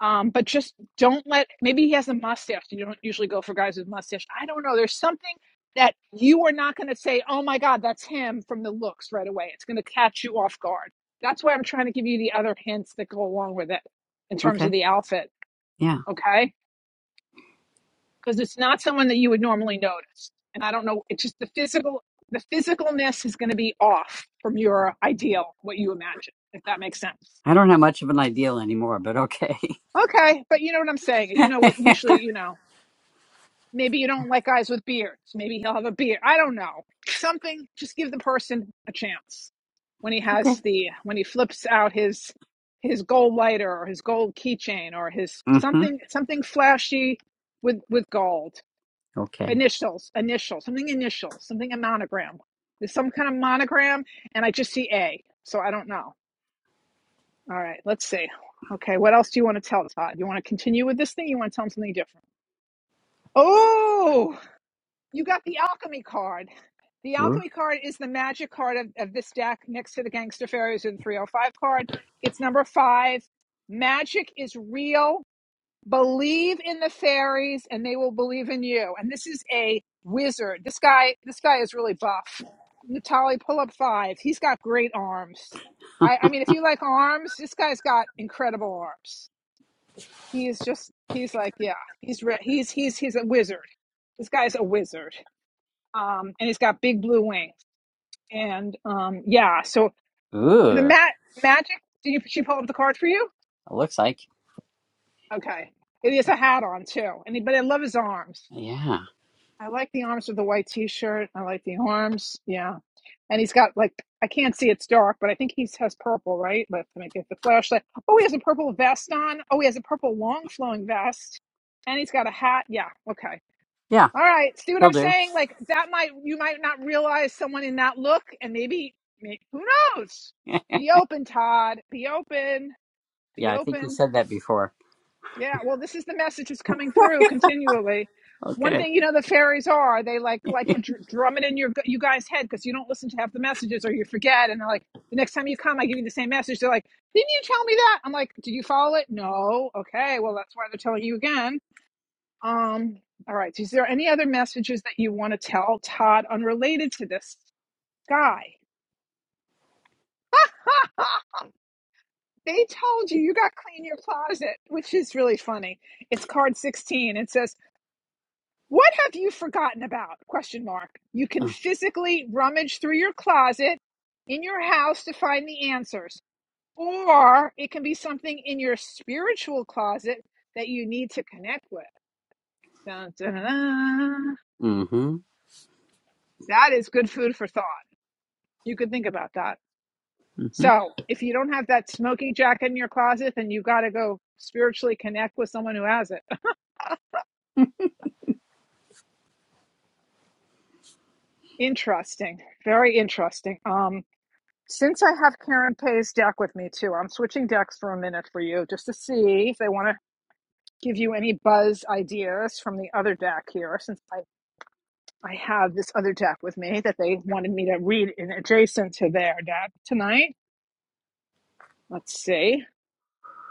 S1: um, but just don't let, maybe he has a mustache. You don't usually go for guys with mustache. I don't know. There's something that you are not going to say, oh my God, that's him from the looks right away. It's going to catch you off guard. That's why I'm trying to give you the other hints that go along with it in terms
S13: Okay.
S1: of the outfit.
S13: Yeah.
S1: Okay because it's not someone that you would normally notice. And I don't know, it's just the physical the physicalness is going to be off from your ideal, what you imagine, if that makes sense.
S13: I don't have much of an ideal anymore, but okay.
S1: Okay, but you know what I'm saying. You know
S13: [laughs]
S1: what
S13: okay.
S1: usually, you know, maybe you don't like guys with beards. Maybe he'll have a beard. I don't know. Something just give the person a chance. When he has the when he flips out his his gold lighter or his gold keychain or his
S13: hmm
S1: something something flashy with with gold
S13: Okay.
S1: initials, initial, something initial, something a monogram. There's some kind of monogram, and I just see A, so I don't know. All right, let's see. Okay, what else do you want to tell Todd? You want to continue with this thing? You want to tell him something different? Oh, you got the alchemy card. The
S13: Ooh.
S1: alchemy card is the magic card of, of this deck next to the gangster fairies and 305 card. It's number five. Magic is real believe in the fairies and they will believe in you and this is a wizard this guy this guy is really buff Natali, pull up five he's got great arms I, I mean if you like arms this guy's got incredible arms he is just he's like yeah he's re- he's he's he's a wizard this guy's a wizard um and he's got big blue wings and um yeah so the
S13: Ooh. It
S1: mat magic did you she pull up the card for you
S13: looks like.
S1: okay he has a hat on too and he, but I love his arms
S13: Yeah.
S1: I like the arms of the white t-shirt. I like the arms. Yeah. And he's got like I can't see it's dark, but I think he has purple, right? Let me get the flashlight. Oh, he has a purple vest on. Oh, he has a purple long flowing vest. And he's got a hat. Yeah. Okay.
S13: Yeah.
S1: All right. See what
S13: He'll
S1: I'm
S13: do.
S1: saying? Like that might you might not realize someone in that look and maybe, maybe who knows?
S13: [laughs]
S1: Be open, Todd. Be open.
S13: yeah.
S1: Be
S13: I think he
S1: open.
S13: said that before.
S1: Yeah, well, this is the message that's coming through continually. One
S13: Okay.
S1: thing you know the fairies are, they like
S13: [laughs]
S1: like to dr- drum it in your you guys' head because you don't listen to half the messages or you forget. And they're like, the next time you come, I give you the same message. They're like, didn't you tell me that? I'm like, did you follow it? No. Okay, well, that's why they're telling you again. Um, all right. so Is there any other messages that you want to tell Todd unrelated to this guy? [laughs] they told you you got to clean your closet, which is really funny. It's card 16. It says What have you forgotten about? Question mark. You can
S13: mm-hmm.
S1: physically rummage through your closet in your house to find the answers. Or it can be something in your spiritual closet that you need to connect with. Dun, dun, dun, dun.
S13: Mm-hmm.
S1: That is good food for thought. You could think about that. So if you don't have that smoking jacket in your closet, then you've got to go spiritually connect with someone who has it. [laughs] Interesting. Very interesting. Um. Since I have Karen Pay's deck with me too, I'm switching decks for a minute for you just to see if they want to give you any buzz ideas from the other deck here, since I, I have this other deck with me that they wanted me to read in adjacent to their deck tonight. Let's see.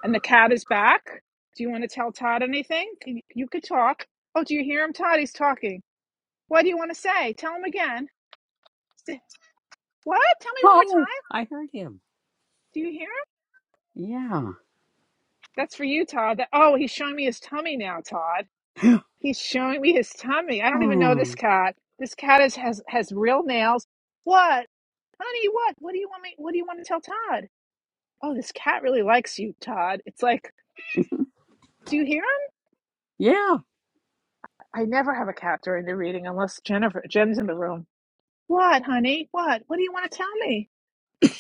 S1: And the cat is back. Do you want to tell Todd anything? You, you could talk. Oh, do you hear him, Todd? He's talking. What do you want to say? Tell him again. What? Tell me one more
S13: Oh,
S1: time.
S13: I heard him.
S1: Do you hear
S13: Yeah.
S1: him? That's for you, Todd. That, oh, he's showing me his tummy now, Todd. He's showing me his tummy. I don't even know this
S13: Oh.
S1: cat. This cat is, has has real nails. What, honey? What? What do you want me? What do you want to tell Todd? Oh, this cat really likes you, Todd. It's like, do you hear him?
S13: Yeah.
S1: I never have a cat during the reading unless Jennifer Jen's in the room. What, honey? What? What do you want to tell me?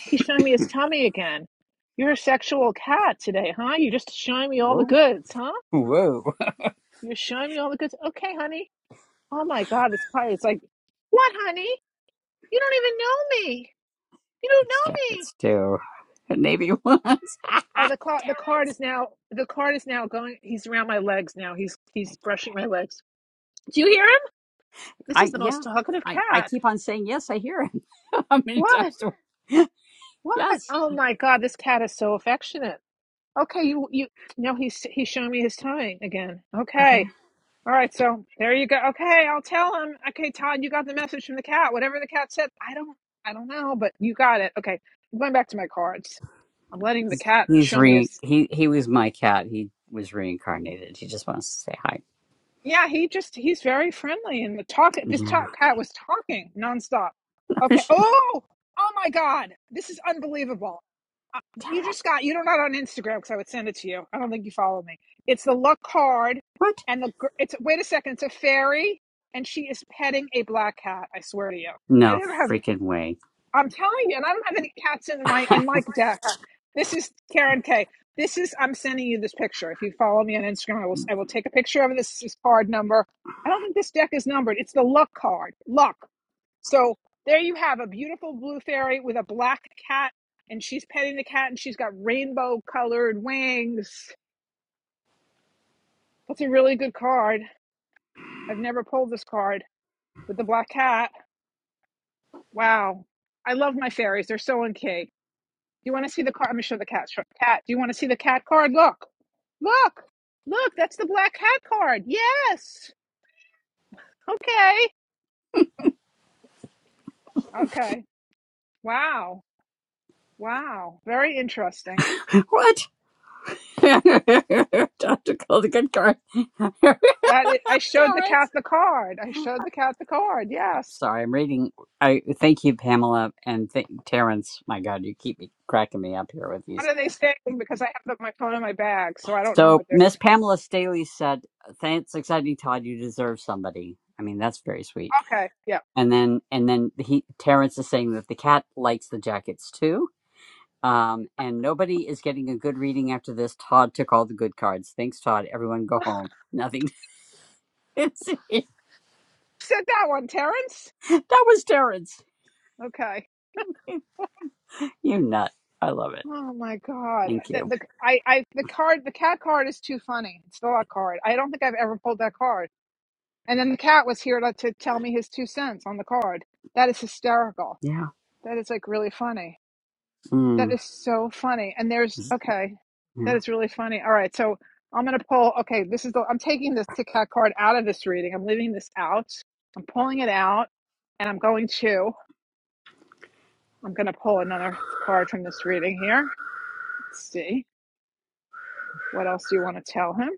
S1: He's showing me his tummy again. You're a sexual cat today, huh? You're just showing me all the
S13: Whoa.
S1: goods, huh?
S13: Whoa.
S1: You're showing me all the goods. Okay, honey. Oh my God, this cat is like, what, honey? You don't even know me. You
S13: [laughs]
S1: don't
S13: These
S1: know me.
S13: jackets too. [laughs] Navy ones. [laughs]
S1: Oh, the card. The card is now. The card is now going. He's around my legs now. He's he's
S13: Thank you.
S1: brushing my legs. Do you hear him? This is
S13: I
S1: the
S13: yeah.
S1: most talkative
S13: I I
S1: cat.
S13: keep on saying yes. I hear it. [laughs] How many
S1: What?
S13: times do I? [laughs]
S1: What?
S13: yes.
S1: Oh my God! This cat is so affectionate. Okay, you you. No, he's he's showing me his tongue again.
S13: Okay.
S1: Okay. All right. So there you go. Okay, I'll tell him. Okay, Todd, you got the message from the cat. Whatever the cat said, I don't. I don't know, but you got it. Okay. I'm going back to my cards. I'm letting the
S13: He's,
S1: cat
S13: he's
S1: show me
S13: re
S1: his
S13: he he was my cat. He was reincarnated. He just wants to say hi.
S1: Yeah, he just he's very friendly and the talk this talk
S13: Yeah.
S1: cat was talking nonstop. Okay. Oh, oh my God. This is unbelievable. Uh, You just got you don't not on Instagram because I would send it to you. I don't think you follow me. It's the luck card
S13: [laughs] what?
S1: and the gr- it's wait a second, it's a fairy and she is petting a black cat, I swear to you. I
S13: No
S1: never have
S13: freaking way.
S1: I'm telling you, and I don't have any cats in my in
S13: [laughs]
S1: my deck. This is Karen K. This is I'm sending you this picture. If you follow me on Instagram, I will I will take a picture of it. This is card number. I don't think this deck is numbered. It's the luck card. Luck. So there you have a beautiful blue fairy with a black cat, and she's petting the cat, and she's got rainbow colored wings. That's a really good card. I've never pulled this card, with the black cat. Wow. I love my fairies. They're so in key. you want to see the card? I'm going to show the cat. Cat, do you want to see the cat card? Look, look, look. That's the black cat card. Yes. Okay. Okay. Wow. Wow. Very interesting.
S13: what? [laughs] Time to call the good card. [laughs]
S1: That is, I showed the
S13: Terrence.
S1: cat the card. I showed the cat the card.
S13: I'm
S1: Yes.
S13: sorry. I'm reading. I thank you, Pamela, and thank Terrence. My God, you keep me cracking me up here with these.
S1: What are they saying? Because I have my phone in my bag, so I don't know
S13: So
S1: what they're
S13: Miss
S1: saying.
S13: Pamela Staley said, "Thanks, exciting Todd. You deserve somebody." I mean, that's very sweet.
S1: Okay. Yeah.
S13: And then, and then he Terrence is saying that the cat likes the jackets too. Um, and nobody is getting a good reading after this. Todd took all the good cards. Thanks, Todd. Everyone go home. Nothing. [laughs] It's-
S1: Said that one, Terrence.
S13: that was Terrence.
S1: Okay.
S13: You nut. I love it.
S1: Oh my God.
S13: Thank
S1: The,
S13: you.
S1: the I I the card the cat card is too funny. It's the luck card. I don't think I've ever pulled that card. And then the cat was here to, to tell me his two cents on the card. That is hysterical.
S13: Yeah.
S1: That is like really funny. That
S13: Mm.
S1: is so funny. And there's okay. That
S13: Yeah.
S1: is really funny. All right, so I'm gonna pull. Okay, this is the. I'm taking this Tic Tac card out of this reading. I'm leaving this out. I'm pulling it out, and I'm going to. I'm gonna pull another card from this reading here. Let's see what else do you want to tell him.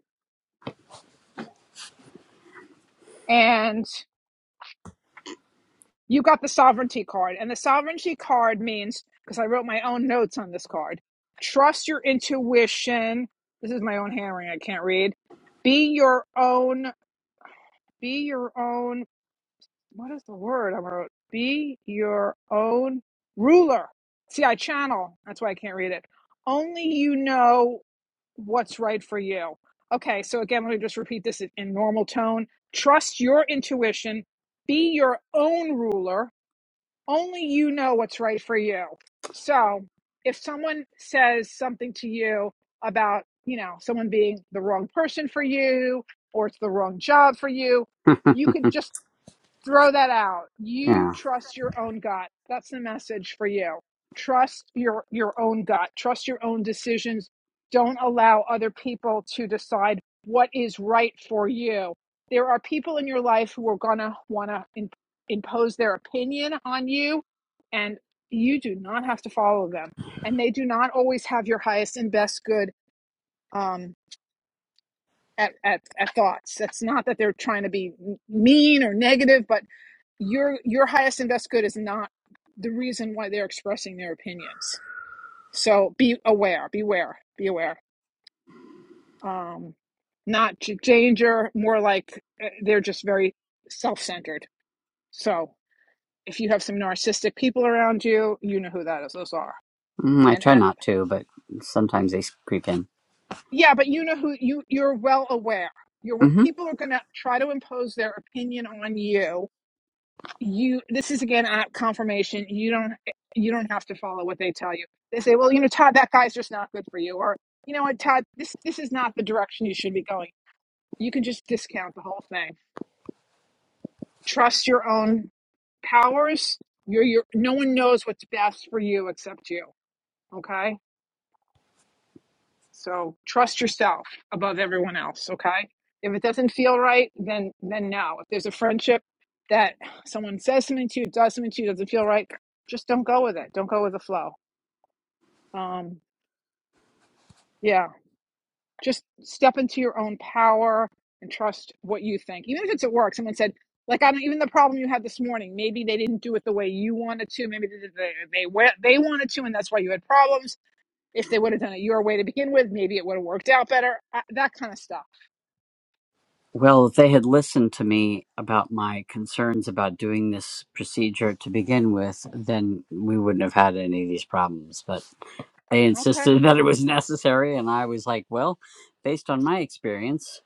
S1: And you got the sovereignty card and the sovereignty card means because i wrote my own notes on this card trust your intuition this is my own handwriting i can't read be your own be your own what is the word i wrote be your own ruler see i channel that's why i can't read it only you know what's right for you. Okay, so again, let me just repeat this in normal tone. Trust your intuition, be your own ruler, only you know what's right for you. So if someone says something to you about, you know, someone being the wrong person for you or it's the wrong job for you,
S13: [laughs]
S1: you could just throw that out. You
S13: yeah.
S1: trust your own gut. That's the message for you. Trust your your own gut. Trust your own decisions. Don't allow other people to decide what is right for you. There are people in your life who are going to want to in, impose their opinion on you and you do not have to follow them. And they do not always have your highest and best good um at, at, at thoughts. It's not that they're trying to be mean or negative, but your your highest and best good is not the reason why they're expressing their opinions. So be aware, beware, be aware. Um, not j- danger, more like uh, they're just very self centered. So if you have some narcissistic people around you, you know who that is. Those are
S13: Mm, I
S1: and
S13: try
S1: act,
S13: not to, but sometimes they creep in.
S1: yeah, but you know who you you're well aware. You're w-
S13: hmm
S1: people are going to try to impose their opinion on you you this is again at confirmation you don't you don't have to follow what they tell you they say well you know todd that guy's just not good for you or you know what todd this this is not the direction you should be going you can just discount the whole thing trust your own powers you're You're. no one knows what's best for you except you okay So trust yourself above everyone else, okay? If it doesn't feel right, then then no. If there's a friendship that someone says something to you, does something to you, doesn't feel right, just don't go with it. Don't go with the flow. Um, yeah, just step into your own power and trust what you think. Even if it's at work, someone said, like I don't even the problem you had this morning. Maybe they didn't do it the way you wanted to. Maybe they they they, wa- they wanted to, and that's why you had problems. If they would have done it your way to begin with, maybe it would have worked out better. Uh, That kind of stuff.
S13: Well, if they had listened to me about my concerns about doing this procedure to begin with, then we wouldn't have had any of these problems. But they
S1: Okay.
S13: insisted [laughs] that it was necessary, and I was like, well, based on my experience,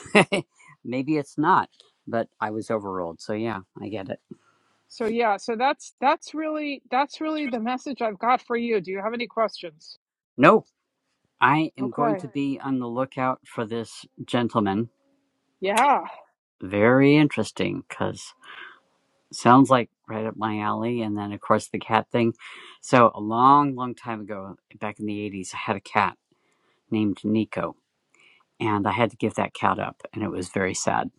S13: [laughs] maybe it's not. But I was overruled. So, yeah, I get it.
S1: So yeah, so that's that's really that's really the message I've got for you. Do you have any questions?
S13: No, I am going
S1: Okay.
S13: to be on the lookout for this gentleman.
S1: Yeah.
S13: Very interesting, because. Sounds like right up my alley. And then, of course, the cat thing. So, a long, long time ago, back in the 80s, I had a cat named Nico, and I had to give that cat up, and it was very sad.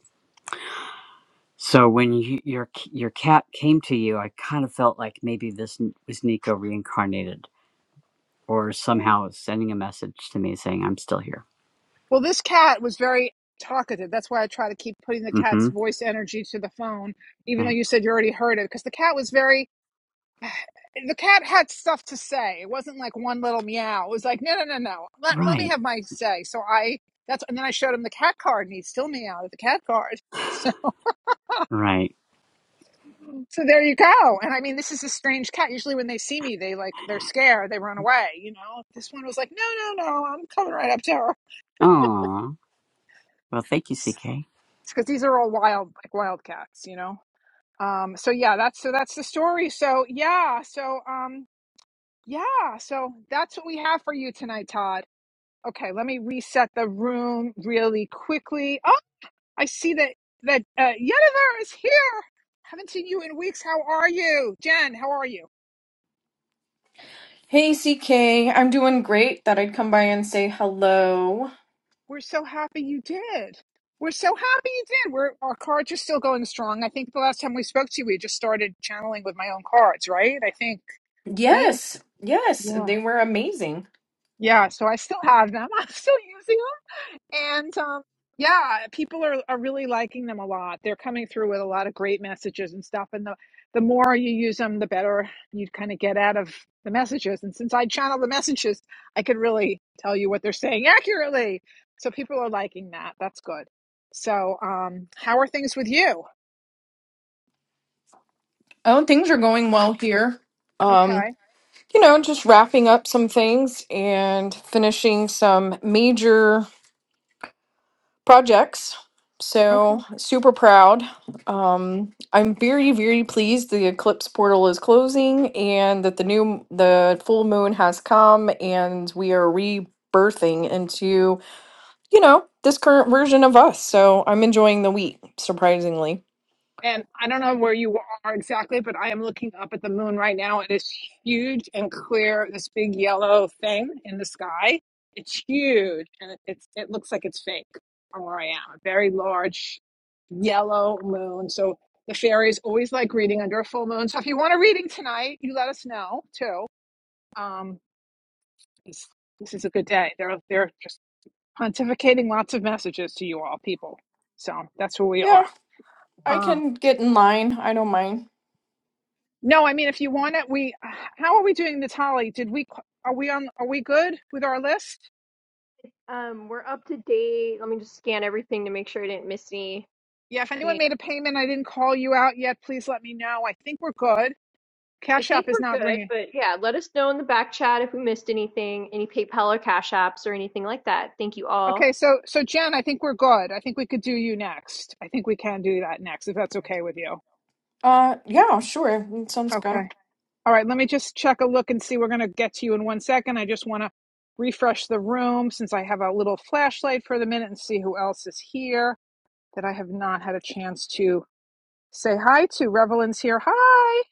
S13: So, when you, your your cat came to you, I kind of felt like maybe this was Nico reincarnated or
S1: Mm.
S13: somehow sending a message to me saying, I'm still here.
S1: Well, this cat was very talkative. That's why I try to keep putting the
S13: Mm
S1: cat's
S13: hmm.
S1: voice energy to the phone, even though
S13: Right.
S1: you said you already heard it, because the cat was very the cat had stuff to say. It wasn't like one little meow. It was like, no, no, no, no. Let, let me
S13: Right.
S1: have my say. So I that's and then I showed him the cat card and he still meowed at the cat card. [laughs]
S13: Right.
S1: So there you go. And I mean, this is a strange cat. Usually, when they see me, they like they're scared, they run away. You know, this one was like, no, no, no, I'm coming right up to her.
S13: Aw. Well, thank you, CK.
S1: Because these are all wild, like wild cats. You know. Um. So yeah, that's so that's the story. So yeah. So um. Yeah. So that's what we have for you tonight, Todd. Okay. Let me reset the room really quickly. Oh, I see that that uh, Yennefer is here. Haven't seen you in weeks. How are you, Jen? How are you?
S14: Hey, CK. I'm doing great. Thought I'd come by and say hello.
S1: We're so happy you did. We're so happy you did. We're our cards are still going strong. I think the last time we spoke to you, we just started channeling with my own cards, right? I think, right?
S14: Yes, yes,
S1: Yeah.
S14: they were amazing.
S1: Yeah, so I still have them. [laughs] I'm still using them. And um, yeah, people are, are really liking them a lot. They're coming through with a lot of great messages and stuff. And the, the more you use them, the better you kind of get out of the messages. And since I channel the messages, I could really tell you what they're saying [laughs] accurately. So people are liking that. That's good. So, um, how are things with you?
S14: Oh, things are going well here. Um,
S1: Okay.
S14: you know, just wrapping up some things and finishing some major projects.
S1: Okay.
S14: So, super proud. Um, I'm very, very pleased the eclipse portal is closing and that the new the full moon has come and we are rebirthing into you know, this current version of us. So I'm enjoying the wheat, surprisingly.
S1: And I don't know where you are exactly, but I am looking up at the moon right now. It is huge and clear, this big yellow thing in the sky. It's huge and it, it's it looks like it's fake from where I am. A very large yellow moon. So the fairies always like reading under a full moon. So if you want a reading tonight, you let us know too. Um, this, this is a good day. They're they're just pontificating lots of messages to you all people. So that's where we are.
S14: Yeah, I
S1: Uh,
S14: can get in line. I don't mind.
S1: No, I mean, if you want it, we. How are we doing, Natali? Did we? Are we on? Are we good with our list?
S3: Um, we're up to date. Let me just scan everything to make sure I didn't miss anything.
S1: Yeah. If anyone made
S3: I
S1: a payment, I didn't call you out yet. Please let me know. I think we're good. Cash
S3: think
S1: App is
S3: we're
S1: not
S3: good,
S1: ringing.
S3: but yeah, let us know in the back chat if we missed anything, any PayPal or Cash Apps or anything like that. Thank you all.
S1: Okay, so so Jen, I think we're good. I think we could do you next. I think we can do that next if that's okay with you.
S14: Uh, yeah, sure. That sounds good.
S1: Okay. All right. Let me just check a look and see. We're gonna get to you in one second. I just want to refresh the room since I have a little flashlight for the minute and see who else is here that I have not had a chance to Say hi to Revelins here. Hi.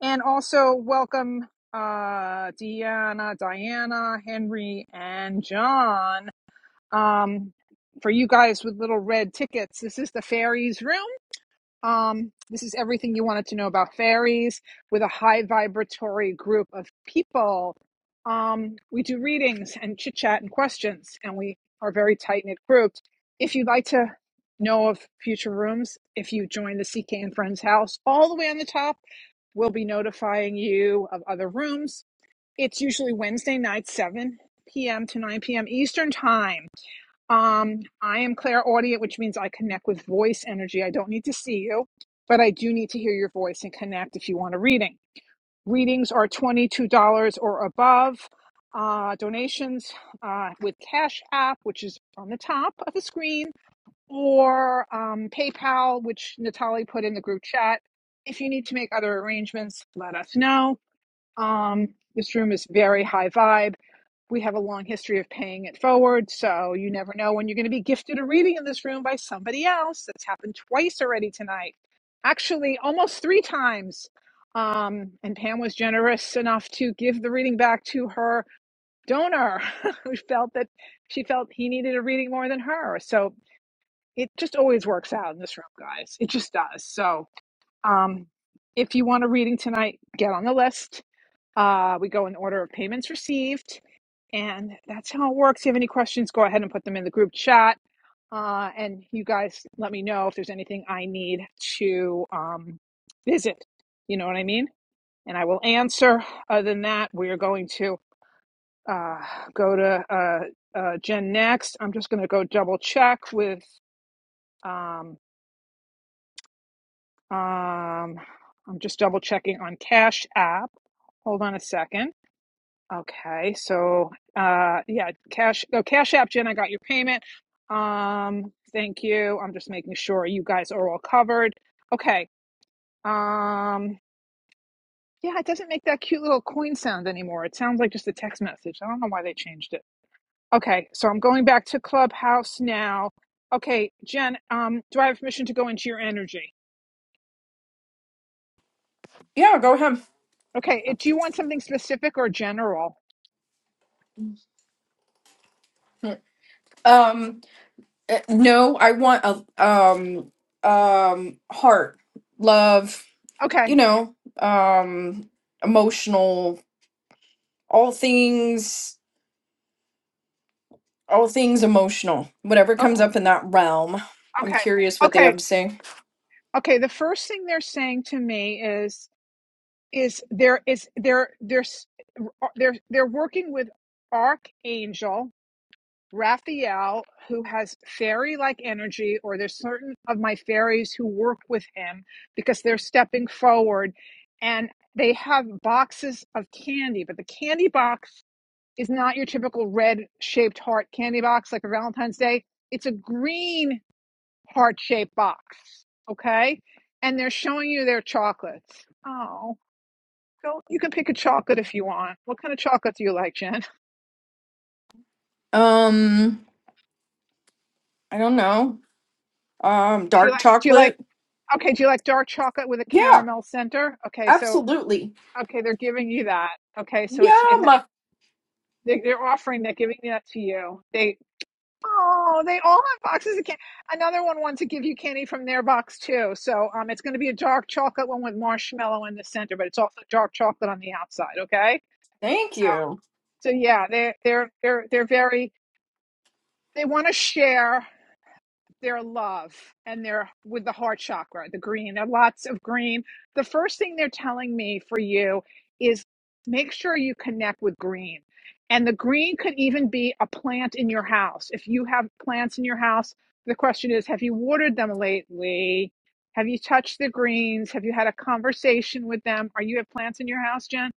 S1: And also welcome uh Deanna, Diana, Henry, and John. Um for you guys with little red tickets, this is the fairies room. Um, this is everything you wanted to know about fairies with a high vibratory group of people. Um, we do readings and chit chat and questions, and we are very tight knit grouped. If you'd like to know of future rooms, if you join the CK and Friends house, all the way on the top, we'll be notifying you of other rooms. It's usually Wednesday night, 7 p.m. to 9 p.m. Eastern Time um, I am clairaudient, which means I connect with voice energy. I don't need to see you, but I do need to hear your voice and connect if you want a reading. Readings are $22 or above. Uh, donations uh, with Cash App, which is on the top of the screen, or um, PayPal, which Natalie put in the group chat. If you need to make other arrangements, let us know. Um, this room is very high vibe we have a long history of paying it forward. So you never know when you're going to be gifted a reading in this room by somebody else. That's happened twice already tonight. Actually, almost three times. Um, and Pam was generous enough to give the reading back to her donor [laughs] who felt that she felt he needed a reading more than her. So it just always works out in this room, guys. It just does. So um, if you want a reading tonight, get on the list. Uh, we go in order of payments received and that's how it works. If you have any questions, go ahead and put them in the group chat. Uh, and you guys let me know if there's anything I need to um, visit. You know what I mean? And I will answer. Other than that, we are going to uh, go to uh, uh, Jen next. I'm just going to go double check with, um, um, I'm just double checking on Cash App. Hold on a second. Okay, so uh yeah, cash oh Cash App, Jen, I got your payment. Um, thank you. I'm just making sure you guys are all covered. Okay. Um yeah, it doesn't make that cute little coin sound anymore. It sounds like just a text message. I don't know why they changed it. Okay, so I'm going back to Clubhouse now. Okay, Jen, um, do I have permission to go into your energy?
S14: Yeah, go ahead.
S1: Okay, it- do you want something specific or general?
S14: Um, uh, no, I want a um um heart, love,
S1: Okay,
S14: you know, um, emotional, all things, all things emotional. Whatever
S1: okay,
S14: comes up in that realm. I'm
S1: okay,
S14: curious what they have
S1: okay,
S14: to say.
S1: okay. The first thing they're saying to me is is there is there there's they're they're working with archangel raphael who has fairy like energy or there's certain of my fairies who work with him because they're stepping forward and they have boxes of candy but the candy box is not your typical red shaped heart candy box like for valentine's day it's a green heart shaped box okay and they're showing you their chocolates oh Go. You can pick a chocolate if you want. What kind of chocolate do you like, Jen? [laughs]
S14: Um, I don't know. Um,
S1: Do you
S14: dark
S1: like? Do you like?
S14: chocolate.
S1: Okay. Do you like dark chocolate with a
S14: Yeah,
S1: caramel center? Okay. So
S14: absolutely.
S1: okay, they're giving you that. Okay. So it's
S14: Yeah,
S1: it. has.
S14: my
S1: They, they're offering. They're giving that to you. They. Oh, they all have boxes of candy. Another one wants to give you candy from their box too. So um, it's going to be a dark chocolate one with marshmallow in the center, but it's also dark chocolate on the outside. Okay.
S14: thank
S1: So
S14: you.
S1: so yeah, they they're they're they're they're very. They want to share Their love and they're with the heart chakra, the green. There are lots of green. The first thing they're telling me for you is make sure you connect with green. And the green could even be a plant in your house. If you have plants in your house, the question is have you watered them lately? Have you touched the greens? Have you had a conversation with them? Are you have plants in your house, Jen?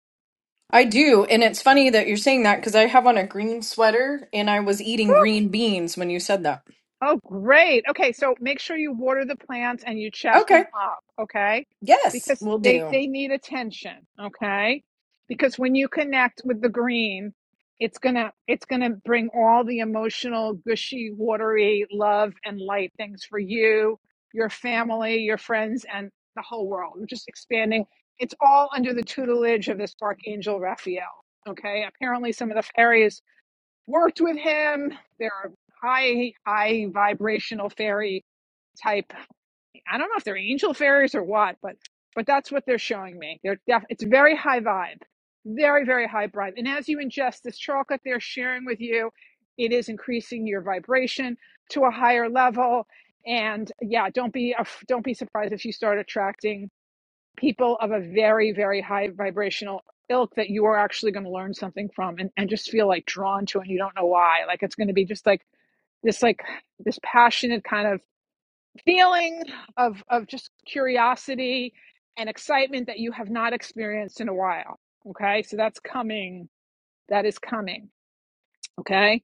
S14: I do, and it's funny that you're saying that because I have on a green sweater and I was eating
S1: Whew,
S14: green beans when you said that.
S1: Oh, great. Okay, so make sure you water the plants and you chat
S14: Okay.
S1: them up, okay?
S14: Yes,
S1: Because
S14: we'll
S1: they
S14: do.
S1: they need attention, okay? Because when you connect with the green, it's going to it's going to bring all the emotional, gushy, watery love and light things for you, your family, your friends and the whole world. We're just expanding. It's all under the tutelage of this archangel Raphael, okay? Apparently some of the fairies worked with him. They're high, high vibrational fairy type. I don't know if they're angel fairies or what, but but that's what they're showing me. They're def- it's very high vibe, very very high vibe. And as you ingest this chocolate, they're sharing with you, it is increasing your vibration to a higher level. And yeah, don't be don't be surprised if you start attracting people of a very, very high vibrational ilk that you are actually going to learn something from and, and just feel like drawn to and you don't know why. Like it's going to be just like this like this passionate kind of feeling of of just curiosity and excitement that you have not experienced in a while. Okay. So that's coming. That is coming. Okay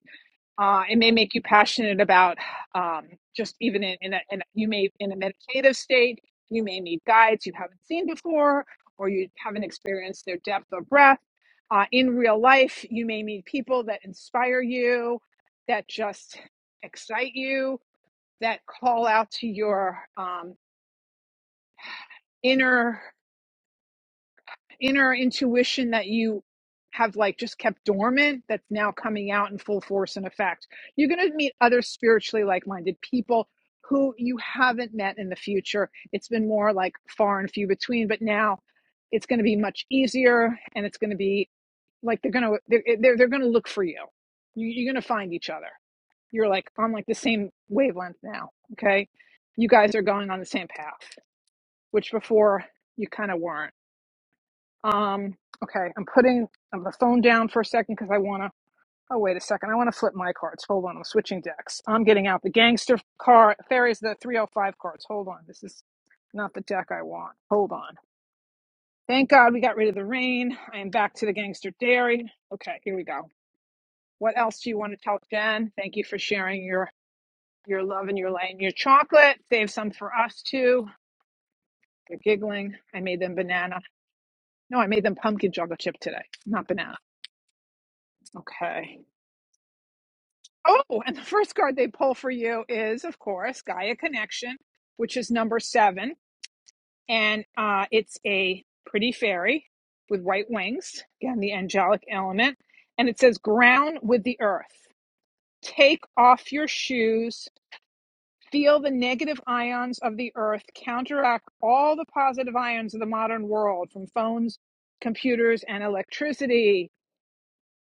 S1: uh, it may make you passionate about um, just even in, in, a, in a, you may in a meditative state, you may need guides you haven't seen before, or you haven't experienced their depth of breath. Uh, in real life, you may meet people that inspire you, that just excite you, that call out to your um, inner. inner intuition that you have like just kept dormant that's now coming out in full force and effect. You're going to meet other spiritually like-minded people who you haven't met in the future. It's been more like far and few between, but now it's going to be much easier and it's going to be like they're going to they're they're, going to look for you. You're going to find each other. You're like on like the same wavelength now, okay? You guys are going on the same path, which before you kind of weren't. Um, okay, I'm putting the phone down for a second because I want to. Oh, wait a second. I want to flip my cards. Hold on. I'm switching decks. I'm getting out the gangster card. There is the 305 cards. Hold on. This is not the deck I want. Hold on. Thank God we got rid of the rain. I am back to the gangster dairy. Okay, here we go. What else do you want to tell Jen? Thank you for sharing your your love and your light and your chocolate. Save some for us too. They're giggling. I made them banana. No, I made them pumpkin chocolate chip today, not banana. Okay. Oh, and the first card they pull for you is, of course, Gaia Connection, which is number seven. And uh, it's a pretty fairy with white wings, again, the angelic element. And it says, ground with the earth. Take off your shoes. Feel the negative ions of the earth counteract all the positive ions of the modern world from phones, computers, and electricity.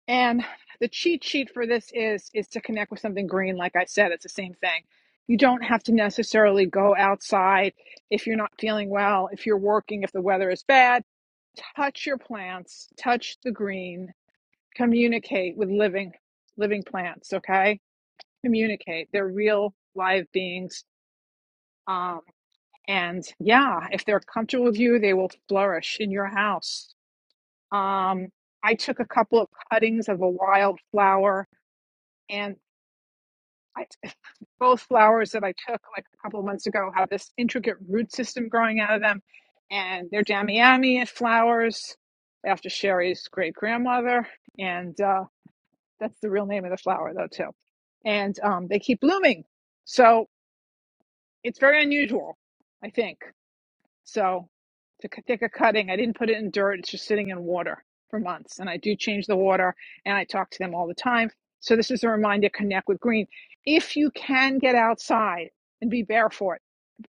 S1: And the cheat sheet for this is is to connect with something green. Like I said, it's the same thing. You don't have to necessarily go outside if you're not feeling well, if you're working, if the weather is bad. Touch your plants, touch the green, communicate with living living plants, okay? Communicate. They're real live beings. Um, and yeah, if they're comfortable with you, they will flourish in your house. Um, I took a couple of cuttings of a wild flower and. I, [laughs] both flowers that I took like a couple of months ago have this intricate root system growing out of them, and they're Damiami flowers after Sherry's great grandmother, and uh, that's the real name of the flower though too. And um, they keep blooming, so it's very unusual, I think. So to c- take a cutting, I didn't put it in dirt. It's just sitting in water for months. And I do change the water and I talk to them all the time. So this is a reminder, connect with green. If you can get outside and be barefoot,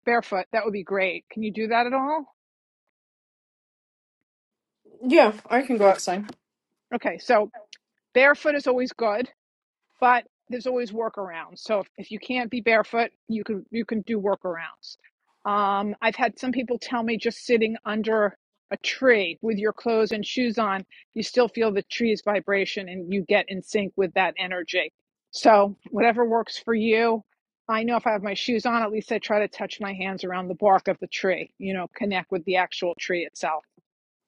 S1: barefoot, that would be great. Can you do that at all?
S14: Yeah, I can go outside.
S1: Okay. So barefoot is always good but there's always workarounds. So if, if you can't be barefoot, you can you can do workarounds. Um, I've had some people tell me just sitting under a tree with your clothes and shoes on, you still feel the tree's vibration and you get in sync with that energy. So whatever works for you. I know if I have my shoes on, at least I try to touch my hands around the bark of the tree, you know, connect with the actual tree itself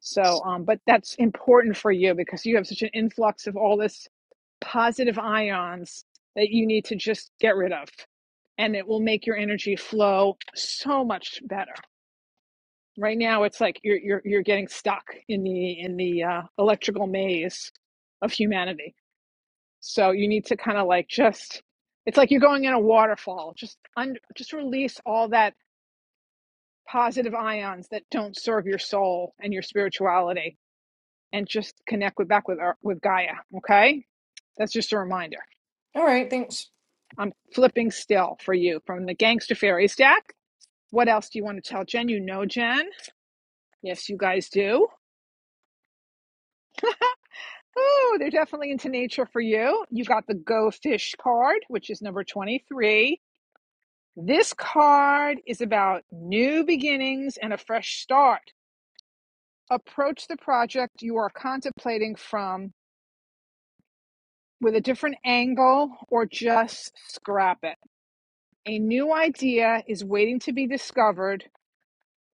S1: so, um, but that's important for you because you have such an influx of all this positive ions that you need to just get rid of. And it will make your energy flow so much better. Right now, it's like you're you're you're getting stuck in the in the uh, electrical maze of humanity. So you need to kind of like just it's like you're going in a waterfall. Just un, just release all that positive ions that don't serve your soul and your spirituality and just connect with back with our, with Gaia. Okay, that's just a reminder.
S14: All right, thanks.
S1: I'm flipping still for you from the Gangster Fairies deck. What else do you want to tell Jen? You know Jen. Yes, you guys do. Oh, they're definitely into nature for you. You got the Go Fish card, which is number 23. This card is about new beginnings and a fresh start. Approach the project you are contemplating from with a different angle or just scrap it A new idea is waiting to be discovered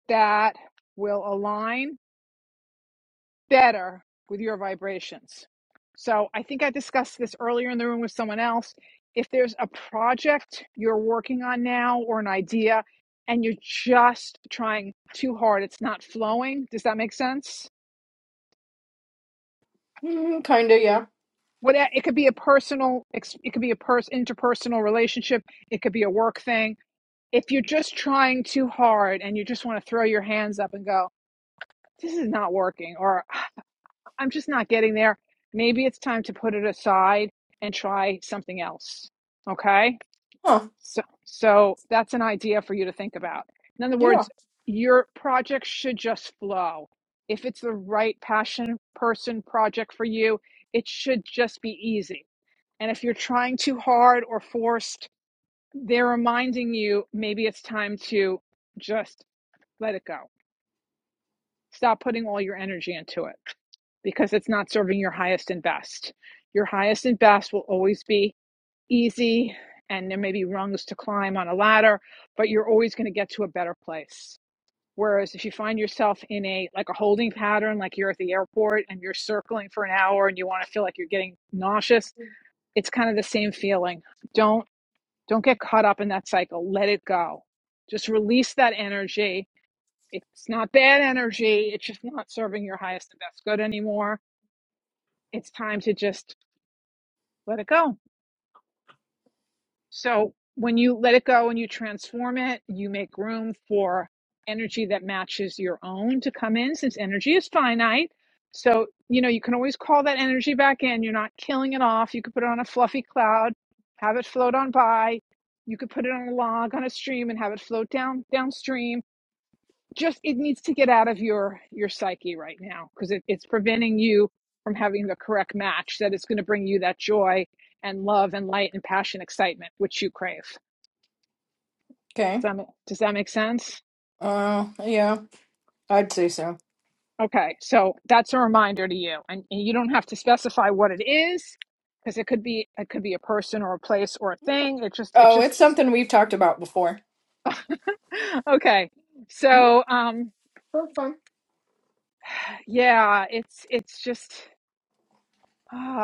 S1: that will align better with your vibrations. So I think I discussed this earlier in the room with someone else. If there's a project you're working on now or an idea and you're just trying too hard, it's not flowing. Does that make sense?
S14: Mm, kinda, yeah.
S1: What it could be a personal, it could be a pers- interpersonal relationship. It could be a work thing. If you're just trying too hard and you just want to throw your hands up and go, this is not working or [sighs] I'm just not getting there. Maybe it's time to put it aside and try something else. Okay?
S14: Huh.
S1: So so that's an idea for you to think about. In other
S14: Yeah.
S1: words, your project should just flow. If it's the right passion person project for you, it should just be easy. And if you're trying too hard or forced, they're reminding you maybe it's time to just let it go. stop putting all your energy into it because it's not serving your highest and best. Your highest and best will always be easy, and there may be rungs to climb on a ladder, but you're always going to get to a better place. Whereas if you find yourself in a like a holding pattern, like you're at the airport and you're circling for an hour and you want to feel like you're getting nauseous, it's kind of the same feeling. Don't don't get caught up in that cycle. Let it go. Just release that energy it's not bad energy. It's just not serving your highest and best good anymore. It's time to just let it go. So when you let it go and you transform it, you make room for energy that matches your own to come in since energy is finite. So, you know, you can always call that energy back in. You're not killing it off. You could put it on a fluffy cloud, have it float on by. You could put it on a log on a stream and have it float down downstream just it needs to get out of your your psyche right now because it, it's preventing you from having the correct match that is going to bring you that joy and love and light and passion excitement which you crave does
S14: Okay.
S1: that, ma- does that make sense
S14: Uh, yeah, I'd say so.
S1: okay so that's a reminder to you and, and you don't have to specify what it is because it could be it could be a person or a place or a thing it just it
S14: Oh,
S1: just
S14: it's something we've talked about before.
S1: [laughs] okay
S14: Mm-hmm.
S1: so um
S14: That's fine.
S1: yeah it's it's just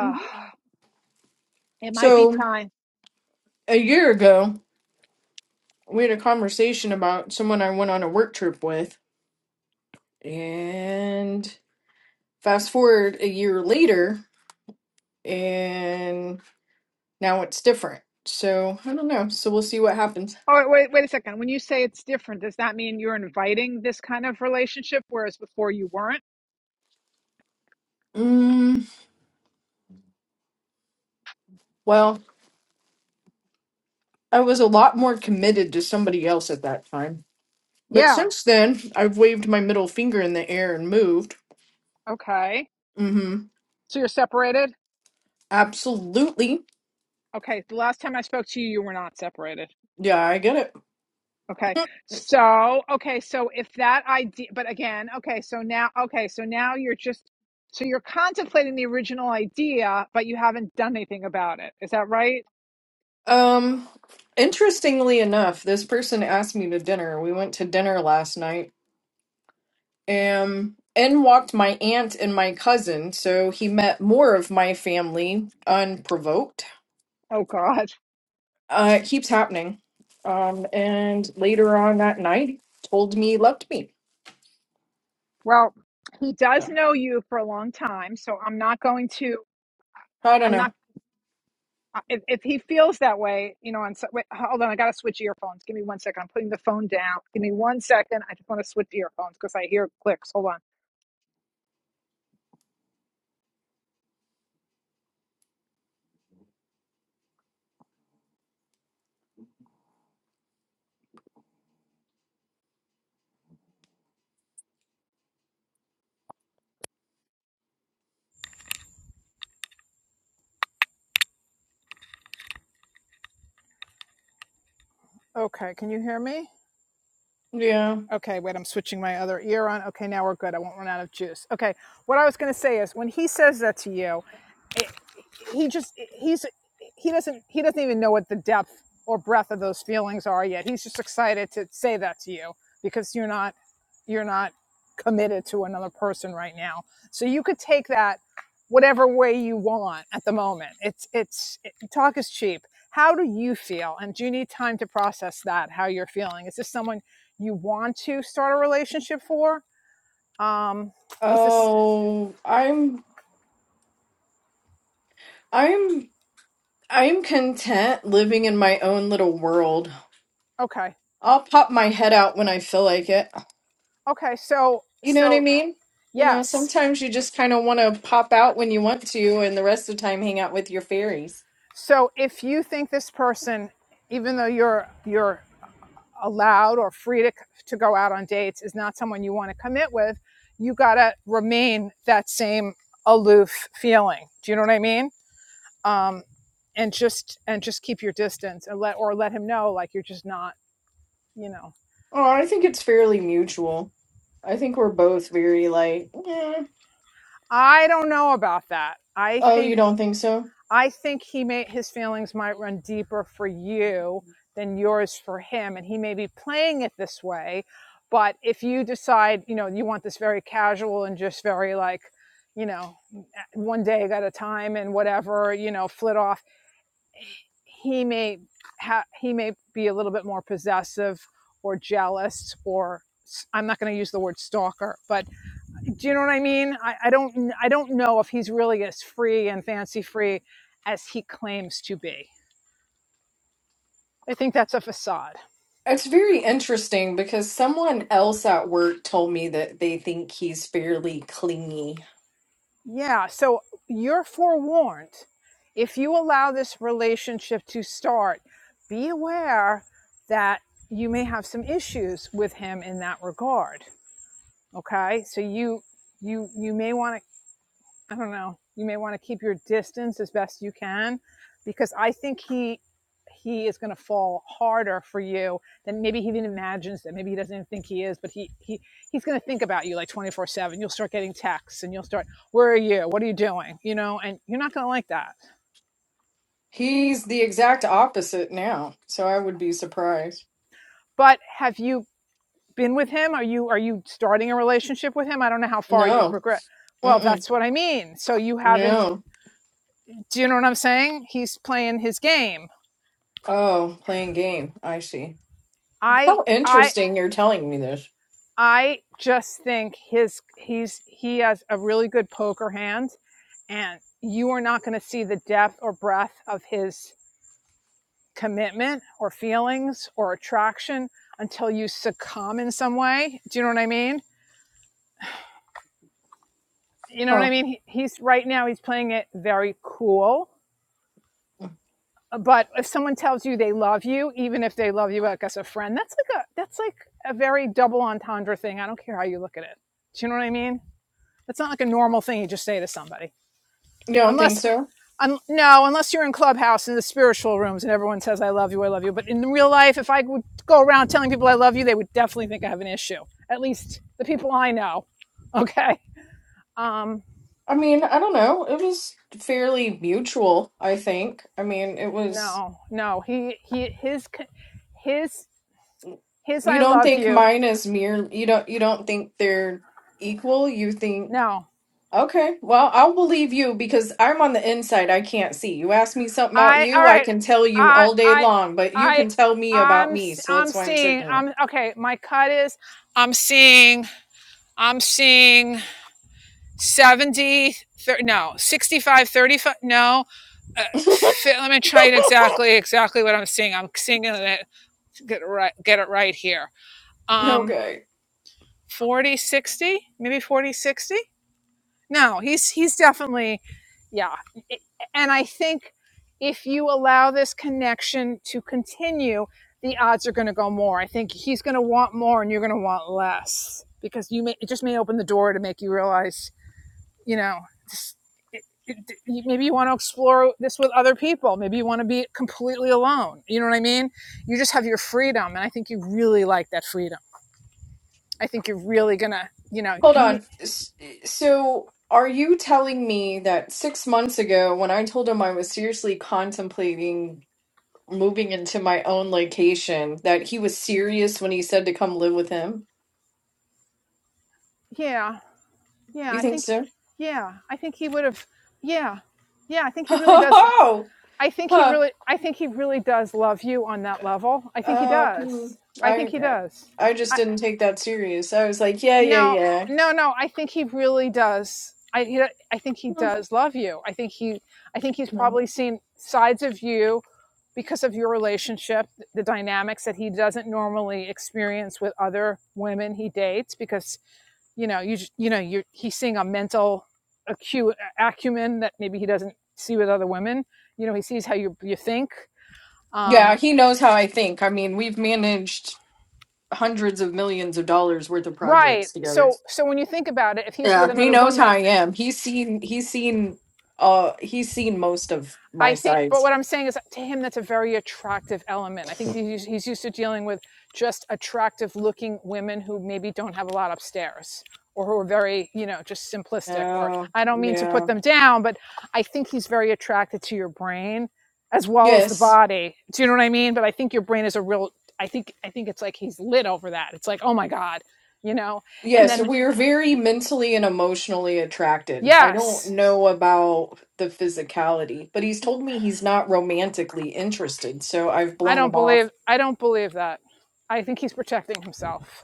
S14: hmm
S1: it might be
S14: So
S1: time
S14: a year ago. we had a conversation about someone I went on a work trip with, and fast forward a year later, and now it's different. So I don't know. So we'll see what happens.
S1: All right, wait, wait a second. When you say it's different, does that mean you're inviting this kind of relationship, whereas before you weren't?
S14: Mm, well, I was a lot more committed to somebody else at that time. But
S1: Yeah.
S14: since then, I've waved my middle finger in the air and moved.
S1: Okay.
S14: Mm-hmm.
S1: So you're separated?
S14: Absolutely.
S1: Okay. The last time I spoke to you, you were not separated.
S14: Yeah, I get it.
S1: Okay. So, okay. So if that idea, but again, okay. So now, okay. So now you're just, so you're contemplating the original idea, but you haven't done anything about it. Is that right?
S14: Um, interestingly enough, this person asked me to dinner. We went to dinner last night Um, in walked my aunt and my cousin, so he met more of my family unprovoked.
S1: Oh, God.
S14: Uh, it keeps happening. Um, and later on that night, told me he loved me.
S1: Well, he does
S14: So,
S1: know you for a long time. So I'm not going to.
S14: I don't
S1: I'm not.
S14: know.
S1: Uh, If, if he feels that way, you know, on so- wait, hold on, I got to switch earphones. Give me one second. I'm putting the phone down. Give me one second. I just want to switch earphones because I hear clicks. Hold on. Okay, can you hear me?
S14: Yeah.
S1: Okay, wait, I'm switching my other ear on. Okay, now we're good. I won't run out of juice. Okay, what I was going to say is when he says that to you, he just he's he doesn't he doesn't even know what the depth or breadth of those feelings are yet. He's just excited to say that to you because you're not you're not committed to another person right now. So you could take that whatever way you want at the moment. It's it's it, talk is cheap. How do you feel? And do you need time to process that? How you're feeling? Is this someone you want to start a relationship for? Um, is this
S14: Oh, I'm, I'm, I'm content living in my own little world.
S1: okay?
S14: I'll pop my head out when I feel like it.
S1: Okay, so
S14: You know what I
S1: so
S14: mean? You know,
S1: yes
S14: sometimes you just kind of want to pop out when you want to, and the rest of the time hang out with your fairies.
S1: So if you think this person, even though you're you're allowed or free to to go out on dates, is not someone you want to commit with, you gotta remain that same aloof feeling. Do you know what I mean? Um, and just and just keep your distance and let or let him know like you're just not. You know,
S14: Oh, I think it's fairly mutual. I think we're both very like, "Eh."
S1: I don't know about that. I
S14: oh,
S1: think.
S14: you don't think so?
S1: I think he may his feelings might run deeper for you than yours for him, and he may be playing it this way. But if you decide, you know, you want this very casual and just very like, you know, one day at a time and whatever, you know, flit off, he may ha- he may be a little bit more possessive or jealous or i I'm not going to use the word stalker, but do you know what I mean? I, I don't I don't know if he's really as free and fancy free as he claims to be. I think that's a facade.
S14: It's very interesting because someone else at work told me that they think he's fairly clingy.
S1: Yeah. So you're forewarned. If you allow this relationship to start, be aware that you may have some issues with him in that regard. Okay. So you you you may want to I don't know. You may want to keep your distance as best you can because I think he he is going to fall harder for you than maybe he even imagines that maybe he doesn't even think he is but he he he's going to think about you like 24/7 you'll start getting texts and you'll start where are you what are you doing you know and you're not going to like that
S14: He's the exact opposite now, so I would be surprised.
S1: but have you been with him are you are you starting a relationship with him I don't know how far you've
S14: No,
S1: progressed well
S14: mm-mm,
S1: that's what I mean so you haven't
S14: no.
S1: do you know what I'm saying he's playing his game
S14: Oh, playing game. I see.
S1: I
S14: How
S1: I
S14: interesting you're telling me this.
S1: I just think his he's he has a really good poker hand, and you are not going to see the depth or breadth of his commitment or feelings or attraction until you succumb in some way. Do you know what I mean? You know what I
S14: Huh.
S1: mean? He, he's right now he's playing it very cool,
S14: You
S1: but if someone tells you they love you, even if they love you like as a friend, that's like a that's like a very double entendre thing. I don't care how you look at it. Do you know what I mean? That's not like a normal thing you just say to somebody.
S14: don't think
S1: unless
S14: so?
S1: un, no unless you're in clubhouse in the spiritual rooms and everyone says i love you i love you but in real life if i would go around telling people i love you they would definitely think i have an issue at least the people i know [laughs] okay um
S14: I mean, I don't know. It was fairly mutual, I think. I mean, it was
S1: no no he he his his his
S14: you
S1: i
S14: don't
S1: love
S14: think
S1: you
S14: mine is mere you don't you don't think they're equal. You think
S1: no
S14: okay, well, I'll believe you because I'm on the inside. I can't see. You ask me something about
S1: i all
S14: you, I
S1: right
S14: can tell you
S1: i
S14: all day
S1: i
S14: long, but you
S1: i
S14: can tell me
S1: i'm
S14: about
S1: i
S14: me. So
S1: i'm
S14: that's why I'm
S1: seeing
S14: sitting
S1: i'm okay my cut is i'm seeing i'm seeing 70 thirty, no 65, 35, no uh,
S14: here. [laughs]
S1: let me try it exactly exactly what i'm seeing i'm seeing it get it right get it right here um
S14: Okay.
S1: 40 sixty, maybe 40, 60. no he's he's definitely yeah and i think if you allow this connection to continue the odds are going to go more i think he's going to want more and you're going to want less because you may it just may open the door to make you realize you know just, it, it, you- maybe you want to explore this with other people maybe you want to be completely alone you know what i mean you just have your freedom and i think you really like that freedom i think you're really gonna you know
S14: Hold
S1: you
S14: on. S- So, are you telling me that six months ago, when I told him I was seriously contemplating moving into my own location that he was serious when he said to come live with him.
S1: yeah yeah
S14: You
S1: i
S14: think
S1: think
S14: so? [laughs]
S1: yeah i think he would have yeah yeah i think he really does
S14: Oh,
S1: i think he
S14: huh.
S1: really i think he really does love you on that level i think he
S14: Oh, hmm.
S1: does i think he
S14: I
S1: does
S14: I just
S1: I,
S14: didn't take that serious. I was like, yeah, yeah,
S1: No,
S14: yeah.
S1: no, no. I think he really does. I he, I think he does love you. I think he I think he's
S14: Hmm.
S1: probably seen sides of you because of your relationship, the dynamics that he doesn't normally experience with other women he dates because, you know, you just- you know, you he's seeing a mental acu- acumen that maybe he doesn't see with other women. You know, he sees how you you think. Um,
S14: Yeah, he knows how I think. I mean, we've managed hundreds of millions of dollars worth of
S1: right.
S14: projects together.
S1: So so when you think about it, if he's with
S14: Yeah, he
S1: another
S14: knows how
S1: woman,
S14: I am. He's seen he's seen uh he's seen most of
S1: I
S14: my
S1: think, but
S14: sides.
S1: what I'm saying is to him, that's a very attractive element. I think he's, he's used to dealing with just attractive looking women who maybe don't have a lot upstairs or who are very, you know, just simplistic. Or
S14: Oh,
S1: I don't mean to put
S14: yeah.
S1: them down, but I think he's very attracted to your brain as well as the
S14: Yes.
S1: body. Do you know what I mean? But I think your brain is a real, I think, I think it's like he's lit over that. It's like, oh my God, you know? And
S14: Yeah, so
S1: then,
S14: we are very mentally and emotionally attracted. I don't
S1: yes,
S14: know about the physicality, but he's told me he's not romantically interested, so I've
S1: I
S14: blown
S1: don't
S14: him off.
S1: believe, I don't believe that. I think he's protecting himself.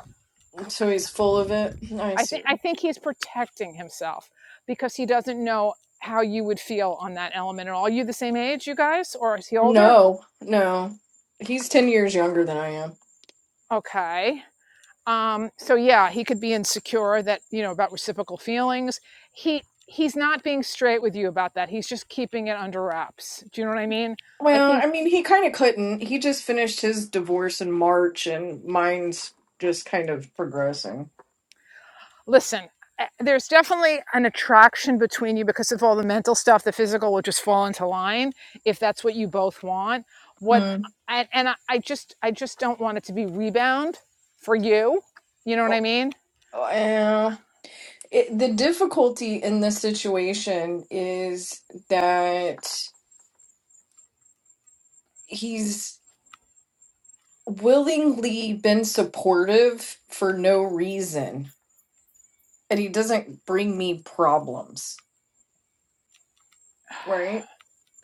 S14: So he's full of it. I
S1: I think
S14: see.
S1: I think he's protecting himself because he doesn't know how you would feel on that element at all. you the same age, you guys, or is he older?
S14: No, no. He's 10 years younger than I am.
S1: Okay. Um, so yeah, he could be insecure that you know about reciprocal feelings. He he's not being straight with you about that. He's just keeping it under wraps. Do you know what I mean? I
S14: Well,
S1: think
S14: I mean, he kind of couldn't. He just finished his divorce in March, and mine's just kind of progressing.
S1: listen eh, there's definitely an attraction between you because of all the mental stuff the physical will just fall into line if that's what you both want what
S14: Hmm.
S1: and, and I, I just i just don't want it to be rebound for you you know what i
S14: Oh,
S1: mean
S14: well, It, the difficulty in this situation is that he's willingly been supportive for no reason, and he doesn't bring me problems, right?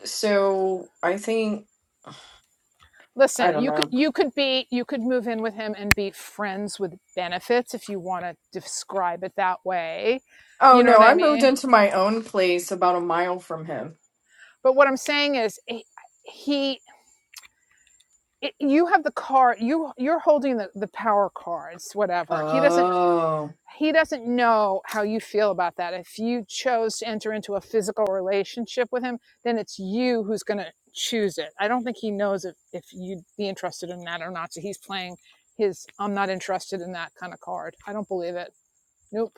S14: So I think I
S1: listen
S14: don't
S1: you could
S14: know.
S1: you could be you could move in with him and be friends with benefits if you want to describe it that way
S14: Oh
S1: you know
S14: no,
S1: what i
S14: I moved
S1: mean
S14: into my own place about a mile from him.
S1: but what i'm saying is he, he it, you have the card you you're holding the, the power cards whatever he doesn't
S14: Oh.
S1: he doesn't know how you feel about that. If you chose to enter into a physical relationship with him, then it's you who's going to choose it. I don't think he knows if, if you'd be interested in that or not. So he's playing his I'm not interested in that kind of card. I don't believe it. Nope.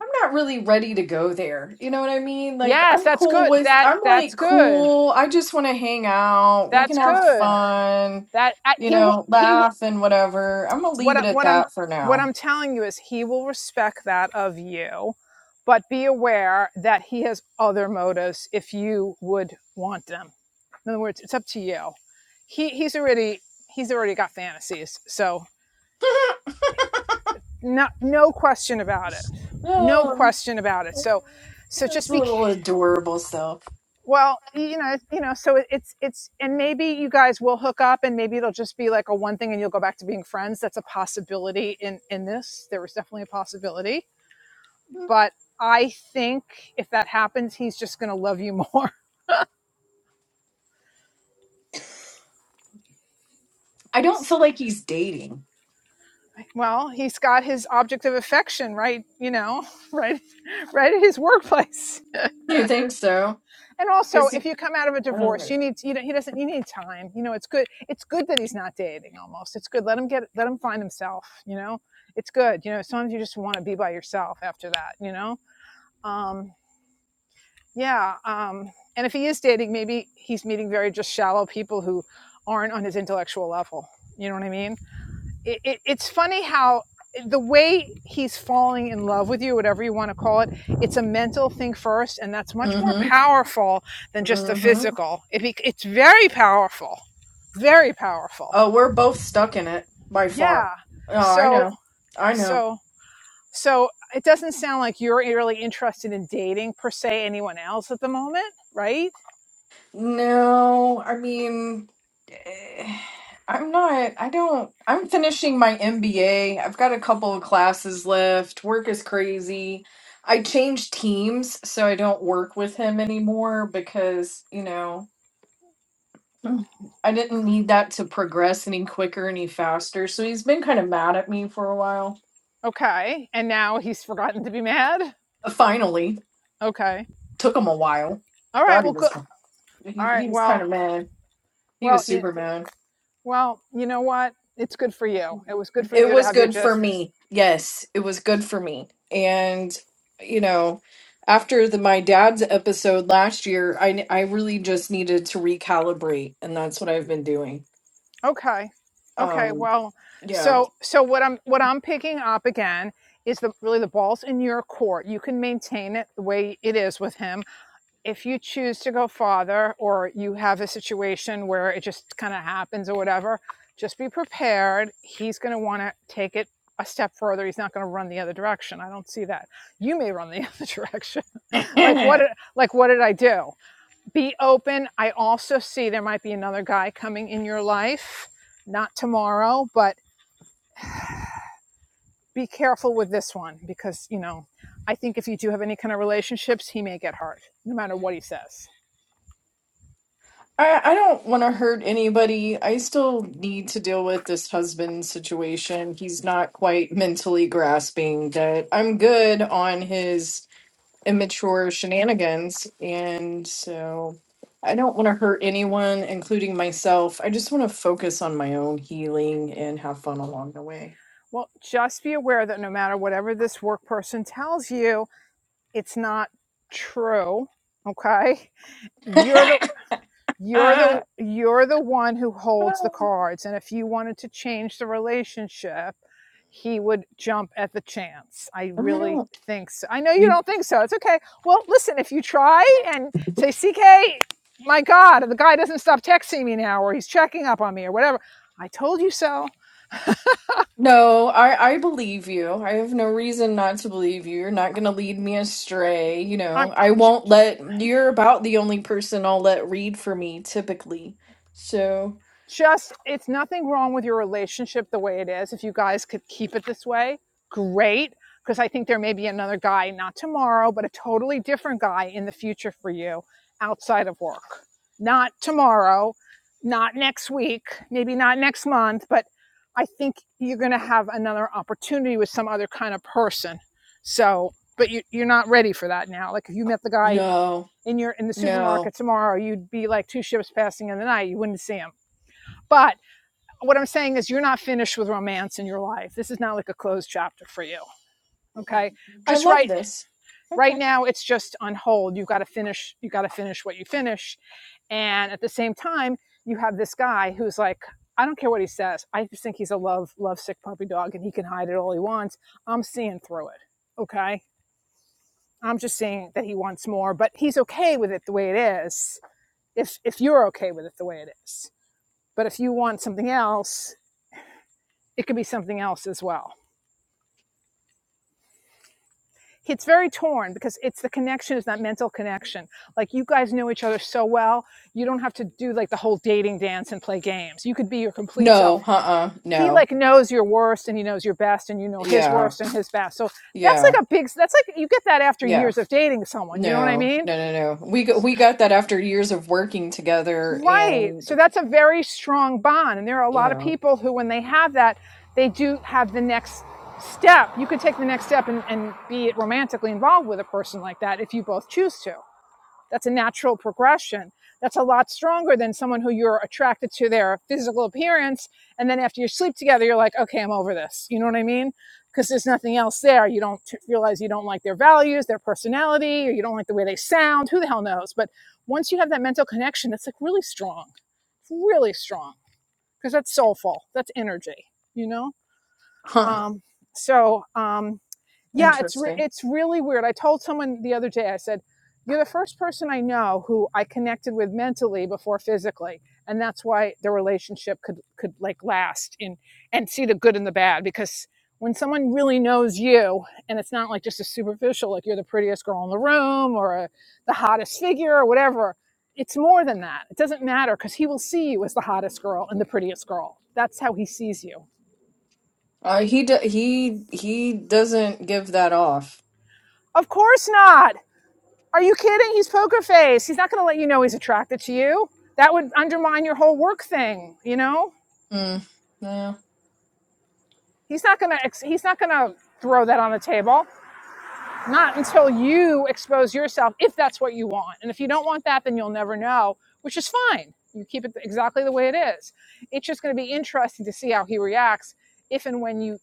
S14: I'm not really ready to go there. You know what I mean? Like
S1: Yes,
S14: I'm
S1: that's
S14: cool
S1: good.
S14: with
S1: That
S14: I'm
S1: that's
S14: like
S1: good.
S14: cool. I just want to hang out. We can
S1: That's
S14: have
S1: good.
S14: fun,
S1: That I,
S14: you
S1: he w-
S14: know,
S1: he w-
S14: laugh and whatever. I'm gonna
S1: what
S14: leave
S1: I,
S14: it at
S1: what I'm
S14: that for
S1: what I'm
S14: now.
S1: telling you is he will respect that of you, but be aware that he has other motives if you would want them. In other words, it's up to you. He he's already he's already got fantasies, so
S14: [laughs]
S1: no no question about it, no
S14: Oh,
S1: question about it. So so
S14: this
S1: just be
S14: little
S1: ca-
S14: adorable self.
S1: well, you know you know. So it, it's it's and maybe you guys will hook up, and maybe it'll just be like a one thing, and you'll go back to being friends. That's a possibility in in this. There was definitely a possibility but I think if that happens, he's just going to love you more. [laughs]
S14: I don't feel like he's dating.
S1: well, he's got his object of affection right, you know, [laughs] right, right at his workplace.
S14: You think so?
S1: And also,
S14: Because he,
S1: if you come out of a
S14: I don't
S1: divorce,
S14: know.
S1: you need you know, he doesn't you need time. You know, it's good. It's good that he's not dating. Almost, it's good. Let him get let him find himself. You know, it's good. You know, sometimes you just want to be by yourself after that. You know, Um, Yeah. Um, and if he is dating, maybe he's meeting very just shallow people who aren't on his intellectual level. You know what I mean? It, it, it's funny how the way he's falling in love with you, whatever you want to call it, it's a mental thing first, and that's much more
S14: Mm-hmm.
S1: powerful than just the
S14: Mm-hmm.
S1: physical. If he, it's very powerful, very powerful.
S14: Oh, we're both stuck in it by far.
S1: Yeah.
S14: Oh, I
S1: So,
S14: know. I know.
S1: so, so it doesn't sound like you're really interested in dating per se anyone else at the moment, right?
S14: No, I mean, eh, I'm not, I don't, I'm finishing my MBA. I've got a couple of classes left. Work is crazy. I changed teams, so I don't work with him anymore because, you know, Mm. I didn't need that to progress any quicker, any faster. So he's been kind of mad at me for a while.
S1: Okay. And now he's forgotten to be mad.
S14: Uh, Finally,
S1: Okay.
S14: took him a while.
S1: All right.
S14: God, he
S1: Well,
S14: was,
S1: good. All
S14: he,
S1: right.
S14: he was kind
S1: Well,
S14: of mad. He
S1: well,
S14: was
S1: you,
S14: super mad.
S1: well, you know what? It's good for you. It was good for
S14: It
S1: you to
S14: was
S1: have your
S14: good for
S1: just.
S14: me. Yes, it was good for me. And you know, after the my dad's episode last year, I I really just needed to recalibrate, and that's what I've been doing.
S1: Okay. Okay.
S14: Um,
S1: Well,
S14: yeah.
S1: so, so what I'm, what I'm picking up again is the, really the ball's in your court. You can maintain it the way it is with him if you choose to go farther or you have a situation where it just kind of happens or whatever, just be prepared. He's going to want to take it a step further. He's not going to run the other direction. I don't see that. You may run the other direction. [laughs] Like what
S14: [laughs]
S1: did, like what did I do? Be open. I also see there might be another guy coming in your life, not tomorrow, but be careful with this one because, you know, I think if you do have any kind of relationships, he may get hurt no matter what he says.
S14: I, I don't want to hurt anybody. I still need to deal with this husband situation. He's not quite mentally grasping that I'm good on his immature shenanigans. And so I don't want to hurt anyone, including myself. I just want to focus on my own healing and have fun along the way.
S1: Well, just be aware that no matter whatever this work person tells you, it's not true. Okay?
S14: [laughs]
S1: You're
S14: uh,
S1: the you're
S14: I
S1: the you're the one who holds the cards and if you wanted to change the relationship, he would jump at the chance. I really
S14: don't.
S1: think so. I know you don't think so. It's okay. Well, listen, if you try and say CK, my god, the guy doesn't stop texting me now or he's checking up on me or whatever. I told you so.
S14: No, I I believe you. I have no reason not to believe you. You're not going to lead me astray, you
S1: I'm
S14: know. I won't let you're about the only person I'll let read for me typically. So,
S1: just it's nothing wrong with your relationship the way it is. If you guys could keep it this way, great. Because I think there may be another guy, not tomorrow, but a totally different guy in the future for you outside of work. Not tomorrow, not next week, maybe not next month, but I think you're going to have another opportunity with some other kind of person. So, but you, you're not ready for that now. Like if you met the guy
S14: no.
S1: in your in the
S14: No.
S1: supermarket tomorrow, you'd be like two ships passing in the night. You wouldn't see him. But what I'm saying is you're not finished with romance in your life. This is not like a closed chapter for you. Okay.
S14: I
S1: Just
S14: love
S1: right
S14: this.
S1: right
S14: Okay.
S1: now it's just on hold. You've got to finish you gotta finish what you finish. And at the same time, you have this guy who's like, I don't care what he says. I just think he's a love lovesick puppy dog and he can hide it all he wants. I'm seeing through it. Okay. I'm just seeing that he wants more, but he's okay with it the way it is. If if you're okay with it the way it is. But if you want something else, it could be something else as well it's very torn because it's the connection is that mental connection like you guys know each other so well you don't have to do like the whole dating dance and play games you could be your complete self
S14: No, uh-uh.
S1: he
S14: No.
S1: like knows your worst and he knows your best and you know his
S14: Yeah.
S1: worst and his best so that's
S14: Yeah.
S1: like a big that's like you get that after
S14: Yeah.
S1: years of dating someone you know what i
S14: No.
S1: mean
S14: No, no, no. We got, we got that after years of working together
S1: right
S14: and
S1: so that's a very strong bond and there are a lot of
S14: yeah.
S1: people who when they have that they do have the next step you could take the next step and, and be romantically involved with a person like that if you both choose to That's a natural progression. That's a lot stronger than someone who you're attracted to their physical appearance. And then after you sleep together, you're like, okay, I'm over this. You know what I mean? Because there's nothing else there. You don't realize you don't like their values, their personality, or you don't like the way they sound. Who the hell knows? But once you have that mental connection, it's like really strong, It's really strong because that's soulful, that's energy, you know?
S14: Huh.
S1: Um, so, um, yeah it's re-
S14: Interesting.
S1: it's really weird i told someone the other day i said you're the first person i know who i connected with mentally before physically and that's why the relationship could could like last in and see the good and the bad because when someone really knows you and it's not like just a superficial like you're the prettiest girl in the room or a, the hottest figure or whatever it's more than that it doesn't matter because he will see you as the hottest girl and the prettiest girl that's how he sees you
S14: Uh, he do- he he doesn't give that off.
S1: of course not Are you kidding? He's poker face. He's not going to let you know he's attracted to you. That would undermine your whole work thing, you know?
S14: Mm, no.
S1: He's not going to he's not going to throw that on the table. not until you expose yourself if that's what you want and if you don't want that then you'll never know which is fine you keep it exactly the way it is it's just going to be interesting to see how he reacts if and when you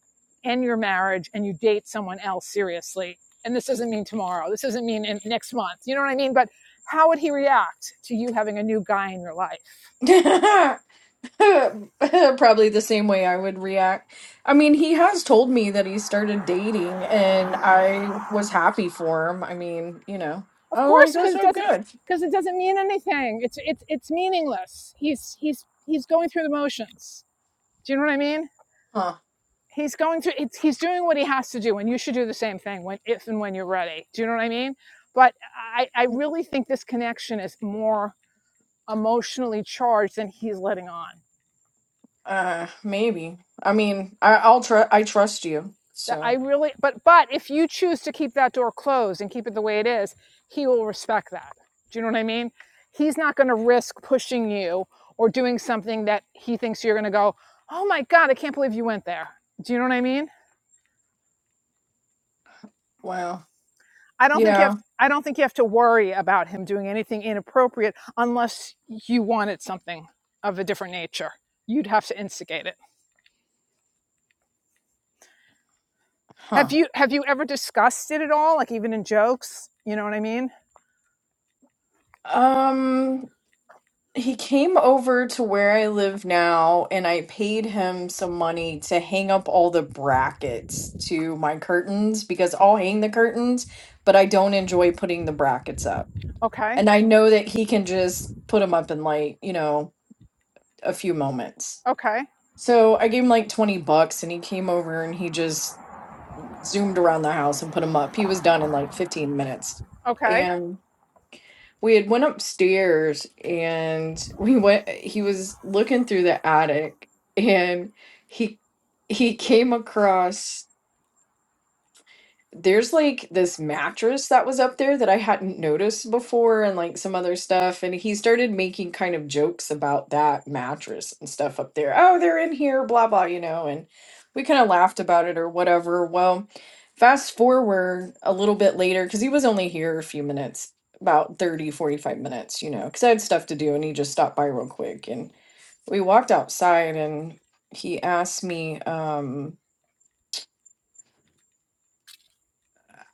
S1: end your marriage and you date someone else seriously and this doesn't mean tomorrow this doesn't mean in next month you know what i mean but how would he react to you having a new guy in your life
S14: [laughs] Probably the same way I would react. I mean, he has told me that he started dating, and I was happy for him. I mean, you know,
S1: of
S14: I'm like,
S1: course
S14: that's
S1: because it
S14: so
S1: doesn't
S14: good,
S1: because it doesn't mean anything it's it's it's meaningless he's he's he's going through the motions do you know what i mean
S14: huh?
S1: he's going through it's, he's doing what he has to do and you should do the same thing when if and when you're ready do you know what i mean but i i really think this connection is more emotionally charged than he's letting on
S14: Uh, maybe. I mean, I, I'll tr I trust you.
S1: that i
S14: So,
S1: really but but if you choose to keep that door closed and keep it the way it is he will respect that do you know what i mean he's not going to risk pushing you or doing something that he thinks you're going to go oh my god i can't believe you went there do you know what i mean
S14: wow,
S1: I don't think you have.
S14: yeah,
S1: to, I don't think you have to worry about him doing anything inappropriate unless you wanted something of a different nature. You'd have to instigate it. Have
S14: huh?
S1: you Have you ever discussed it at all? Like even in jokes, you know what I mean?
S14: Um. He came over to where I live now, and I paid him some money to hang up all the brackets to my curtains because I'll hang the curtains, but I don't enjoy putting the brackets up.
S1: Okay,
S14: And I know that he can just put them up in like, you know, a few moments.
S1: okay,
S14: So I gave him like 20 bucks, and he came over and he just zoomed around the house and put them up. He was done in like 15 minutes.
S1: okay.
S14: and we had went upstairs and [laughs] we went he was looking through the attic and he he came across there's like this mattress that was up there that I hadn't noticed before and like some other stuff. And he started making kind of jokes about that mattress and stuff up there. Oh, they're in here, blah, blah, you know. And we kind of laughed about it or whatever. Well, fast forward a little bit later, because he was only here a few minutes, about thirty, forty-five minutes, you know, because I had stuff to do and he just stopped by real quick. And we walked outside and he asked me, um,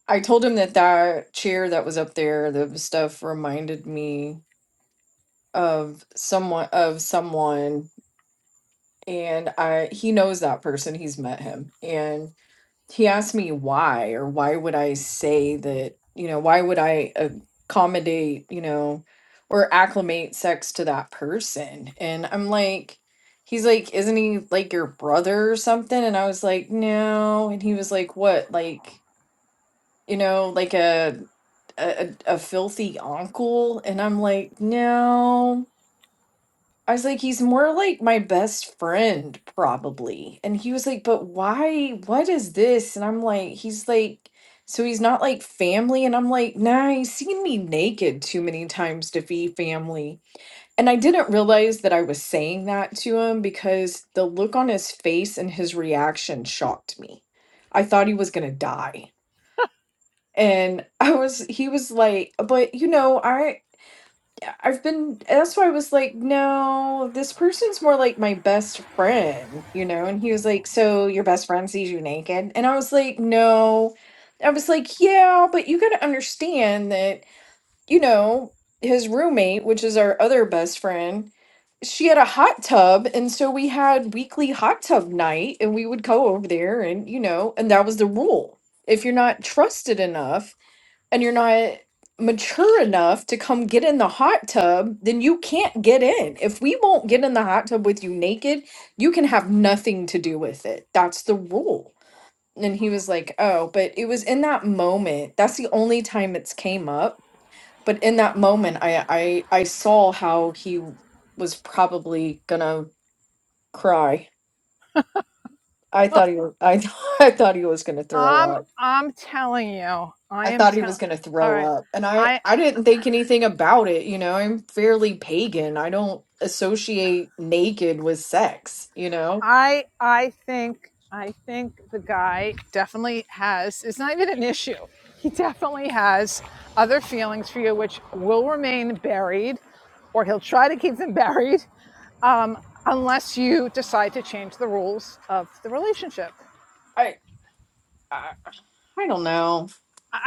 S14: I told him that that chair that was up there, the stuff reminded me of someone of someone and I he knows that person, he's met him. And he asked me why or why would I say that, you know, why would I accommodate, you know, or acclimate sex to that person? And I'm like He's like, isn't he like your brother or something? And I was like, no. And he was like, what? Like, you know, like a a, a filthy uncle, and I'm like, no. I was like, he's more like my best friend, probably. And he was like, but why? What is this? And I'm like, he's like, so he's not like family. And I'm like, nah, he's seen me naked too many times to be family. And I didn't realize that I was saying that to him because the look on his face and his reaction shocked me. I thought he was going to die and [laughs] I was he was like, but you know, I I've been that's why I was like, no, this person's more like my best friend, you know? And he was like, so your best friend sees you naked? And I was like, no. I was like, yeah, but you got to understand that, you know, his roommate, which is our other best friend, she had a hot tub and so we had weekly hot tub night and we would go over there and you know and that was the rule if you're not trusted enough and you're not mature enough to come get in the hot tub, then you can't get in. If we won't get in the hot tub with you naked, you can have nothing to do with it. That's the rule. And he was like, Oh, but it was in that moment. That's the only time it's came up. But in that moment I I, I saw how he was probably gonna cry. I thought he was I, [laughs] I thought he was gonna throw up.
S1: Um, I'm telling you, I
S14: I
S1: am
S14: thought he
S1: telling.
S14: was going to
S1: All
S14: throw
S1: right,
S14: up. And I
S1: I.
S14: I didn't think anything about it, you know. I'm fairly pagan. I don't associate naked with sex, you know.
S1: I I think I think the guy definitely has it's not even an issue. He definitely has other feelings for you which will remain buried or he'll try to keep them buried um, unless you decide to change the rules of the relationship.
S14: I I, I don't know.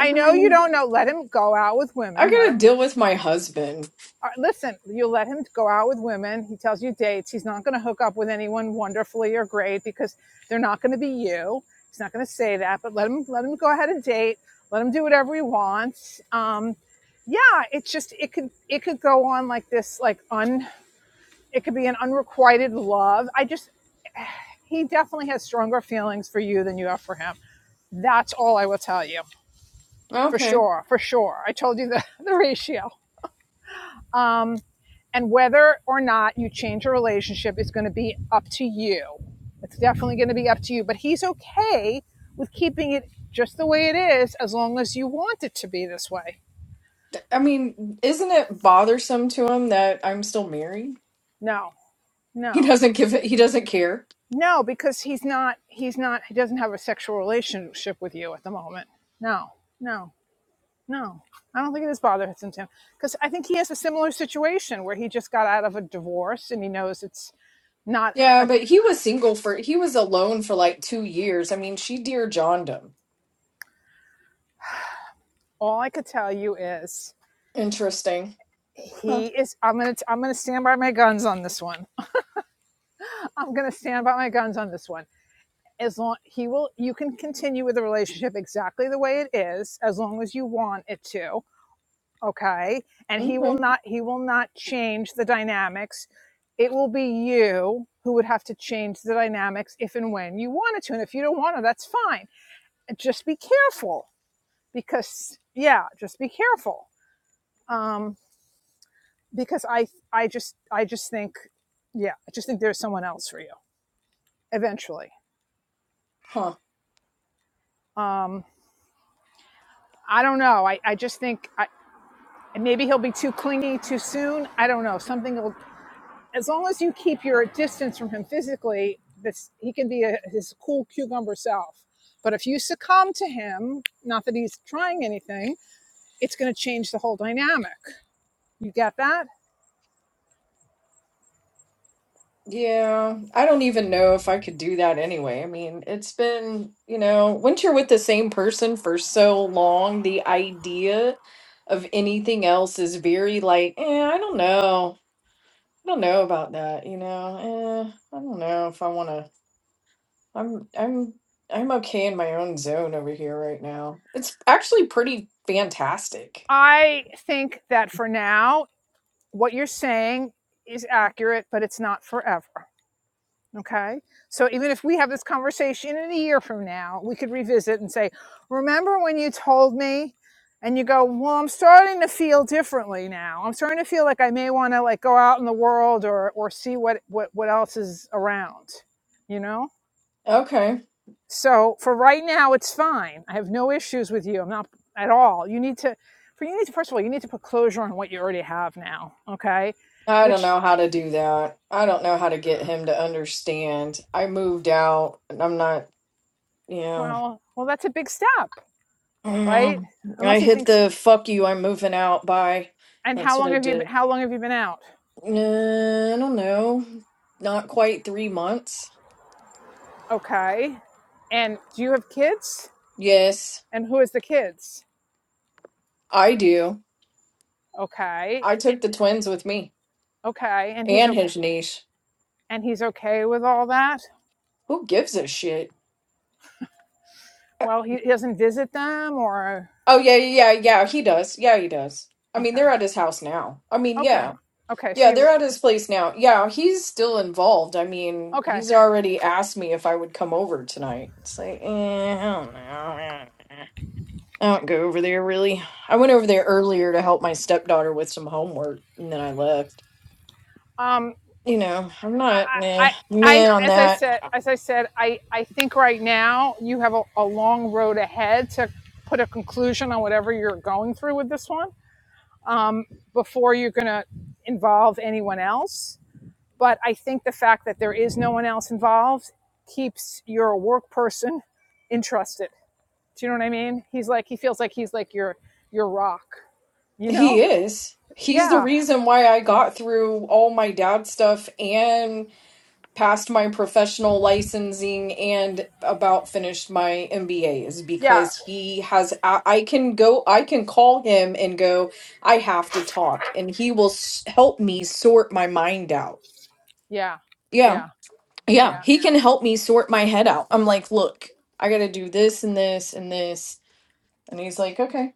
S14: I
S1: I know you
S14: mean,
S1: don't know. Let him go out with
S14: I
S1: women. Let
S14: got to
S1: him
S14: deal with my husband.
S1: All right, listen, you let him go out with women. He tells you dates. He's not going to hook up with anyone wonderfully or great because they're not going to be you. He's not going to say that, but let him let him go ahead and date. Let him do whatever he wants. Um, yeah, it's just it could it could go on like this, like un it could be an unrequited love. I just [sighs] he definitely has stronger feelings for you than you have for him. That's all I will tell you for
S14: Okay.
S1: sure, for sure. I told you the [laughs] the ratio. Um, And whether or not you change your relationship is going to be up to you. It's definitely going to be up to you. But he's okay with keeping it just the way it is as long as you want it to be this way.
S14: I mean, isn't it bothersome to him that I'm still married?
S1: No,
S14: He
S1: no,
S14: doesn't give it, he doesn't care.
S1: no, because he's not, he's not, he doesn't have a sexual relationship with you at the moment. No, no, no. I don't think it is bothering to him Tim, because I think he has a similar situation where he just got out of a divorce and he knows it's not,
S14: Yeah,
S1: a,
S14: but he was single for he was alone for like 2 years. I mean, she dear John him.
S1: all I could tell you is
S14: Interesting. Huh.
S1: he is i'm gonna i i'm gonna stand by my guns on this one i'm gonna stand by my guns on this one as long he will you can continue with the relationship exactly the way it is as long as you want it to okay and he will
S14: Okay.
S1: not he will not change the dynamics it will be you who would have to change the dynamics if and when you wanted to and if you don't want to that's fine just be careful because yeah just be careful Um. because I I just I just think yeah I just think there's someone else for you eventually.
S14: Huh.
S1: Um, I don't know. I I just think I maybe he'll be too clingy too soon. I don't know. Something will as long as you keep your distance from him physically, this he can be a, his cool cucumber self. But if you succumb to him, not that he's trying anything, it's going to change the whole dynamic. You get that?
S14: Yeah, I don't even know if I could do that anyway. I mean, it's been, you know, once you're with the same person for so long, the idea of anything else is very like, eh, I don't know. I don't know about that, you know. Eh, I don't know if I want to. I'm I'm I'm okay in my own zone over here right now. It's actually pretty fantastic.
S1: I think that for now, what you're saying is accurate, but it's not forever. Okay. So even if we have this conversation in a year from now, we could revisit and say, Remember when you told me? And you go, Well, I'm starting to feel differently now. I'm starting to feel like I may want to like go out in the world or or see what what, what else is around. You know?
S14: Okay.
S1: So for right now it's fine. I have no issues with you. I'm not at all. You need to for you need to first of all, you need to put closure on what you already have now. Okay.
S14: I don't
S1: Which
S14: know how to do that. I don't know how to get him to understand. I moved out and I'm not, yeah. [sighs]
S1: well well that's a big step, right?
S14: Mm.
S1: Unless
S14: I
S1: he
S14: hit
S1: thinks
S14: the fuck you, I'm moving out. Bye.
S1: And
S14: That's
S1: how
S14: what
S1: long
S14: I
S1: have you
S14: did.
S1: how long have you been out?
S14: Uh, I don't know. Not quite three months.
S1: Okay. And do you have kids?
S14: Yes,
S1: And who is the kids?
S14: I do.
S1: Okay.
S14: I took the twins with me
S1: Okay. And he's
S14: and
S1: okay.
S14: his niece.
S1: And he's okay with all that?
S14: Who gives a shit? Uh,
S1: Well, he, doesn't visit them or
S14: Oh, yeah, yeah, yeah, yeah, he does. Yeah, he does. I mean,
S1: okay.
S14: they're at his house now. I mean,
S1: Okay.
S14: yeah.
S1: Okay. So
S14: Yeah,
S1: you
S14: they're at his place now. Yeah, he's still involved. I mean,
S1: okay.
S14: he's already asked me if I would come over tonight. It's like, eh, I don't know. I don't go over there really. I went over there earlier to help my stepdaughter with some homework, and then I left.
S1: Um
S14: you know, I'm not
S1: I I
S14: meh,
S1: I
S14: meh on
S1: as I
S14: that.
S1: said as I said I I think right now you have a, a long road ahead to put a conclusion on whatever you're going through with this one um before you're going to involve anyone else But I think the fact that there is no one else involved keeps your work person interested. Do you know what I mean? He's like he feels like he's like your your rock, you
S14: He
S1: know?
S14: is. He's the
S1: Yeah.
S14: reason why I got through all my dad stuff and passed my professional licensing and about finished my MBA is
S1: Yeah.
S14: because he has. I, I can go, I can call him and go, I have to talk, and he will s- help me sort my mind out.
S1: Yeah.
S14: Yeah.
S1: Yeah.
S14: Yeah.
S1: Yeah.
S14: He can help me sort my head out. I'm like, look, I got to do this and this and this. And he's like, okay.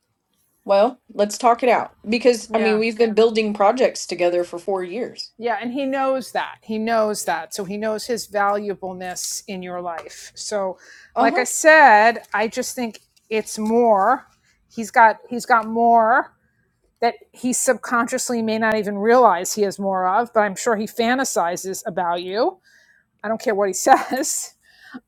S14: Well, let's talk it out because I mean,
S1: Yeah.
S14: we've been building projects together for four years.
S1: Yeah, and he knows that. He knows that. So he knows his valuableness in your life. So
S14: Uh
S1: like I
S14: huh.
S1: said, I just think it's more he's got he's got more that he subconsciously may not even realize he has more of, but I'm sure he fantasizes about you. I don't care what he [laughs] says,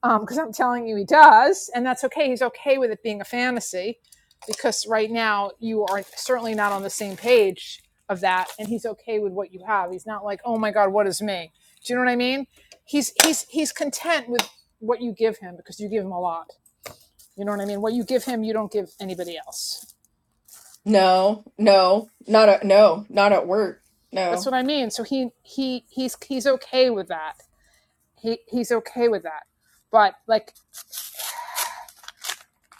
S1: because um, I'm telling you he does, and that's okay. He's okay with it being a fantasy because right now you are certainly not on the same page of that, and he's okay with what you have. He's not like, oh my God, what is me? Do you know what I mean? He's he's he's content with what you give him because you give him a lot. You know what I mean? What you give him, you don't give anybody else.
S14: No, no, not at no, not at work.
S1: That's
S14: No.
S1: what I mean. So he he he's he's okay with that. He he's okay with that. But like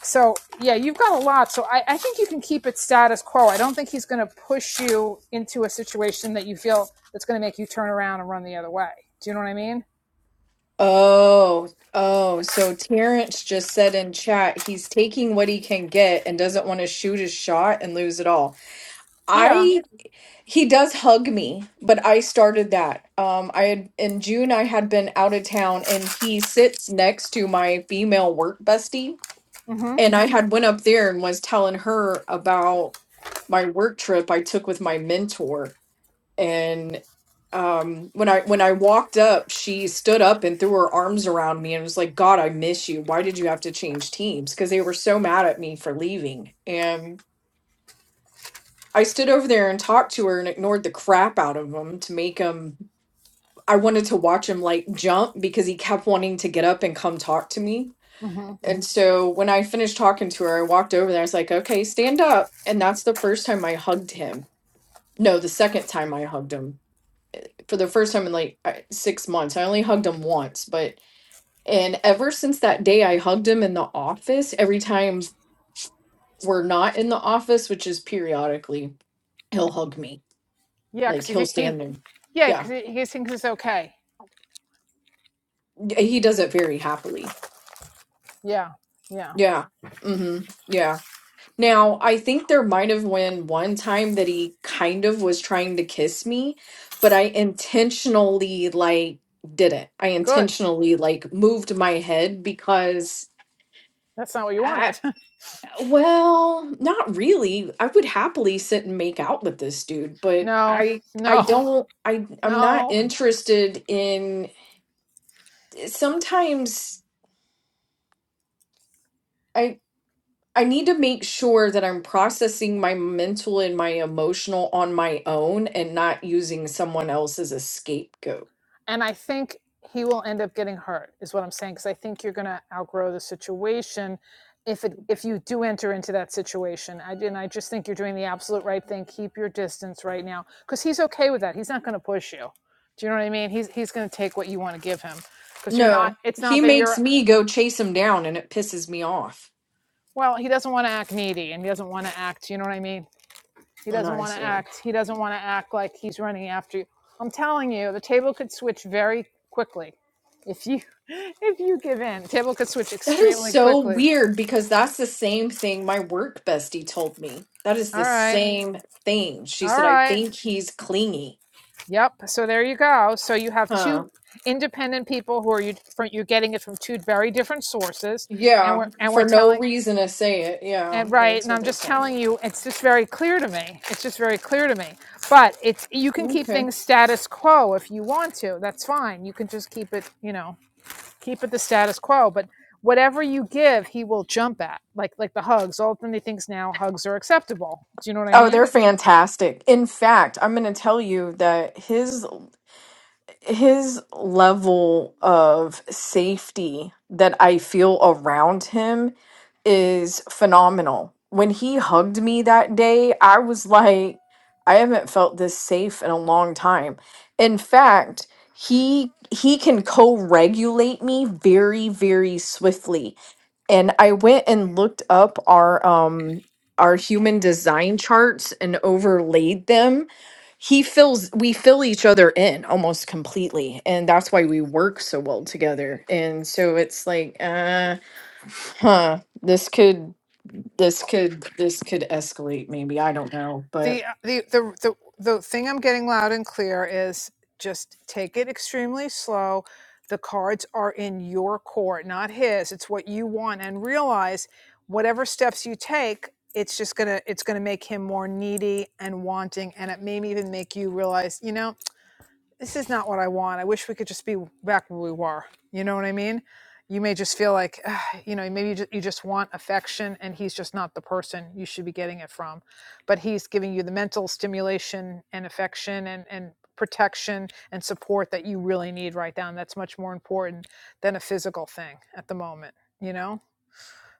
S1: so yeah, you've got a lot. So I, I think you can keep it status quo. I don't think he's gonna push you into a situation that you feel that's gonna make you turn around and run the other way. Do you know what I mean?
S14: Oh, oh. So Terrence just said in chat he's taking what he can get and doesn't want to shoot his shot and lose it all.
S1: Yeah.
S14: I he does hug me, but I started that. Um, I had in June I had been out of town and he sits next to my female work bestie
S1: Mm-hmm.
S14: and I had went up there and was telling her about my work trip I took with my mentor and um when I when I walked up she stood up and threw her arms around me and was like god I miss you why did you have to change teams because they were so mad at me for leaving and I stood over there and talked to her and ignored the crap out of him to make him I wanted to watch him like jump because he kept wanting to get up and come talk to me
S1: Mm-hmm.
S14: and so when I finished talking to her, I walked over there. I was like, okay, stand up. And that's the first time I hugged him. No, the second time I hugged him for the first time in like I- six months. I only hugged him once, but, and ever since that day, I hugged him in the office. Every time we're not in the office, which is periodically, he'll hug me.
S1: Yeah, because
S14: Like
S1: he
S14: he'll
S1: he
S14: stand there.
S1: yeah,
S14: Yeah.
S1: because he, he thinks it's okay.
S14: y- He does it very happily.
S1: Yeah. Yeah.
S14: Yeah. Mm hmm. Yeah. Now, I think there might have been one time that he kind of was trying to kiss me, but I intentionally like didn't. I
S1: Good.
S14: intentionally like moved my head because
S1: That's not what you
S14: I,
S1: wanted.
S14: well, not really. I would happily sit and make out with this dude,
S1: [laughs]
S14: but
S1: no,
S14: I I
S1: no,
S14: don't I I'm not
S1: no.
S14: interested in sometimes I I need to make sure that I'm processing my mental and my emotional on my own and not using someone else as a scapegoat.
S1: and I think he will end up getting hurt is what I'm saying because I think you're going to outgrow the situation if it if you do enter into that situation. I and I just think you're doing the absolute right thing. Keep your distance right now because he's okay with that. He's not going to push you. Do you know what I mean? He's he's going to take what you want to give him because you're not.
S14: No,
S1: It's not
S14: he
S1: that
S14: makes
S1: you're.
S14: me go chase him down and it pisses me off.
S1: Well, he doesn't want to act needy and he doesn't want to act. You know what I mean? He
S14: And
S1: doesn't
S14: I
S1: want to
S14: say,
S1: act. He doesn't want to act like he's running after you. I'm telling you, the table could switch very quickly if you [laughs] if you give in. Table could switch
S14: that is
S1: extremely
S14: so
S1: quickly.
S14: weird because that's the same thing my work bestie told me. That is
S1: All
S14: the
S1: right.
S14: same thing. She
S1: All
S14: said, I
S1: right.
S14: think he's clingy.
S1: Yep. So there you go. So you have
S14: Huh.
S1: two independent people who are you from you're getting it from two very different sources and
S14: Yeah,
S1: we're and we're
S14: for no
S1: telling
S14: reason to say it. Yeah,
S1: And
S14: well,
S1: right,
S14: that's
S1: and
S14: what
S1: I'm
S14: they're
S1: just
S14: telling
S1: telling you, it's just very clear to me. It's just very clear to me. But it's you can
S14: me.
S1: keep
S14: Okay.
S1: things status quo if you want to. That's fine. You can just keep it, you know, keep it the status quo. But whatever you give, he will jump at. Like like the hugs. All of a sudden he thinks now hugs are acceptable. Do you know what I
S14: Oh,
S1: mean?
S14: they're fantastic. In fact, I'm going to tell you that his his level of safety that I feel around him is phenomenal. When he hugged me that day, I was like, I haven't felt this safe in a long time. In fact, he he can co-regulate me very very swiftly and I went and looked up our um our human design charts and overlaid them he fills we fill each other in almost completely and that's why we work so well together and so it's like uh huh this could this could this could escalate maybe i don't know
S1: the
S14: but
S1: uh, the the the the thing I'm getting loud and clear is just take it extremely slow. The cards are in your court, not his. It's what you want, and realize whatever steps you take, it's just gonna it's gonna make him more needy and wanting, and it may even make you realize, you know this is not what I want. I wish we could just be back where we were. You know what I mean? You may just feel like, "Ah," you know, maybe you just, you just want affection and he's just not the person you should be getting it from. But he's giving you the mental stimulation and affection and, and protection and support that you really need right now. And that's much more important than a physical thing at the moment, you know?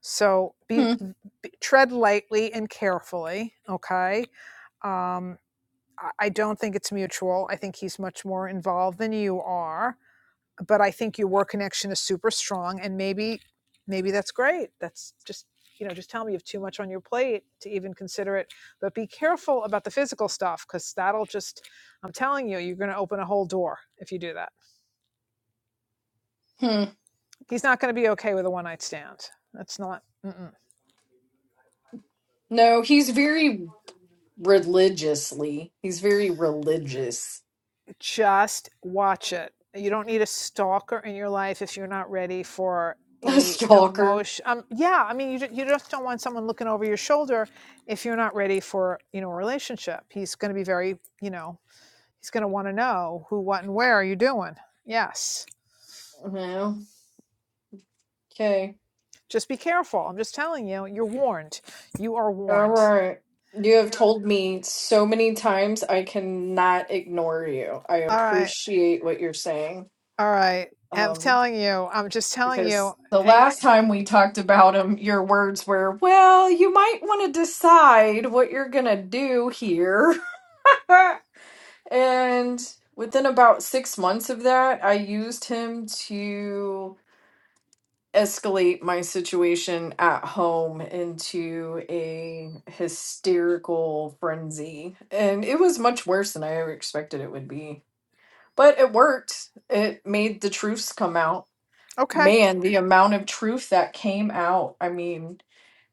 S1: So be,
S14: hmm,
S1: be tread lightly and carefully, okay? Um, I don't think it's mutual. I think he's much more involved than you are, but I think your work connection is super strong and maybe maybe that's great. That's just you know, just tell me you have too much on your plate to even consider it. But be careful about the physical stuff because that'll just, I'm telling you, you're going to open a whole door if you do that.
S14: hmm.
S1: He's not going to be okay with a one night stand. That's not, mm-mm.
S14: no he's very religiously he's very religious
S1: Just watch it. You don't need a stalker in your life if you're not ready for
S14: [laughs] a
S1: a
S14: stalker
S1: emotion. Um, yeah, I mean, you, you just don't want someone looking over your shoulder if you're not ready for you know a relationship. He's going to be very you know he's going to want to know who, what, and where are you doing. Yes,
S14: you okay
S1: just be careful. I'm just telling you. You're warned. You are
S14: All
S1: warned.
S14: right. You have
S1: You
S14: told me so many times I cannot ignore you. I
S1: all right?
S14: appreciate what you're saying.
S1: All right. I'm
S14: Um,
S1: telling you. I'm just telling you.
S14: because the
S1: I,
S14: last time we talked about him, your words were, well, you might want to decide what you're going to do here. [laughs] and within about six months of that, I used him to. escalate my situation at home into a hysterical frenzy. And it was much worse than I ever expected it would be. But it worked. It made the truths come out.
S1: okay.
S14: Man, the amount of truth that came out. I mean,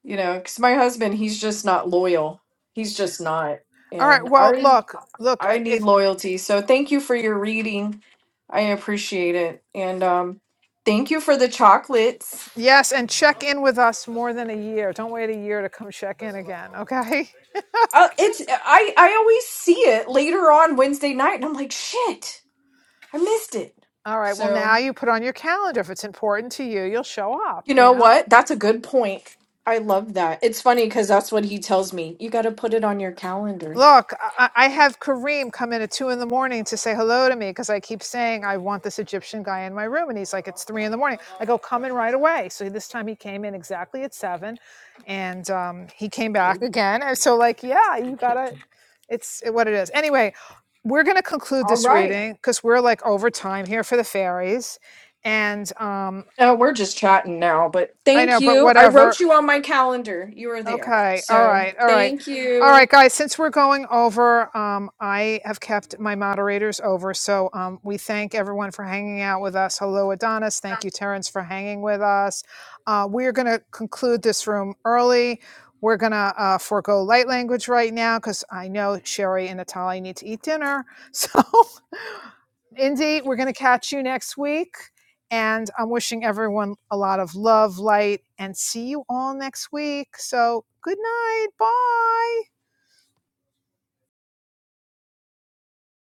S14: you know, because my husband, he's just not loyal. He's just not.
S1: All right.
S14: And
S1: Well,
S14: I
S1: look, look.
S14: I
S1: If
S14: need loyalty. So thank you for your reading. I appreciate it. And um thank you for the chocolates.
S1: Yes, and check in with us more than a year. Don't wait a year to come check in again, okay?
S14: Uh, it's I I always see it later on Wednesday night, and I'm like, shit, I missed it.
S1: All right. Well,
S14: So
S1: now you put on your calendar. If it's important to you, you'll show up,
S14: you
S1: you
S14: know
S1: know?
S14: what? That's a good point. I love that. It's funny because that's what he tells me. You got to put it on your calendar.
S1: Look, I, I have Kareem come in at two in the morning to say hello to me because I keep saying I want this Egyptian guy in my room, and he's like, "It's three in the morning." I go, "Come in right away." So this time he came in exactly at seven, and um, he came back
S14: See?
S1: again. And so, like, yeah,
S14: See,
S1: you gotta.
S14: kid.
S1: It's what it is. Anyway, we're gonna conclude
S14: All
S1: this
S14: right.
S1: reading because we're like over time here for the fairies, and um,
S14: No, we're just chatting now, but
S1: I know,
S14: thank
S1: but
S14: you. I
S1: whatever.
S14: wrote you on my calendar. You were there.
S1: Okay. All
S14: So
S1: right. All right.
S14: thank
S1: All right,
S14: you.
S1: guys. Since we're going over, um, I have kept my moderators over. So um, we thank everyone for hanging out with us. Hello, Adonis. Thank you, Terrence, for hanging with us. Uh, we are going to conclude this room early. We're going to uh, forego light language right now because I know Sherry and Natalie need to eat dinner. [laughs] So, Indy, we're going to catch you next week. And I'm wishing everyone a lot of love, light, and see you all next week. So good night. Bye.